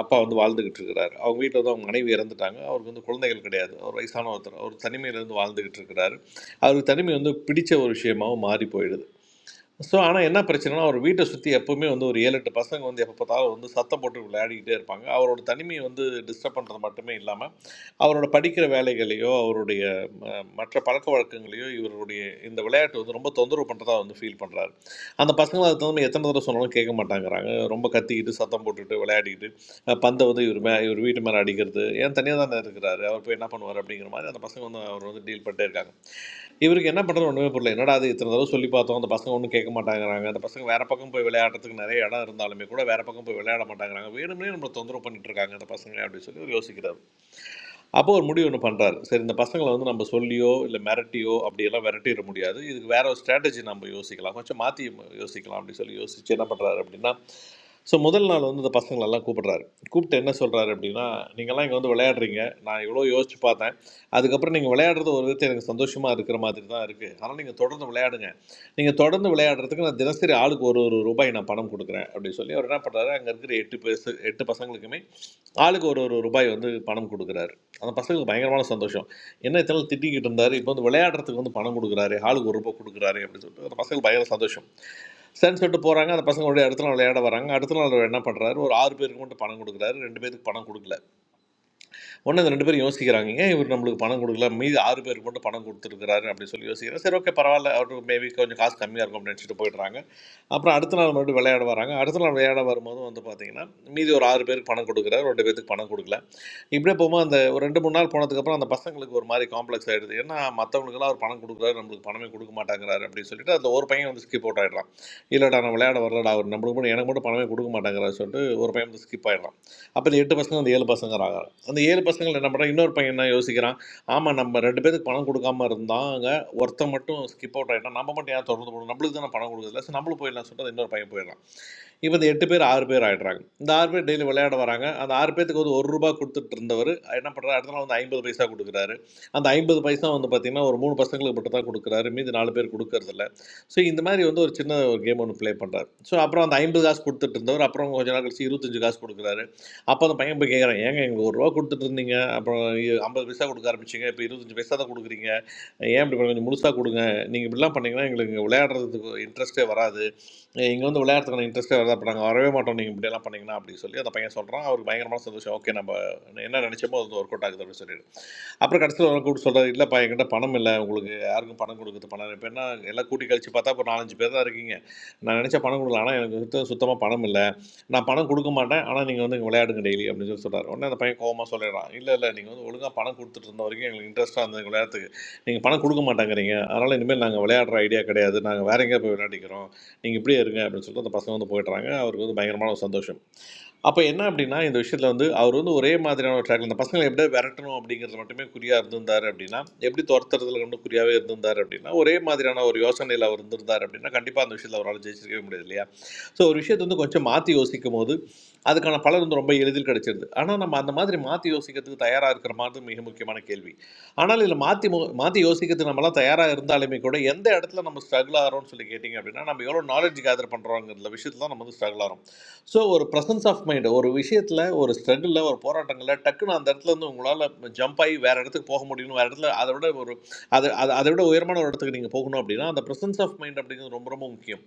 அப்பா வந்து வாழ்ந்துக்கிட்டு இருக்கிறார் அவங்க வீட்டில் வந்து அவங்க மனைவி இறந்துட்டாங்க அவருக்கு வந்து குழந்தைகள் கிடையாது ஒரு வயசான ஒருத்தர் அவர் தனிமையிலேருந்து வாழ்ந்துக்கிட்டு இருக்கிறாரு அவருக்கு தனிமை வந்து பிடிச்ச ஒரு விஷயமாவும் மாறி போயிடுது ஸோ ஆனால் என்ன பிரச்சனைனா அவர் வீட்டை சுற்றி எப்பவுமே வந்து ஒரு ஏழு எட்டு பசங்க வந்து எப்போ பார்த்தாலும் வந்து சத்தம் போட்டு விளையாடிக்கிட்டே இருப்பாங்க அவரோட தனிமையை வந்து டிஸ்டர்ப் பண்ணுறது மட்டுமே இல்லாமல் அவரோட படிக்கிற வேலைகளையோ அவருடைய ம- மற்ற பழக்க வழக்கங்களையோ இவருடைய இந்த விளையாட்டு வந்து ரொம்ப தொந்தரவு பண்ணுறதா வந்து ஃபீல் பண்ணுறாரு அந்த பசங்களை அது தகுந்த எத்தனை தடவை சொன்னாலும் கேட்க மாட்டாங்கிறாங்க ரொம்ப கத்திக்கிட்டு சத்தம் போட்டுட்டு விளையாடிக்கிட்டு அஹ், பந்தை வந்து இவர் மே இவர் வீட்டு மேலே அடிக்கிறது ஏன் தனியாக தானே இருக்கிறாரு அவர் போய் என்ன பண்ணுவார் அப்படிங்கிற மாதிரி அந்த பசங்க வந்து அவர் வந்து டீல் பண்ணிட்டே இருக்காங்க இவருக்கு என்ன பண்ணுறது ஒன்றுமே புரியல என்னடா அது இத்தனை தடவை சொல்லி பார்த்தோம் அந்த பசங்க ஒன்றும் கேட்க மாட்டேங்கிறாங்க அந்த பசங்க வேற பக்கம் போய் விளையாடுறதுக்கு நிறைய இடம் இருந்தாலுமே கூட வேற பக்கம் போய் விளையாட மாட்டேங்கிறாங்க வேணும்னே நம்மளை தொந்தரவு பண்ணிட்டு இருக்காங்க அந்த பசங்க அப்படின்னு சொல்லி இவர் யோசிக்கிறார் அப்போ ஒரு முடிவு ஒன்று பண்ணுறாரு சரி இந்த பசங்களை வந்து நம்ம சொல்லியோ இல்லை மிரட்டியோ அப்படியெல்லாம் விரட்டிட முடியாது இதுக்கு வேற ஒரு ஸ்ட்ராட்டஜி நம்ம யோசிக்கலாம் கொஞ்சம் மாற்றி யோசிக்கலாம் அப்படின்னு சொல்லி யோசிச்சு என்ன பண்ணுறாரு அப்படின்னா ஸோ முதல் நாள் வந்து இந்த பசங்களெல்லாம் கூப்பிடுறாரு கூப்பிட்டு என்ன சொல்கிறாரு அப்படின்னா நீங்கள்லாம் இங்கே வந்து விளையாடுறீங்க நான் இவ்வளோ யோசிச்சு பார்த்தேன் அதுக்கப்புறம் நீங்கள் விளையாடுறது ஒரு விதத்தை எனக்கு சந்தோஷமாக இருக்கிற மாதிரி தான் இருக்குது ஆனால் நீங்கள் தொடர்ந்து விளையாடுங்க நீங்கள் தொடர்ந்து விளையாடுறதுக்கு நான் தினசரி ஆளுக்கு ஒரு ஒரு ரூபாய் நான் பணம் கொடுக்குறேன் அப்படின்னு சொல்லி அவர் என்ன பண்ணுறாரு அங்கே இருக்கிற எட்டு பேசு எட்டு பசங்களுக்குமே ஆளுக்கு ஒரு ஒரு ரூபாய் வந்து பணம் கொடுக்குறாரு அந்த பசங்களுக்கு பயங்கரமான சந்தோஷம் என்ன இத்தனை நாள் திட்டிக்கிட்டு இருந்தாரு இப்போ வந்து விளையாடுறதுக்கு வந்து பணம் கொடுக்குறாரு ஆளுக்கு ஒரு ரூபாய் கொடுக்குறாரு அப்படின்னு சொல்லிட்டு அந்த பசங்களுக்கு பயங்கர சந்தோஷம் சரின்னு சொல்லிட்டு போகிறாங்க அந்த பசங்க உடனே அடுத்த நாள் விளையாட வராங்க அடுத்த நாள் அவர் என்ன பண்ணுறாரு ஒரு ஆறு பேருக்கு மட்டும் பணம் கொடுக்குறாரு ரெண்டு பேருக்கு பணம் கொடுக்கல உடனே அந்த ரெண்டு பேரும் யோசிக்கிறாங்க ஏன் இவர் நம்மளுக்கு பணம் கொடுக்கல மீதி ஆறு பேருக்கு மட்டும் பணம் கொடுத்துருக்காரு அப்படின்னு சொல்லி யோசிக்கிறேன் சரி ஓகே பரவாயில்ல அவருக்கு மேபி கொஞ்சம் காசு கம்மியாக இருக்கும் அப்படின்னு நினச்சிட்டு போயிடுறாங்க அப்புறம் அடுத்த நாள் மறுபடியும் விளையாட வராங்க அடுத்த நாள் விளையாட வரும்போது வந்து பார்த்தீங்கன்னா மீதி ஒரு ஆறு பேருக்கு பணம் கொடுக்குறாரு ரெண்டு பேருக்கு பணம் கொடுக்கல இப்படியே போகும்போது அந்த ஒரு ரெண்டு மூணு நாள் போனதுக்கப்புறம் அந்த பசங்களுக்கு ஒரு மாதிரி காம்ப்ளெக்ஸ் ஆகிடுது ஏன்னா மற்றவங்களுக்குலாம் அவர் பணம் கொடுக்குறாரு நம்மளுக்கு பணமே கொடுக்க மாட்டேங்கிறாரு அப்படின்னு சொல்லிட்டு அந்த ஒரு பையன் வந்து ஸ்கிப் அவுட் ஆகிடலாம் இல்லைடா நான் விளையாட வரலடா அவர் நம்மளுக்கு மட்டும் எனக்கு மட்டும் பணமே கொடுக்க மாட்டேங்கிறாரு சொல்லிட்டு ஒரு பையன் வந்து ஸ்கிப் ஆகிடலாம் அப்போ இந்த எட்டு பசங்க அந்த ஏழு பசங்க ஆகிறாங்க அந்த ஏழு பசங்கள் என்ன பண்ணுறாங்க இன்னொரு பையன் என்ன யோசிக்கிறான் ஆமாம் நம்ம ரெண்டு பேருக்கு பணம் கொடுக்காம இருந்தாங்க ஒருத்தன் மட்டும் ஸ்கிப் அவுட் ஆகிட்டான் நம்ம மட்டும் ஏன் தொடர்ந்து போகணும் நம்மளுக்கு தானே பணம் கொடுக்குறதுல சரி நம்மளும் போயிடலாம் சொல்லிட்டு அந்த இன்னொரு பையன் போயிடலாம் இப்போ இந்த எட்டு பேர் ஆறு பேர் ஆகிடுறாங்க இந்த ஆறு பேர் டெய்லி விளையாட வராங்க அந்த ஆறு பேத்துக்கு வந்து ஒரு ரூபா கொடுத்துட்டு இருந்தவர் என்ன பண்ணுறாரு அடுத்த நாள் வந்து ஐம்பது பைசா கொடுக்குறாரு அந்த ஐம்பது பைசா வந்து பார்த்திங்கன்னா ஒரு மூணு பசங்களுக்கு மட்டும் தான் கொடுக்குறாரு மீதி நாலு பேர் கொடுக்கறதில்ல ஸோ இந்த மாதிரி வந்து ஒரு சின்ன ஒரு கேம் ஒன்று ப்ளே பண்ணுறாரு ஸோ அப்புறம் அந்த ஐம்பது காசு கொடுத்துட்டு இருந்தவர் அப்புறம் கொஞ்ச நாள் கழிச்சு இருபத்தஞ்சு காசு கொடுக்குறாரு அப்போ அந்த பையன் போய் கேட்குறான் ஏங்க எங்களுக்கு ஒரு ரூபா கொடுத்துட்டு இருந்தீங்க அப்புறம் இ- ஐம்பது பைசா கொடுக்க ஆரம்பிச்சிங்க இப்போ இருபத்தஞ்சு பைசா தான் கொடுக்குறீங்க ஏன் இப்படி கொஞ்சம் முழுசாக கொடுங்க நீங்கள் இப்படிலாம் பண்ணீங்கன்னா எங்களுக்கு இங்கே விளையாடுறதுக்கு இன்ட்ரெஸ்ட்டே வராது ஏய், இங்க வந்து விளையாடுறதுக்கான இன்ட்ரெஸ்ட்டே வருதா அப்போ நாங்கள் வரவே மாட்டோம் நீங்கள் இப்படியெல்லாம் பண்ணீங்கன்னா அப்படின்னு சொல்லி அந்த பையன் சொல்கிறான் அவருக்கு பயங்கரமான சந்தோஷம் ஓகே நம்ம என்ன நினச்சோமோ அது ஒர்க் அவுட் ஆகுது அப்படின்னு சொல்லிட்டு அப்புறம் கடைசியில் அவங்க கூப்பிட்டு சொல்கிறார் இல்லைப்பா என்கிட்ட பணம் இல்லை உங்களுக்கு யாருக்கும் பணம் கொடுக்குறது பணம் இல்லை. இப்ப என்ன எல்லாம் கூட்டி கழிச்சு பார்த்தா இப்போ நாலஞ்சு பேர் தான் இருக்கீங்க நான் நினச்ச பணம் கொடுக்கலாம் ஆனால் எனக்கு சுத்த சுத்தமாக பணம் இல்லை நான் பணம் கொடுக்க மாட்டேன் ஆனால் நீங்கள் வந்து இங்க விளையாடுங்க டெய்லி அப்படின்னு சொல்லி சொல்கிறார் உடனே அந்த பையன் கோவமா சொல்லிடுறான் இல்லை இல்லை நீங்கள் வந்து ஒழுங்காக பணம் கொடுத்துட்டு இருந்த வரைக்கும் எங்களுக்கு இன்ட்ரெஸ்ட்டாக இருந்தது விளையாட்டுக்கு நீங்கள் பணம் கொடுக்க மாட்டேங்கிறீங்க அதனால் இனிமேல் நாங்கள் விளையாடுற ஐடியா கிடையாது நாங்கள் வேற எங்கேயா போய் விளையாடிக்கிறோம் நீங்கள் இப்படியே இருங்க அப்படின்னு சொல்லிட்டு அந்த பசங்க வந்து போயிடுறாங்க அவருக்கு வந்து பயங்கரமான ஒரு சந்தோஷம் அப்போ என்ன அப்படின்னா இந்த விஷயத்தில் வந்து அவர் வந்து ஒரே மாதிரியான ஒரு ட்ராக்ல இந்த பசங்களை எப்படியா விரட்டணும் அப்படிங்கிறது மட்டுமே குறியாக இருந்திருந்தார் அப்படின்னா எப்படி துரத்துறதுல வந்து குறியாகவே இருந்திருந்தார் அப்படின்னா ஒரே மாதிரியான ஒரு யோசனையில் அவர் இருந்திருந்தார் அப்படின்னா கண்டிப்பாக அந்த விஷயத்தில் அவரால் ஜெயிச்சிருக்கவே முடியாது இல்லையா ஸோ ஒரு விஷயத்தை வந்து கொஞ்சம் மாற்றி யோசிக்கும் போது அதுக்கான பலன் வந்து ரொம்ப எளிதில் கிடைச்சிருது ஆனால் நம்ம அந்த மாதிரி மாற்றி யோசிக்கிறதுக்கு தயாராக இருக்கிற மாதிரி மிக முக்கியமான கேள்வி ஆனால் இதில் மாற்றி மாற்றி யோசிக்கிறதுக்கு நம்மலாம் தயாராக இருந்தாலுமே கூட எந்த இடத்துல நம்ம ஸ்ட்ரகிள் ஆகிறோம்னு சொல்லி கேட்டிங்க அப்படின்னா நம்ம எவ்வளோ நாலேஜ் கேதர் பண்ணுறோங்கிற விஷயத்துல தான் நம்ம வந்து ஸ்ட்ரகிள் ஆகிறோம் ஸோ ஒரு ப்ரெசன்ஸ் ஆஃப் மைண்ட் ஒரு விஷயத்தில் ஒரு ஸ்ட்ரகிளில் ஒரு போராட்டங்களில் டக்குன்னு அந்த இடத்துல இருந்து உங்களால் ஜம்ப் ஆகி வேறு இடத்துக்கு போக முடியும் வேறு இடத்துல அதை விட ஒரு அது அது அதை விட உயரமான ஒரு இடத்துக்கு நீங்கள் போகணும் அப்படின்னா அந்த ப்ரெசன்ஸ் ஆஃப் மைண்ட் அப்படிங்கிறது ரொம்ப ரொம்ப முக்கியம்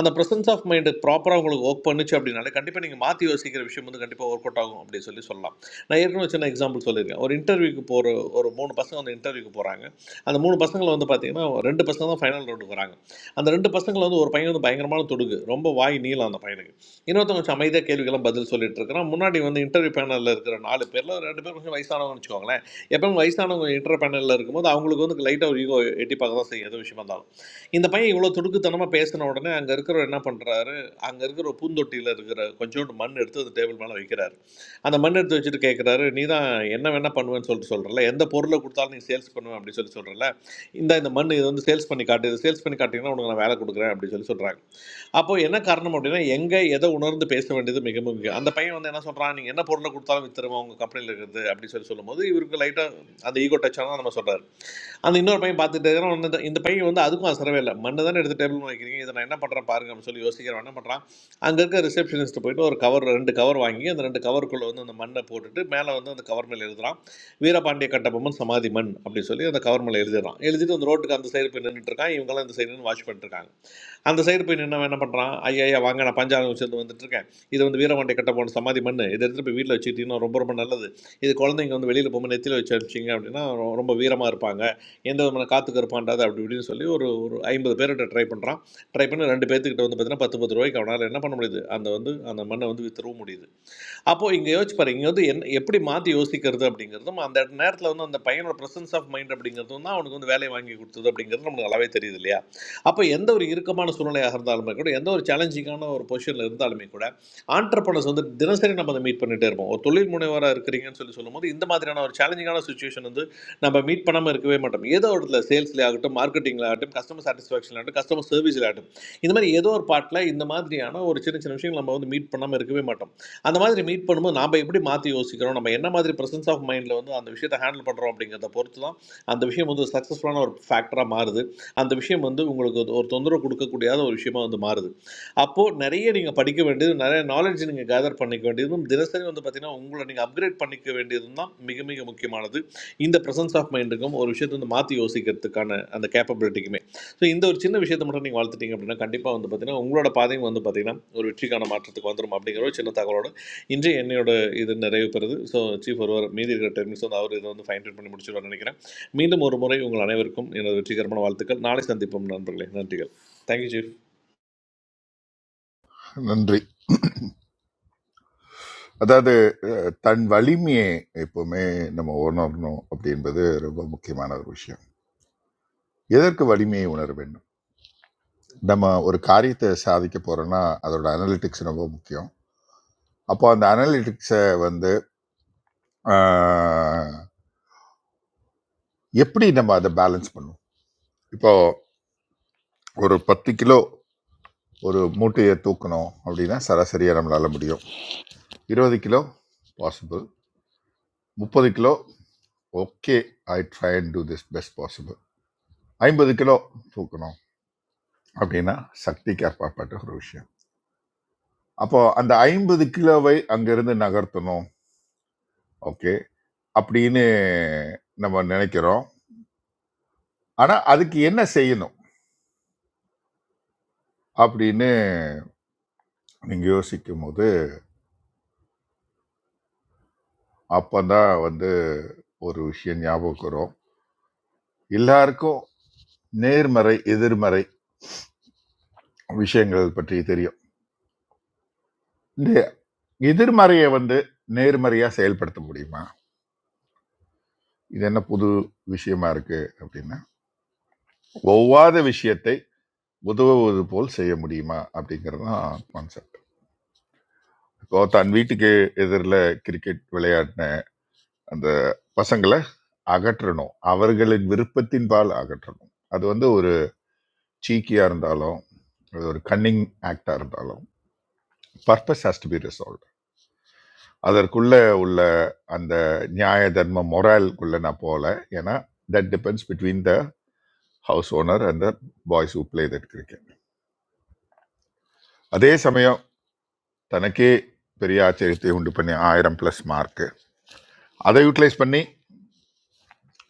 அந்த ப்ரெசன்ஸ் ஆஃப் மைண்டு ப்ராப்பராக உங்களுக்கு ஒர்க் பண்ணுச்சு அப்படின்னாலே கண்டிப்பாக நீங்கள் மாற்றி யோசிக்கிற விஷயம் வந்து கண்டிப்பாக ஒர்க் அவுட் ஆகும் அப்படின்னு சொல்லி சொல்லலாம் நான் ஏற்கனவே ஒரு சின்ன எக்ஸாம்பிள் சொல்லியிருக்கேன் ஒரு இன்டர்வியூக்கு போகிற ஒரு மூணு பசங்க வந்து இன்டர்வியூக்கு போகிறாங்க அந்த மூணு பசங்களை வந்து பார்த்தீங்கன்னா ரெண்டு பசங்க தான் ஃபைனல் ரவுண்டுக்கு வராங்க அந்த ரெண்டு பசங்களை வந்து ஒரு பையன் வந்து பயங்கரமான தொடுகு ரொம்ப வாய் நீளம் அந்த பையனுக்கு இன்னொருத்தவங்க கொஞ்சம் அமைதியாக கேள்விக்கெல்லாம் பதில் சொல்லிட்டு இருக்கிறான் முன்னாடி வந்து இன்டர்வியூ பேனலில் இருக்கிற நாலு பேரில் ஒரு ரெண்டு பேர் கொஞ்சம் வயசானவங்கன்னு வச்சுக்கோங்களேன் எப்பவும் வயசானவங்க இன்டர் பேனலில் இருக்கும்போது அவங்களுக்கு வந்து லைட்டாக ஒரு ஈகோ எட்டி பார்க்க தான் செய்யும் எது விஷயமா இருந்தாலும் இந்த பையன் இவ்வளோ துடுக்குத்தனமாக பேசின உடனே அங்கே இருக்கிறவர் என்ன பண்ணுறாரு அங்கே இருக்கிற ஒரு பூந்தொட்டியில் இருக்கிற கொஞ்சோண்டு மண் எடுத்து அந்த டேபிள் மேலே வைக்கிறாரு அந்த மண் எடுத்து வச்சுட்டு கேட்குறாரு நீ தான் என்ன வேணா பண்ணுவேன்னு சொல்லிட்டு சொல்கிறல எந்த பொருளை கொடுத்தாலும் நீ சேல்ஸ் பண்ணுவேன் அப்படின்னு சொல்லி சொல்கிறல இந்த இந்த மண் இது வந்து சேல்ஸ் பண்ணி காட்டு இது சேல்ஸ் பண்ணி காட்டிங்கன்னா உனக்கு நான் வேலை கொடுக்குறேன் அப்படின்னு சொல்லி சொல்கிறாங்க அப்போ என்ன காரணம் அப்படின்னா எங்க எதை உணர்ந்து பேச வேண்டியது மிக மிக முக்கியம். அந்த பையன் வந்து என்ன சொல்றான் நீங்க என்ன பொருளை கொடுத்தாலும் வித்துருவோம் உங்க கம்பெனில இருக்குது அப்படின்னு சொல்லி சொல்லும்போது இவருக்கு லைட்டா அந்த ஈகோ டச் ஆனா நம்ம சொல்றாரு அந்த இன்னொரு பையன் பார்த்துட்டு இருக்கிறான், அவன் இந்த- இந்த பையன் வந்து அதுக்கும் அசரவே இல்லை மண்ணு தானே எடுத்து டேபிள் வைக்கிறீங்க இதை நான் என்ன பண்றேன் பாருங்க அப்படின்னு சொல்லி யோசிக்கிறவன் என்ன பண்றான் அங்க இருக்க ரிசப்ஷனிஸ்ட் போயிட்டு ஒரு கவர் ரெண்டு கவர் வாங்கி அந்த ரெண்டு கவருக்குள்ள வந்து அந்த மண்ணை போட்டுட்டு மேல வந்து அந்த கவர் மேல எழுதுறான் வீரபாண்டிய கட்டபொம்மன் சமாதி மண் அப்படின்னு சொல்லி அந்த கவர் மேல எழுதிடுறான் எழுதிட்டு அந்த ரோட்டுக்கு அந்த சைடு போய் நின்றுட்டு இருக்கான் இவங்கெல்லாம் இந்த சைடு நின்று வாட்ச் பண்ணிட்டு இருக்காங்க அந்த சைடு போய் நின்று என்ன பண்ணுறான் ஐயா ஐயா வாங்க நான் பஞ்சாலம் சேர்ந்து வந்துட்டு இருக்கேன் இது வந்து வீரமண்டை கட்ட போன சமாதி மண் இதை எடுத்துட்டு போய் வீட்டில் வச்சுக்கிட்டீங்கன்னா ரொம்ப ரொம்ப நல்லது இது குழந்தைங்க வந்து வெளியில் போகும்போது நெத்தியில் வச்சு அனுப்பிச்சிங்க அப்படின்னா ரொ- ரொம்ப வீரமாக இருப்பாங்க எந்த விதமான காற்று கருப்பாண்டாது அப்படி இப்படின்னு சொல்லி ஒரு ஒரு ஐம்பது பேர்கிட்ட ட்ரை பண்ணுறான் ட்ரை பண்ணி ரெண்டு பேர்த்துக்கிட்ட வந்து பார்த்தீங்கன்னா பத்து பத்து ரூபாய்க்கு அவனால் என்ன பண்ண முடியுது அந்த வந்து அந்த மண்ணை வந்து வித்துறவும் முடியுது அப்போ இங்க யோசிச்சு பாருங்க இங்க வந்து என்ன எப்படி மாத்தி யோசிக்கிறது அப்படிங்கிறதும் அந்த நேரத்துல வந்து அந்த பையனோட பிரசன்ஸ் ஆஃப் மைண்ட் அப்படிங்கிறதும் தான் அவனுக்கு வந்து வேலையை வாங்கி கொடுத்தது அப்படிங்கிறது நமக்கு நல்லாவே தெரியுது இல்லையா அப்போ எந்த ஒரு இறுக்கமான சூழ்நிலையாக இருந்தாலுமே கூட எந்த ஒரு சேலஞ்சிங்கான ஒரு பொசிஷன்ல இருந்தாலுமே கூட ஆண்டர்பனர்ஸ் வந்து தினசரி நம்ம அதை மீட் பண்ணிட்டே இருப்போம் ஒரு தொழில் முனைவராக இருக்கிறீங்கன்னு சொல்லி சொல்லும்போது இந்த மாதிரியான ஒரு சேலஞ்சிங்கான சுச்சுவேஷன் வந்து நம்ம மீட் பண்ணாமல் இருக்கவே மாட்டோம் ஏதோ ஒரு இடத்துல சேல்ஸ்ல ஆகட்டும் மார்க்கெட்டிங்ல ஆகட்டும் கஸ்டமர் சாட்டிஸ்ஃபேக்ஷன் ஆகட்டும் கஸ்டமர் சர்வீஸ்ல ஆகட்டும் இந்த மாதிரி ஏதோ ஒரு பாட்டில் இந்த மாதிரியான ஒரு சின்ன சின்ன விஷயங்கள் நம்ம வந்து மீட் பண்ணாமல் இருக்கவே மாட்டோம் அந்த மாதிரி மீட் பண்ணும்போது நாம் எப்படி மாற்றி யோசிக்கிறோம் நம்ம என்ன மாதிரி பிரசன்ஸ் ஆஃப் மைண்டில் வந்து அந்த விஷயத்தை ஹேண்டில் பண்ணுறோம் அப்படிங்கிறத பொறுத்து தான் அந்த விஷயம் வந்து சக்ஸஸ்ஃபுல்லான ஒரு ஃபேக்டராக மாறுது அந்த விஷயம் வந்து உங்களுக்கு ஒரு ஒரு தொந்தரவு கொடுக்கக்கூடியாத ஒரு விஷயமா வந்து மாறுது அப்போது நிறைய நீங்கள் படிக்க வேண்டியது நிறைய நாலேஜ் நீங்கள் கேதர் பண்ணிக்க வேண்டியதும் தினசரி வந்து பார்த்தீங்கன்னா உங்களை நீங்கள் அப்கிரேட் பண்ணிக்க வேண்டியதும் தான் மிக மிக முக்கியமானது இந்த பிரசன்ஸ் ஆஃப் மைண்டுக்கும் ஒரு விஷயத்தை வந்து மாற்றி யோசிக்கிறதுக்கான அந்த கேப்பபிலிட்டிக்குமே ஸோ இந்த ஒரு சின்ன விஷயத்தை மட்டும் நீங்கள் வளர்த்துட்டீங்க அப்படின்னா கண்டிப்பாக வந்து பார்த்தீங்கன்னா உங்களோட பாதையும் வந்து பார்த்தீங்கன்னா ஒரு வெற்றிக்கான மாற்றத்துக்கு வந்துடும் அப்படிங்கிற ஒரு சின்ன தகவலோட இன்று என்னோட இது நிறைவு பெறுது ஸோ சீஃப் ஒருவர் மீதி இருக்கிற டென் மினிட்ஸ் வந்து அவர் இதை வந்து ஃபைன் ட்யூன் பண்ணி முடிச்சிருவார் நினைக்கிறேன் மீண்டும் ஒரு முறை உங்கள் அனைவருக்கும் எனது வெற்றிகரமான வாழ்த்துக்கள் நாளை சந்திப்போம் நண்பர்களே நன்றிகள் தேங்க்யூ சீஃப் நன்றி அதாவது அஹ், தன் வலிமையை எப்பவுமே நம்ம உணரணும் அப்படின்றது ரொம்ப முக்கியமான ஒரு விஷயம் எதற்கு வலிமையை உணர வேண்டும் நம்ம ஒரு காரியத்தை சாதிக்க போறோம்னா அதோட அனலிட்டிக்ஸ் ரொம்ப முக்கியம் அப்போ அந்த அனலிட்டிக்ஸை வந்து அஹ், எப்படி நம்ம அதை பேலன்ஸ் பண்ணுவோம் இப்போ ஒரு பத்து கிலோ ஒரு மூட்டையை தூக்கணும் அப்படின்னா சராசரியாக நம்மளால முடியும் இருபது கிலோ பாசிபிள் முப்பது kilo okay I try and do this best possible ஐம்பது கிலோ தூக்கணும் அப்படின்னா சக்திக்கு அப்பாற்பட்ட ஒரு விஷயம் அப்போ அந்த ஐம்பது கிலோவை அங்கிருந்து நகர்த்தணும் ஓகே அப்படின்னு நம்ம நினைக்கிறோம் ஆனால் அதுக்கு என்ன செய்யணும் அப்படின்னு நீங்கள் யோசிக்கும் போது அப்போதான் வந்து ஒரு விஷயம் ஞாபகம் வரும் எல்லாருக்கும் நேர்மறை எதிர்மறை விஷயங்கள் பற்றி தெரியும் இந்த எதிர்மறையை வந்து நேர்மறையாக செயல்படுத்த முடியுமா இது என்ன புது விஷயமா இருக்கு அப்படின்னா ஒவ்வாத விஷயத்தை உதவுவது போல் செய்ய முடியுமா அப்படிங்கிறது தான் கான்செப்ட் இப்போ தன் வீட்டுக்கு எதிரில் கிரிக்கெட் விளையாடின அந்த பசங்களை அகற்றணும் அவர்களின் விருப்பத்தின்பால் அகற்றணும் அது வந்து ஒரு சீக்கியாக இருந்தாலும் அது ஒரு கன்னிங் ஆக்டாக இருந்தாலும் purpose has to be resolve அதற்குள்ள உள்ள அந்த நியாய தர்ம மொரால்குள்ள நான் போகல ஏன்னா that depends between the house owner and the boys who play that cricket அதே சமயம் தனக்கே பெரிய ஆச்சரியத்தை உண்டு பண்ணி ஆயிரம் ப்ளஸ் மார்க் அதை யூட்டிலைஸ் பண்ணி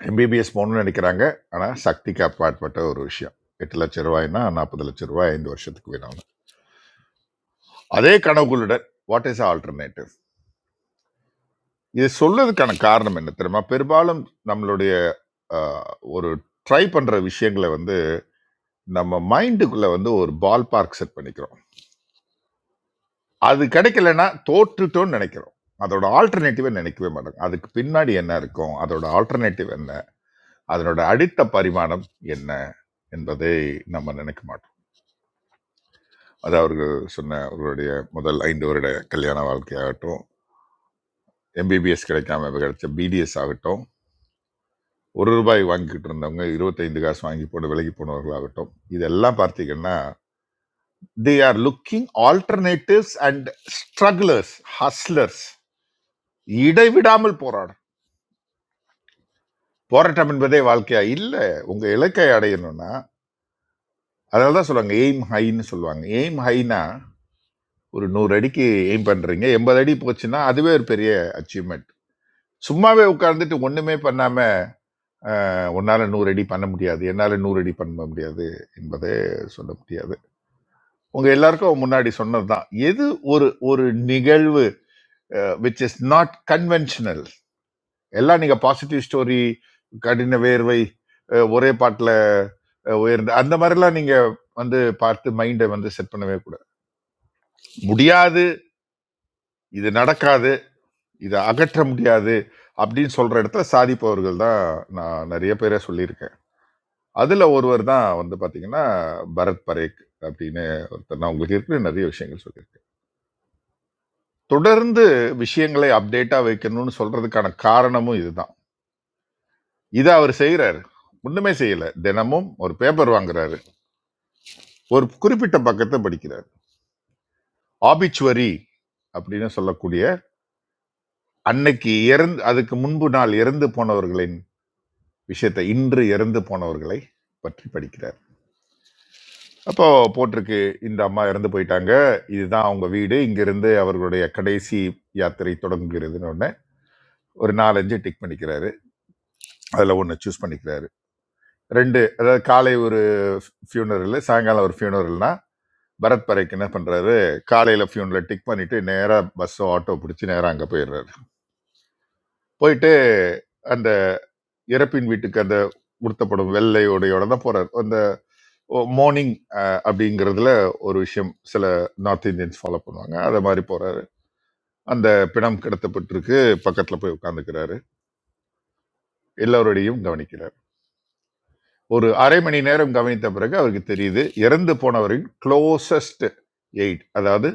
எம்பிபிஎஸ் போகணும்னு நினைக்கிறாங்க ஆனால் சக்திக்கு அப்பாற்பட்ட ஒரு விஷயம் எட்டு லட்ச ரூபாய்னா நாற்பது லட்ச ரூபாய் ஐந்து வருஷத்துக்கு வேணும் அதே கனவுகளுடன் வாட் இஸ் ஆல்டர்னேட்டிவ் இது சொல்றதுக்கான காரணம் என்ன தெரியுமா பெரும்பாலும் நம்மளுடைய ஆஹ், ஒரு ட்ரை பண்ற விஷயங்களை வந்து நம்ம மைண்டுக்குள்ள வந்து ஒரு பால் பார்க் செட் பண்ணிக்கிறோம் அது கிடைக்கலன்னா தோற்றுட்டோம்னு நினைக்கிறோம் அதோட ஆல்டர்னேட்டிவை நினைக்கவே மாட்டோம் அதுக்கு பின்னாடி என்ன இருக்கும் அதோட ஆல்டர்னேட்டிவ் என்ன அதனோட அடித்த பரிமாணம் என்ன என்பதை நம்ம நினைக்க மாட்டோம் அது அவர்கள் சொன்ன அவர்களுடைய முதல் ஐந்து வருட கல்யாண வாழ்க்கையாகட்டும் எம்பிபிஎஸ் கிடைக்காம கிடைச்ச பிடிஎஸ் ஆகட்டும் ஒரு ரூபாய் வாங்கிக்கிட்டு இருந்தவங்க இருபத்தைந்து காசு வாங்கி போட்டு விலகி போனவர்களாகட்டும் இதெல்லாம் பார்த்தீங்கன்னா they are looking alternatives and strugglers hustlers இடைவிடாமல் போராடும் போராட்டம் என்பதே வாழ்க்கையா இல்லை உங்க இலக்கை அடையணும்னா அதனால தான் சொல்லுவாங்க எய்ம் ஹைன்னு சொல்லுவாங்க எய்ம் ஹைனா ஒரு நூறு அடிக்கு எய்ம் பண்றீங்க எண்பது அடி போச்சுன்னா அதுவே ஒரு பெரிய அச்சீவ்மெண்ட் சும்மாவே உட்கார்ந்துட்டு ஒண்ணுமே பண்ணாம உன்னால நூறு அடி பண்ண முடியாது என்னால நூறு அடி பண்ண முடியாது என்பதை சொல்ல முடியாது உங்க எல்லாருக்கும் முன்னாடி சொன்னதுதான் எது ஒரு ஒரு நிகழ்வு விச் இஸ் நாட் கன்வென்ஷனல் எல்லாம் நீங்க பாசிட்டிவ் ஸ்டோரி கடின வேர்வை அஹ், ஒரே பாட்டில் உயர்ந்த அந்த மாதிரிலாம் நீங்க வந்து பார்த்து மைண்டை வந்து செட் பண்ணவே கூடாது முடியாது இது நடக்காது இதை அகற்ற முடியாது அப்படின்னு சொல்ற இடத்துல சாதிப்பவர்கள் தான் நான் நிறைய பேரை சொல்லியிருக்கேன் அதுல ஒருவர் தான் வந்து பாத்தீங்கன்னா பரத் பரேக் அப்படின்னு ஒருத்தர் நான் உங்களுக்கு இருக்கிற நிறைய விஷயங்கள் சொல்லியிருக்கேன் தொடர்ந்து விஷயங்களை அப்டேட்டா வைக்கணும்னு சொல்றதுக்கான காரணமும் இதுதான் இதை அவர் செய்யறாரு ஒண்ணுமே செய்யல தினமும் ஒரு பேப்பர் வாங்குறாரு ஒரு குறிப்பிட்ட பக்கத்தை படிக்கிறாரு ஆபிச்சுவரி அப்படின்னு சொல்லக்கூடிய அன்னைக்கு இறந்து அதுக்கு முன்பு நாள் இறந்து போனவர்களின் விஷயத்தை இன்று இறந்து போனவர்களை பற்றி படிக்கிறார் அப்போ போட்டிருக்கு இந்த அம்மா இறந்து போயிட்டாங்க இதுதான் அவங்க வீடு இங்கிருந்து அவர்களுடைய கடைசி யாத்திரை தொடங்குகிறதுன்னு ஒன்று ஒரு நாலஞ்சு டிக் பண்ணிக்கிறாரு அதில் ஒன்று சூஸ் பண்ணிக்கிறாரு ரெண்டு அதாவது காலை ஒரு ஃபியூனரல் சாயங்காலம் ஒரு ஃபியூனரல்னா பரத் பரைக்கு என்ன பண்ணுறாரு காலையில் ஃபியூனில் டிக் பண்ணிட்டு நேராக பஸ்ஸோ ஆட்டோ பிடிச்சி நேராக அங்கே போயிடுறாரு போயிட்டு அந்த இறப்பின் வீட்டுக்கு அந்த உடுத்தப்படும் வெள்ளை உடையோட தான் போறாரு அந்த மோர்னிங் அப்படிங்கிறதுல ஒரு விஷயம் சில நார்த் இந்தியன்ஸ் ஃபாலோ பண்ணுவாங்க அதை மாதிரி போறாரு அந்த பிணம் கிடத்தப்பட்டிருக்கு பக்கத்துல போய் உட்கார்ந்துக்கிறாரு எல்லோருடையும் கவனிக்கிறார் ஒரு அரை மணி நேரம் கவனித்த பிறகு அவருக்கு தெரியுது இறந்து போனவரின் க்ளோசஸ்ட் எயிட் அதாவது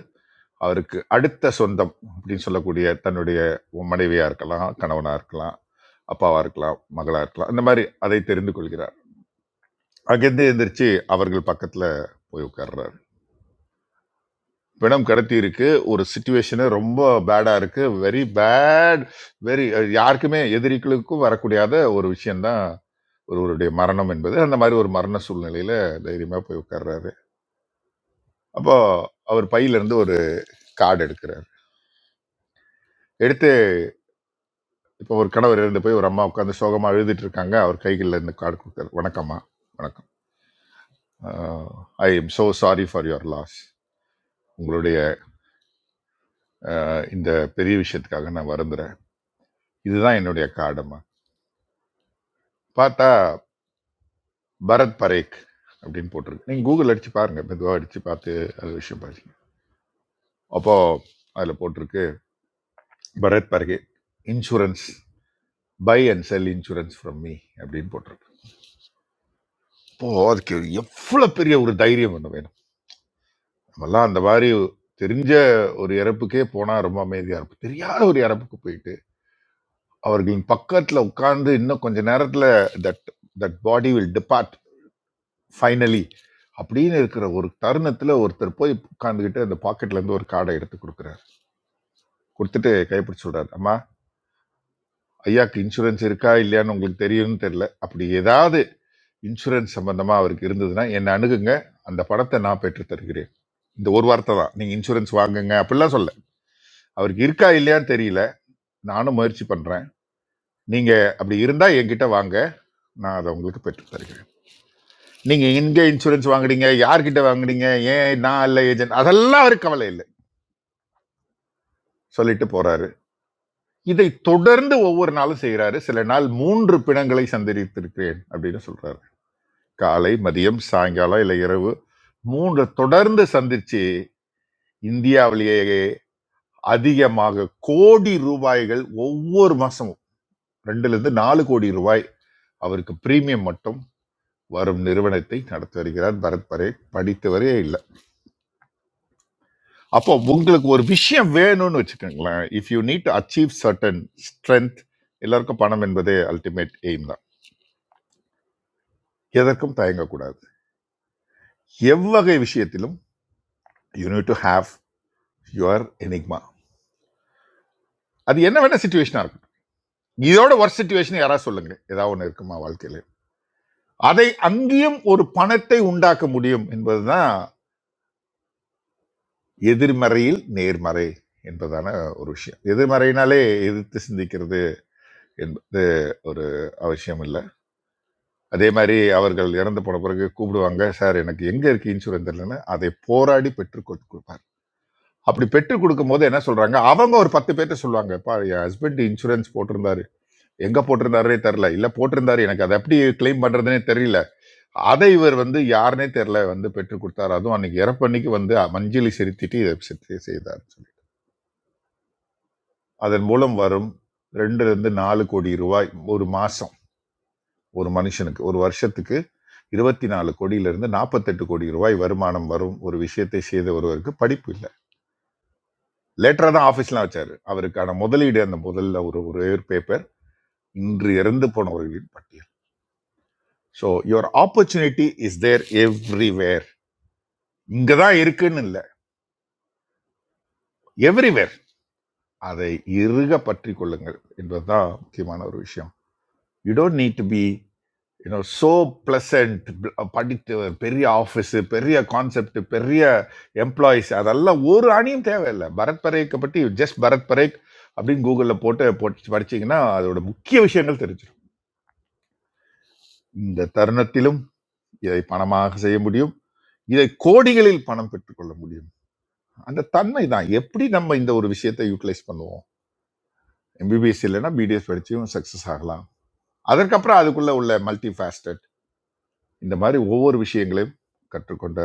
அவருக்கு அடுத்த சொந்தம் அப்படின்னு சொல்லக்கூடிய தன்னுடைய மனைவியா இருக்கலாம் கணவனா இருக்கலாம் அப்பாவா இருக்கலாம் மகளா இருக்கலாம் இந்த மாதிரி அதை தெரிந்து கொள்கிறார் அங்கிருந்து எந்திரிச்சு அவர்கள் பக்கத்துல போய் உட்கார்றாரு பிணம் கடத்தி இருக்கு ஒரு சுச்சுவேஷனு ரொம்ப பேடா இருக்கு வெரி பேட் வெரி யாருக்குமே எதிரிகளுக்கும் வரக்கூடியாத ஒரு விஷயம்தான் ஒருவருடைய மரணம் என்பது அந்த மாதிரி ஒரு மரண சூழ்நிலையில தைரியமா போய் உட்கார்றாரு அப்போ அவர் பையில இருந்து ஒரு கார்டு எடுக்கிறார் எடுத்து இப்போ ஒரு கணவர் இருந்து போய் ஒரு அம்மா உட்காந்து சோகமா எழுதிட்டு இருக்காங்க அவர் கைகளில் இருந்து கார்டு கொடுத்தாரு வணக்கம்மா வணக்கம் I am so sorry for your loss உங்களுடைய இந்த பெரிய விஷயத்துக்காக நான் வருந்துறேன் இதுதான் என்னுடைய கார்டம்மா பார்த்தா பரத் பரேக் அப்படின்னு போட்டிருக்கு நீங்க கூகுள் அடிச்சு பாருங்க மெதுவாக அடிச்சு பார்த்து அது விஷயம் பாருங்க அப்போ அதுல போட்டிருக்கு Bharat Parekh insurance buy and sell insurance from me அப்படின்னு போட்டிருக்கு இப்போ அதுக்கு எவ்வளோ பெரிய ஒரு தைரியம் ஒன்று வேணும் நம்மலாம் அந்த மாதிரி தெரிஞ்ச ஒரு இறப்புக்கே போனால் ரொம்ப அமைதியாக இருக்கும் தெரியாத ஒரு இறப்புக்கு போயிட்டு அவர்களின் பக்கத்தில் உட்கார்ந்து இன்னும் கொஞ்ச நேரத்தில் that that body will depart finally அப்படின்னு இருக்கிற ஒரு தருணத்தில் ஒருத்தர் போய் உட்காந்துக்கிட்டு அந்த பாக்கெட்லேருந்து ஒரு கார்டை எடுத்து கொடுக்குறாரு கொடுத்துட்டு கைப்பிடி சொல்கிறாரு அம்மா ஐயாக்கு இன்சூரன்ஸ் இருக்கா இல்லையான்னு உங்களுக்கு தெரியும்னு தெரியல அப்படி ஏதாவது இன்சூரன்ஸ் சம்பந்தமா அவருக்கு இருந்ததுன்னா என்னை அணுகுங்க அந்த பணத்தை நான் பெற்று தருகிறேன் இந்த ஒரு வார்த்தை தான் நீங்க இன்சூரன்ஸ் வாங்குங்க அப்படிலாம் சொல்ல அவருக்கு இருக்கா இல்லையான்னு தெரியல நானும் முயற்சி பண்றேன் நீங்க அப்படி இருந்தா என்கிட்ட வாங்க நான் அதை உங்களுக்கு பெற்று தருகிறேன் நீங்க எங்க இன்சூரன்ஸ் வாங்குறீங்க யார்கிட்ட வாங்குறீங்க ஏன் நான் இல்லை ஏஜென்ட் அதெல்லாம் அவருக்கு கவலை இல்லை சொல்லிட்டு போறாரு இதை தொடர்ந்து ஒவ்வொரு நாளும் செய்றாரு சில நாள் மூன்று பிணங்களை சந்தித்திருக்கிறேன் அப்படின்னு சொல்றாரு காலை மதியம் சாயங்காலம் இல்லை இரவு மூன்று தொடர்ந்து சந்திச்சு இந்தியாவிலேயே அதிகமாக கோடி ரூபாய்கள் ஒவ்வொரு மாசமும் ரெண்டுல இருந்து நாலு கோடி ரூபாய் அவருக்கு பிரீமியம் மட்டும் வரும் நிறுவனத்தை நடத்தி வருகிறார் பரத் பரே படித்தவரே இல்லை அப்போ உங்களுக்கு ஒரு விஷயம் வேணும்னு வச்சுக்கோங்களேன் if you need to achieve certain strength எல்லாருக்கும் பணம் என்பதே அல்டிமேட் எய்ம் தான் எதற்கும் தயங்கக்கூடாது எவ்வகை விஷயத்திலும் you need to have your enigma அது என்ன வேணா சுச்சுவேஷனாக இருக்கும் இதோட ஒர்க் சுச்சுவேஷன் யாராவது சொல்லுங்க ஏதாவது ஒன்று இருக்குமா வாழ்க்கையில் அதை அங்கேயும் ஒரு பணத்தை உண்டாக்க முடியும் என்பதுதான் எதிர்மறையில் நேர்மறை என்பதான ஒரு விஷயம் எதிர்மறையினாலே எதிர்த்து சிந்திக்கிறது என்பது ஒரு அவசியம் இல்லை அதே மாதிரி அவர்கள் இறந்து போன பிறகு கூப்பிடுவாங்க சார் எனக்கு எங்க இருக்கு இன்சூரன்ஸ் இல்லைன்னு அதை போராடி பெற்று கொடு- கொடுப்பார் அப்படி பெற்று கொடுக்கும் போது என்ன சொல்றாங்க அவங்க ஒரு பத்து பேர்ட்ட சொல்லுவாங்க "பா, என் ஹஸ்பண்ட் இன்சூரன்ஸ் போட்டிருந்தாரு எங்க போட்டிருந்தாருனே தெரியல இல்ல போட்டிருந்தாரு எனக்கு அதை எப்படி கிளைம் பண்றதுனே தெரியல அதை இவர் வந்து யாருனே தெரில வந்து பெற்றுக் கொடுத்தார் அதுவும் அன்னைக்கு இறப்பன்னைக்கு வந்து மஞ்சளி செலுத்திட்டு இதை செ- செய்தார்னு சொல்லி அதன் மூலம் வரும் ரெண்டுல இருந்து நாலு கோடி ரூபாய் ஒரு மாசம் ஒரு மனுஷனுக்கு ஒரு வருஷத்துக்கு இருபத்தி நாலு கோடியிலிருந்து நாற்பத்தெட்டு கோடி ரூபாய் வருமானம் வரும் ஒரு விஷயத்தை செய்த ஒருவருக்கு படிப்பு இல்லை லேட்டரா தான் ஆஃபீஸ்லாம் வச்சாரு அவருக்கான முதலீடு அந்த முதல்ல ஒரு ஒரே ஒரு பேப்பர் இன்று இறந்து போனவர்களின் பட்டியல் so your opportunity is there everywhere இங்க தான் இருக்குன்னு இல்லை எவ்ரிவேர் அதை இறுக பற்றி கொள்ளுங்கள் என்பதுதான் முக்கியமான ஒரு விஷயம் you don't need to be you know so pleasant படித்து பெரிய ஆஃபீஸு பெரிய கான்செப்ட் பெரிய எம்ப்ளாயிஸ் அதெல்லாம் ஒரு அணியும் தேவையில்லை பரத் பரேக்கை பற்றி ஜஸ்ட் பரத் பரேக் அப்படின்னு கூகுளில் போட்டு போட்டு படிச்சீங்கன்னா அதோட முக்கிய விஷயங்கள் தெரிஞ்சிடும் இந்த தருணத்திலும் இதை பணமாக செய்ய முடியும் இதை கோடிகளில் பணம் பெற்றுக்கொள்ள முடியும் அந்த தன்மை தான் எப்படி நம்ம இந்த ஒரு விஷயத்தை யூட்டிலைஸ் பண்ணுவோம் எம்பிபிஎஸ் இல்லைன்னா பிடிஎஸ் படிச்சும் சக்ஸஸ் ஆகலாம் அதற்கப்புறம் அதுக்குள்ள உள்ள மல்டி ஃபேஸ்டட் இந்த மாதிரி ஒவ்வொரு விஷயங்களையும் கற்றுக்கொண்ட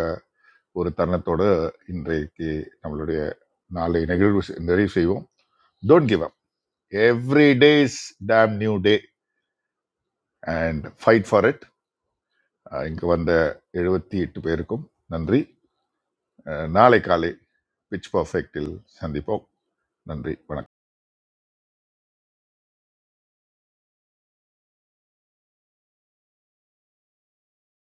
ஒரு தருணத்தோடு இன்றைக்கு நம்மளுடைய நாளை நிகழ்வு செ- நிறைவு செய்வோம் don't give up every days them new day and fight for it இங்கு வந்த எழுபத்தி எட்டு பேருக்கும் நன்றி அஹ் நாளை காலை பிச் பர்ஃபெக்டில் சந்திப்போம் நன்றி வணக்கம்